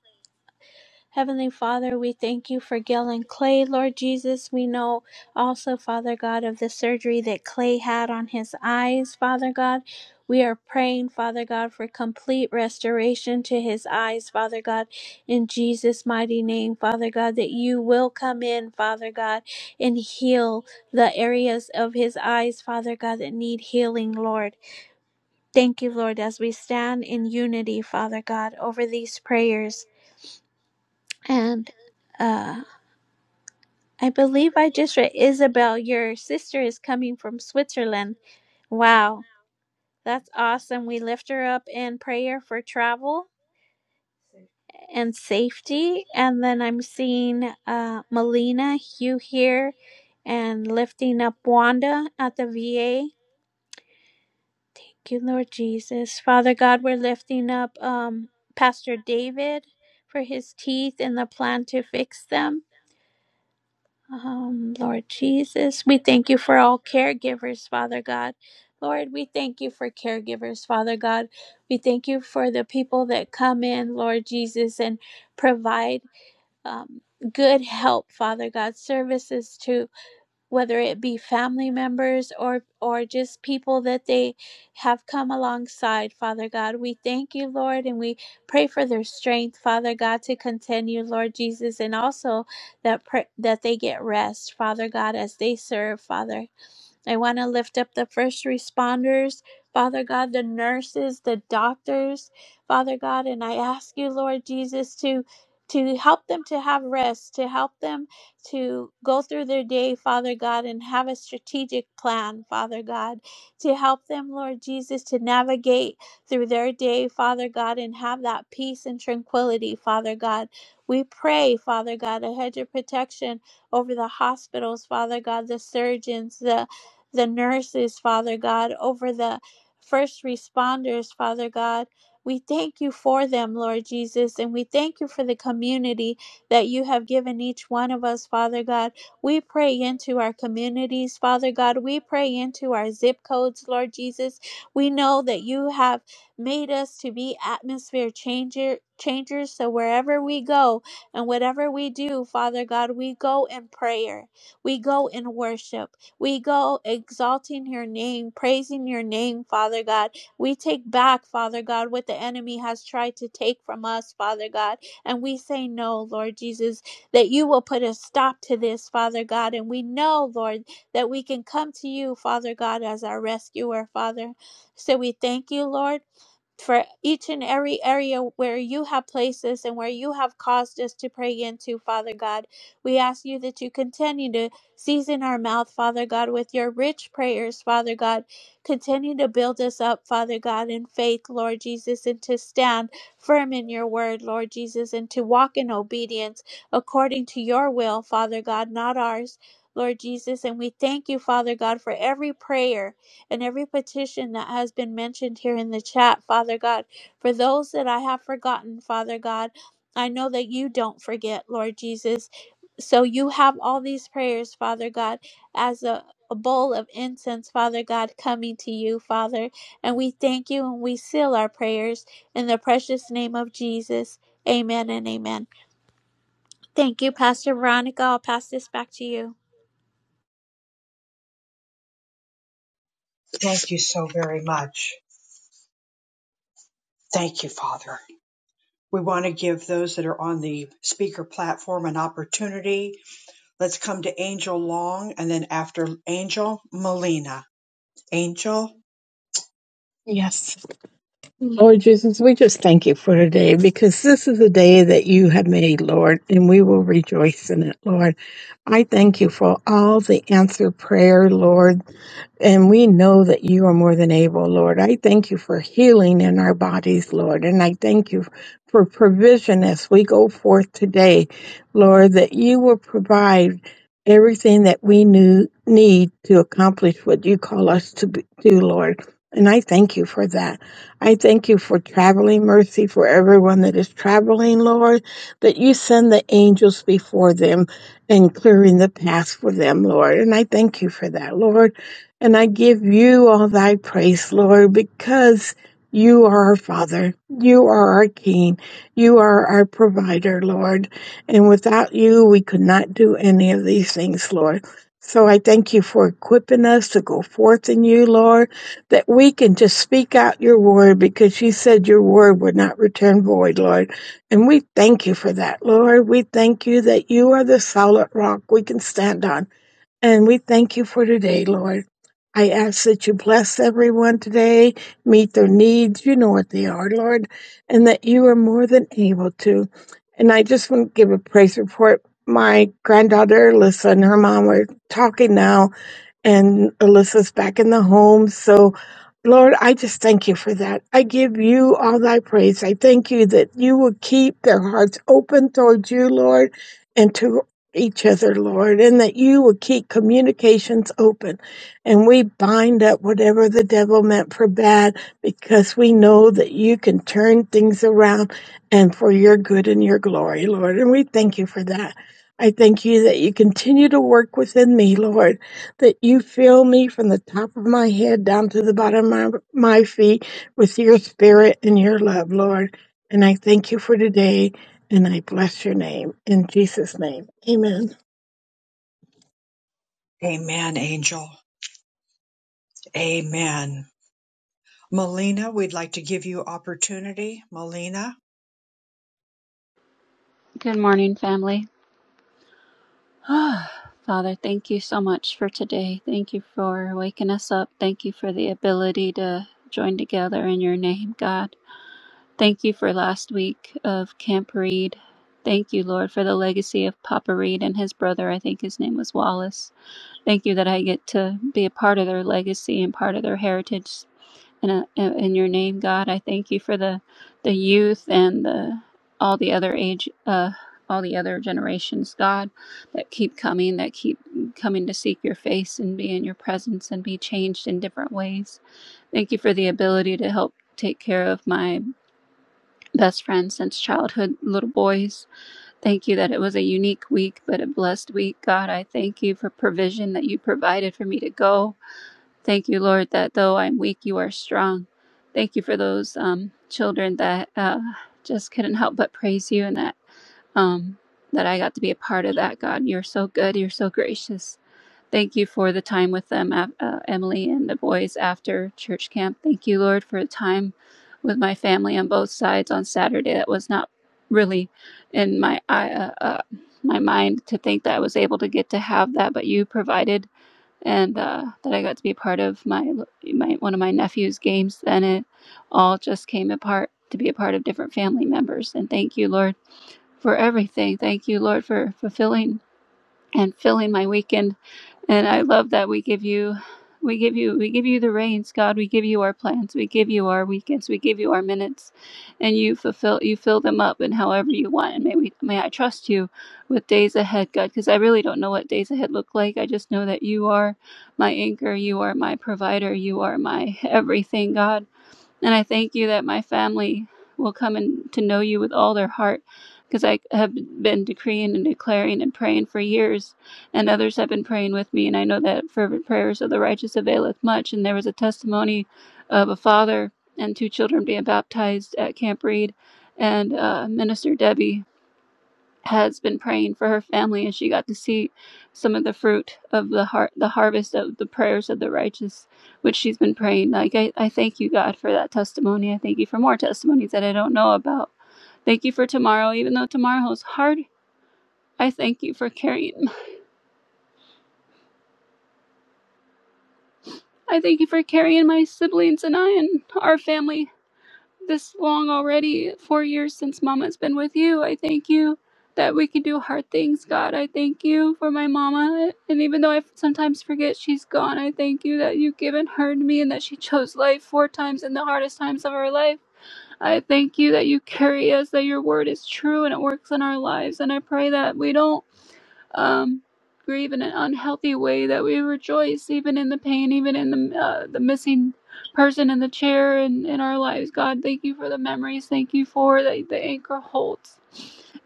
Heavenly Father, we thank you for Gil and Clay. Lord Jesus, we know also, Father God, of the surgery that Clay had on his eyes, Father God. We are praying, Father God, for complete restoration to his eyes, Father God, in Jesus' mighty name, Father God, that you will come in, Father God, and heal the areas of his eyes, Father God, that need healing, Lord. Thank you, Lord, as we stand in unity, Father God, over these prayers and, uh, I believe I just read Isabel, your sister is coming from Switzerland. Wow, that's awesome. We lift her up in prayer for travel and safety. And then I'm seeing uh, Melina, Hugh here, and lifting up Wanda at the VA. Thank you, Lord Jesus. Father God, we're lifting up um, Pastor David for his teeth and the plan to fix them. Um, Lord Jesus, we thank you for all caregivers, Father God. Lord, we thank you for caregivers, Father God. We thank you for the people that come in, Lord Jesus, and provide um, good help, Father God, services to whether it be family members or or just people that they have come alongside father god we thank you lord and we pray for their strength father god to continue lord jesus and also that pr- that they get rest father god as they serve father I want to lift up the first responders, Father God, the nurses, the doctors, Father God, and I ask you, Lord Jesus, to to help them to have rest, to help them to go through their day, Father God, and have a strategic plan, Father God, to help them, Lord Jesus, to navigate through their day, Father God, and have that peace and tranquility, Father God. We pray, Father God, a hedge of protection over the hospitals, Father God, the surgeons, the the nurses, Father God, over the first responders, Father God. We thank you for them, Lord Jesus, and we thank you for the community that you have given each one of us, Father God. We pray into our communities, Father God. We pray into our zip codes, Lord Jesus. We know that you have made us to be atmosphere changer changers. So wherever we go and whatever we do, Father God, we go in prayer. We go in worship. We go exalting your name, praising your name, Father God. We take back, Father God, what the enemy has tried to take from us, Father God. And we say, No, Lord Jesus, that you will put a stop to this, Father God. And we know, Lord, that we can come to you, Father God, as our rescuer, Father. So we thank you, Lord for each and every area where you have placed us and where you have caused us to pray into, Father God. We ask you that you continue to Season our mouth, Father God, with your rich prayers, Father God. Continue to build us up, Father God, in faith, Lord Jesus, and to stand firm in your word, Lord Jesus, and to walk in obedience according to your will, Father God, not ours. Lord Jesus, and we thank you, Father God, for every prayer and every petition that has been mentioned here in the chat, Father God. For those that I have forgotten, Father God, I know that you don't forget, Lord Jesus. So you have all these prayers, Father God, as a, a bowl of incense, Father God, coming to you, Father. And we thank you and we seal our prayers in the precious name of Jesus. Amen and amen. Thank you, Pastor Veronica. I'll pass this back to you. Thank you so very much. Thank you, Father. We want to give those that are on the speaker platform an opportunity. Let's come to Angel Long and then after Angel, Melina. Angel, Yes. Lord Jesus, we just thank you for today because this is a day that you have made, Lord, and we will rejoice in it, Lord. I thank you for all the answered prayer, Lord, and we know that you are more than able, Lord. I thank you for healing in our bodies, Lord, and I thank you for provision as we go forth today, Lord, that you will provide everything that we knew, need to accomplish what you call us to be- do, Lord. And I thank you for that. I thank you for traveling mercy for everyone that is traveling, Lord, that you send the angels before them and clearing the path for them, Lord. And I thank you for that, Lord. And I give you all thy praise, Lord, because you are our Father. You are our King. You are our provider, Lord. And without you, we could not do any of these things, Lord. So I thank you for equipping us to go forth in you, Lord that we can just speak out your word because you said your word would not return void, Lord. And we thank you for that, Lord. We thank you that you are the solid rock we can stand on. And we thank you for today, Lord. I ask that you bless everyone today, meet their needs. You know what they are, Lord, and that you are more than able to. And I just want to give a praise report. My granddaughter, Alyssa, and her mom are talking now, and Alyssa's back in the home. So, Lord, I just thank you for that. I give you all thy praise. I thank you that you will keep their hearts open towards you, Lord, and to each other, Lord, and that you will keep communications open. And we bind up whatever the devil meant for bad because we know that you can turn things around and for your good and your glory, Lord. And we thank you for that. I thank you that you continue to work within me, Lord that you fill me from the top of my head down to the bottom of my, my feet with your spirit and your love, Lord. And I thank you for today and I bless your name in Jesus' name. Amen. amen, Angel, amen. Melina, we'd like to give you opportunity. Melina, Good morning, family. [SIGHS] Oh, Father, thank you so much for today. Thank you for waking us up. Thank you for the ability to join together in your name, God. Thank you for last week of Camp Reed. Thank you, Lord, for the legacy of Papa Reed and his brother. I think his name was Wallace. Thank you that I get to be a part of their legacy and part of their heritage. And uh, in a, in your name, God, I thank you for the the youth and the all the other age, uh, all the other generations, God, that keep coming, that keep coming to seek your face and be in your presence and be changed in different ways. Thank you for the ability to help take care of my best friend since childhood, little boys. Thank you that it was a unique week, but a blessed week, God. I thank you for provision that you provided for me to go. Thank you, Lord, that though I'm weak, you are strong. Thank you for those um, children that uh, just couldn't help but praise you, and that um, that I got to be a part of that. God, you're so good. You're so gracious. Thank you for the time with them, uh, uh, Emily and the boys after church camp. Thank you, Lord, for the time with my family on both sides on Saturday. That was not really in my I- uh, uh, my mind to think that I was able to get to have that, but you provided and uh, that I got to be part of my my one of my nephew's games. Then it all just came apart to be a part of different family members. And thank you, Lord, for everything. Thank you, Lord, for fulfilling and filling my weekend and I love that we give you we give you we give you the reins, God. We give you our plans. We give you our weekends. We give you our minutes. And you fulfill you fill them up in however you want. And may we may I trust you with days ahead, God, because I really don't know what days ahead look like. I just know that you are my anchor, you are my provider, you are my everything, God. And I thank you that my family will come and to know you with all their heart because I have been decreeing and declaring and praying for years, and others have been praying with me. And I know that fervent prayers of the righteous availeth much. And there was a testimony of a father and two children being baptized at Camp Reed, and uh, Minister Debbie has been praying for her family and she got to see some of the fruit of the har- the harvest of the prayers of the righteous which she's been praying like I, I thank you god for that testimony i thank you for more testimonies that i don't know about thank you for tomorrow even though tomorrow's hard i thank you for carrying i thank you for carrying my siblings and i and our family this long already, four years since Mama's been with you. I thank you that we can do hard things, God. I thank you for my Mama. And even though I sometimes forget she's gone, I thank you that you've given her to me and that she chose life four times in the hardest times of her life. I thank you that you carry us, that your word is true and it works in our lives. And I pray that we don't um, grieve in an unhealthy way, that we rejoice even in the pain, even in the uh, the missing person in the chair and in our lives. God, thank you for the memories. Thank you for the, the anchor holds.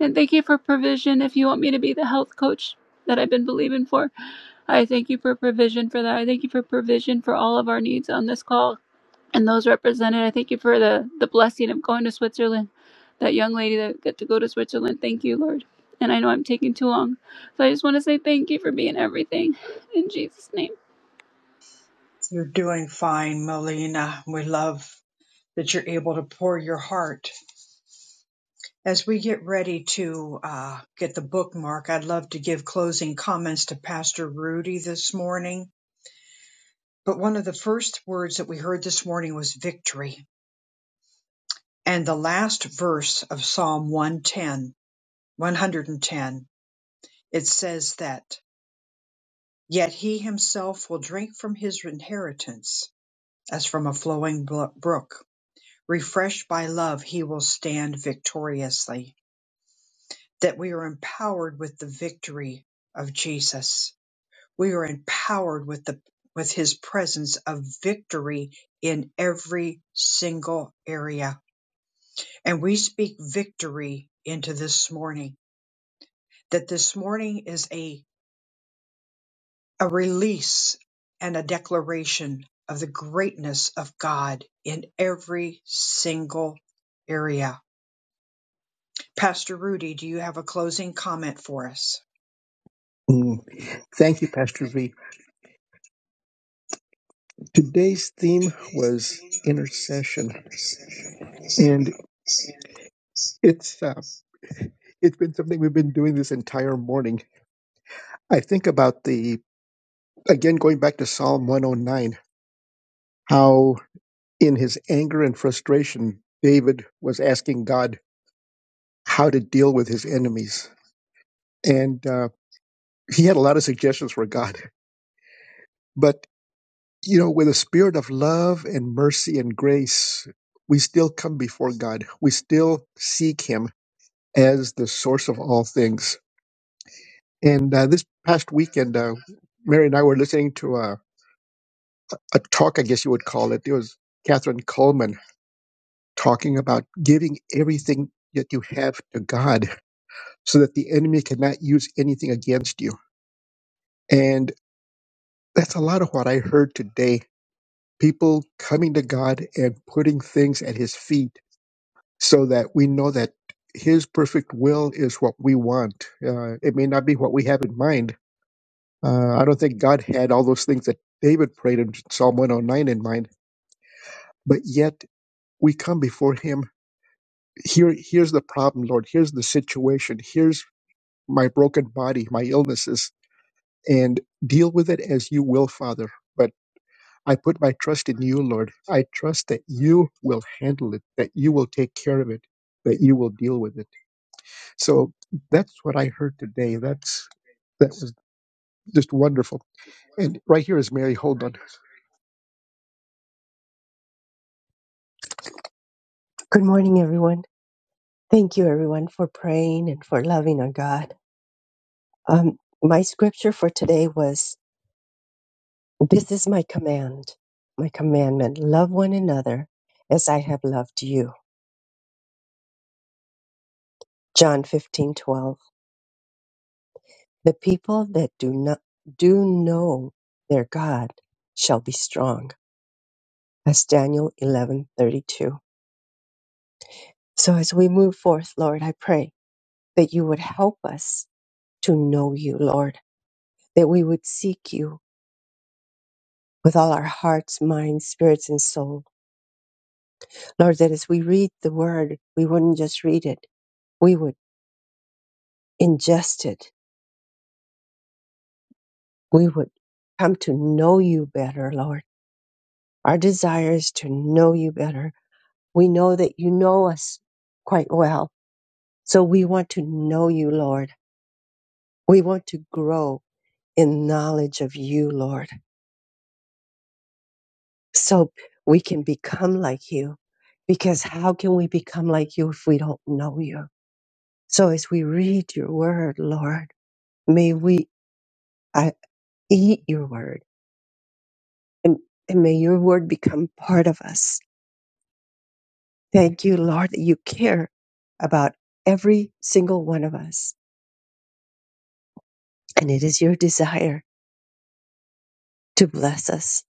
And thank you for provision. If you want me to be the health coach that I've been believing for, I thank you for provision for that. I thank you for provision for all of our needs on this call and those represented. I thank you for the, the blessing of going to Switzerland. That young lady that got to go to Switzerland. Thank you, Lord. And I know I'm taking too long. So I just want to say thank you for being everything. In Jesus' name. you're doing fine, Melina. We love that you're able to pour your heart. As we get ready to uh, get the bookmark, I'd love to give closing comments to Pastor Rudy this morning But one of the first words that we heard this morning was victory. And the last verse of Psalm 110, 110, it says that, Yet he himself will drink from his inheritance as from a flowing brook. Refreshed by love, he will stand victoriously. That we are empowered with the victory of Jesus. We are empowered with the with his presence of victory in every single area And we speak victory into this morning, that this morning is a, a release and a declaration of the greatness of God in every single area. Pastor Rudy, do you have a closing comment for us? Mm, Thank you, Pastor V. Today's theme was intercession, and it's uh, it's been something we've been doing this entire morning. I think about the again going back to Psalm 109, how in his anger and frustration, David was asking God how to deal with his enemies. And uh, he had a lot of suggestions for God. But, you know, with a spirit of love and mercy and grace, we still come before God. We still seek him as the source of all things. And uh, this past weekend, uh, Mary and I were listening to a, a talk, I guess you would call it. It was Catherine Coleman talking about giving everything that you have to God so that the enemy cannot use anything against you. And that's a lot of what I heard today. People coming to God and putting things at his feet so that we know that his perfect will is what we want. Uh, it may not be what we have in mind. Uh, I don't think God had all those things that David prayed in Psalm 109 in mind, but yet we come before him. Here, here's the problem, Lord. Here's the situation. Here's my broken body, my illnesses, and deal with it as you will, Father. But I put my trust in you, Lord. I trust that you will handle it, that you will take care of it, that you will deal with it. So that's what I heard today. That's that was just wonderful. And right here is Mary Hold on. Good morning, everyone. Thank you, everyone, for praying and for loving our God. Um, my scripture for today was This is my command, my commandment. Love one another as I have loved you. John fifteen twelve. The people that do not do know their God shall be strong. That's Daniel eleven thirty two. So as we move forth, Lord, I pray that you would help us to know you, Lord, that we would seek you with all our hearts, minds, spirits, and soul. Lord, that as we read the word, we wouldn't just read it, we would ingest it we would come to know you better, Lord. Our desire is to know you better. We know that you know us quite well. So we want to know you, Lord. We want to grow in knowledge of you, Lord, so we can become like you. Because how can we become like you if we don't know you? So as we read your word, Lord, may we uh, eat your word and, and may your word become part of us Thank you, Lord, that you care about every single one of us. And it is your desire to bless us,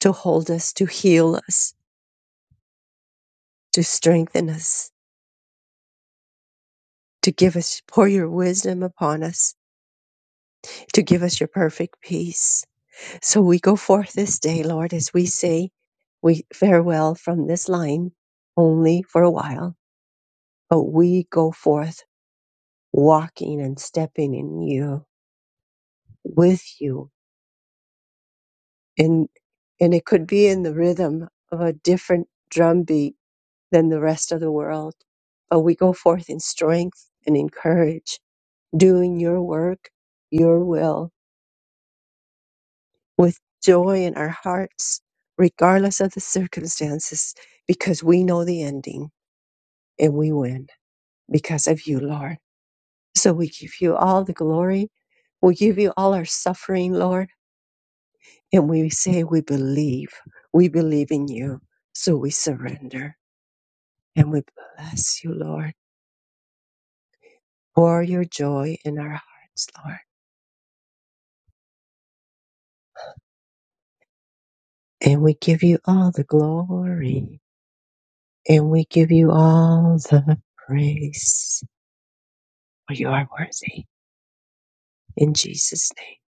to hold us, to heal us, to strengthen us, to give us, pour your wisdom upon us, to give us your perfect peace. So we go forth this day, Lord, as we say, we farewell from this line only for a while, but we go forth walking and stepping in you, with you and and it could be in the rhythm of a different drum beat than the rest of the world but we go forth in strength and in courage doing your work your will with joy in our hearts regardless of the circumstances because we know the ending and we win because of you lord so we give you all the glory we give you all our suffering lord and we say we believe we believe in you so we surrender And we bless you, Lord, for your joy in our hearts, Lord. And we give you all the glory and we give you all the praise, for you are worthy. In Jesus' name,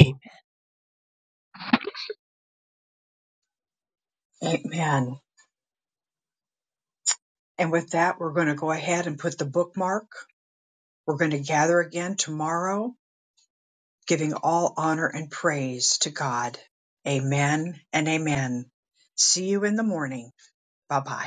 Amen. Amen. And with that, we're going to go ahead and put the bookmark. We're going to gather again tomorrow, giving all honor and praise to God. Amen and amen. See you in the morning. Bye bye.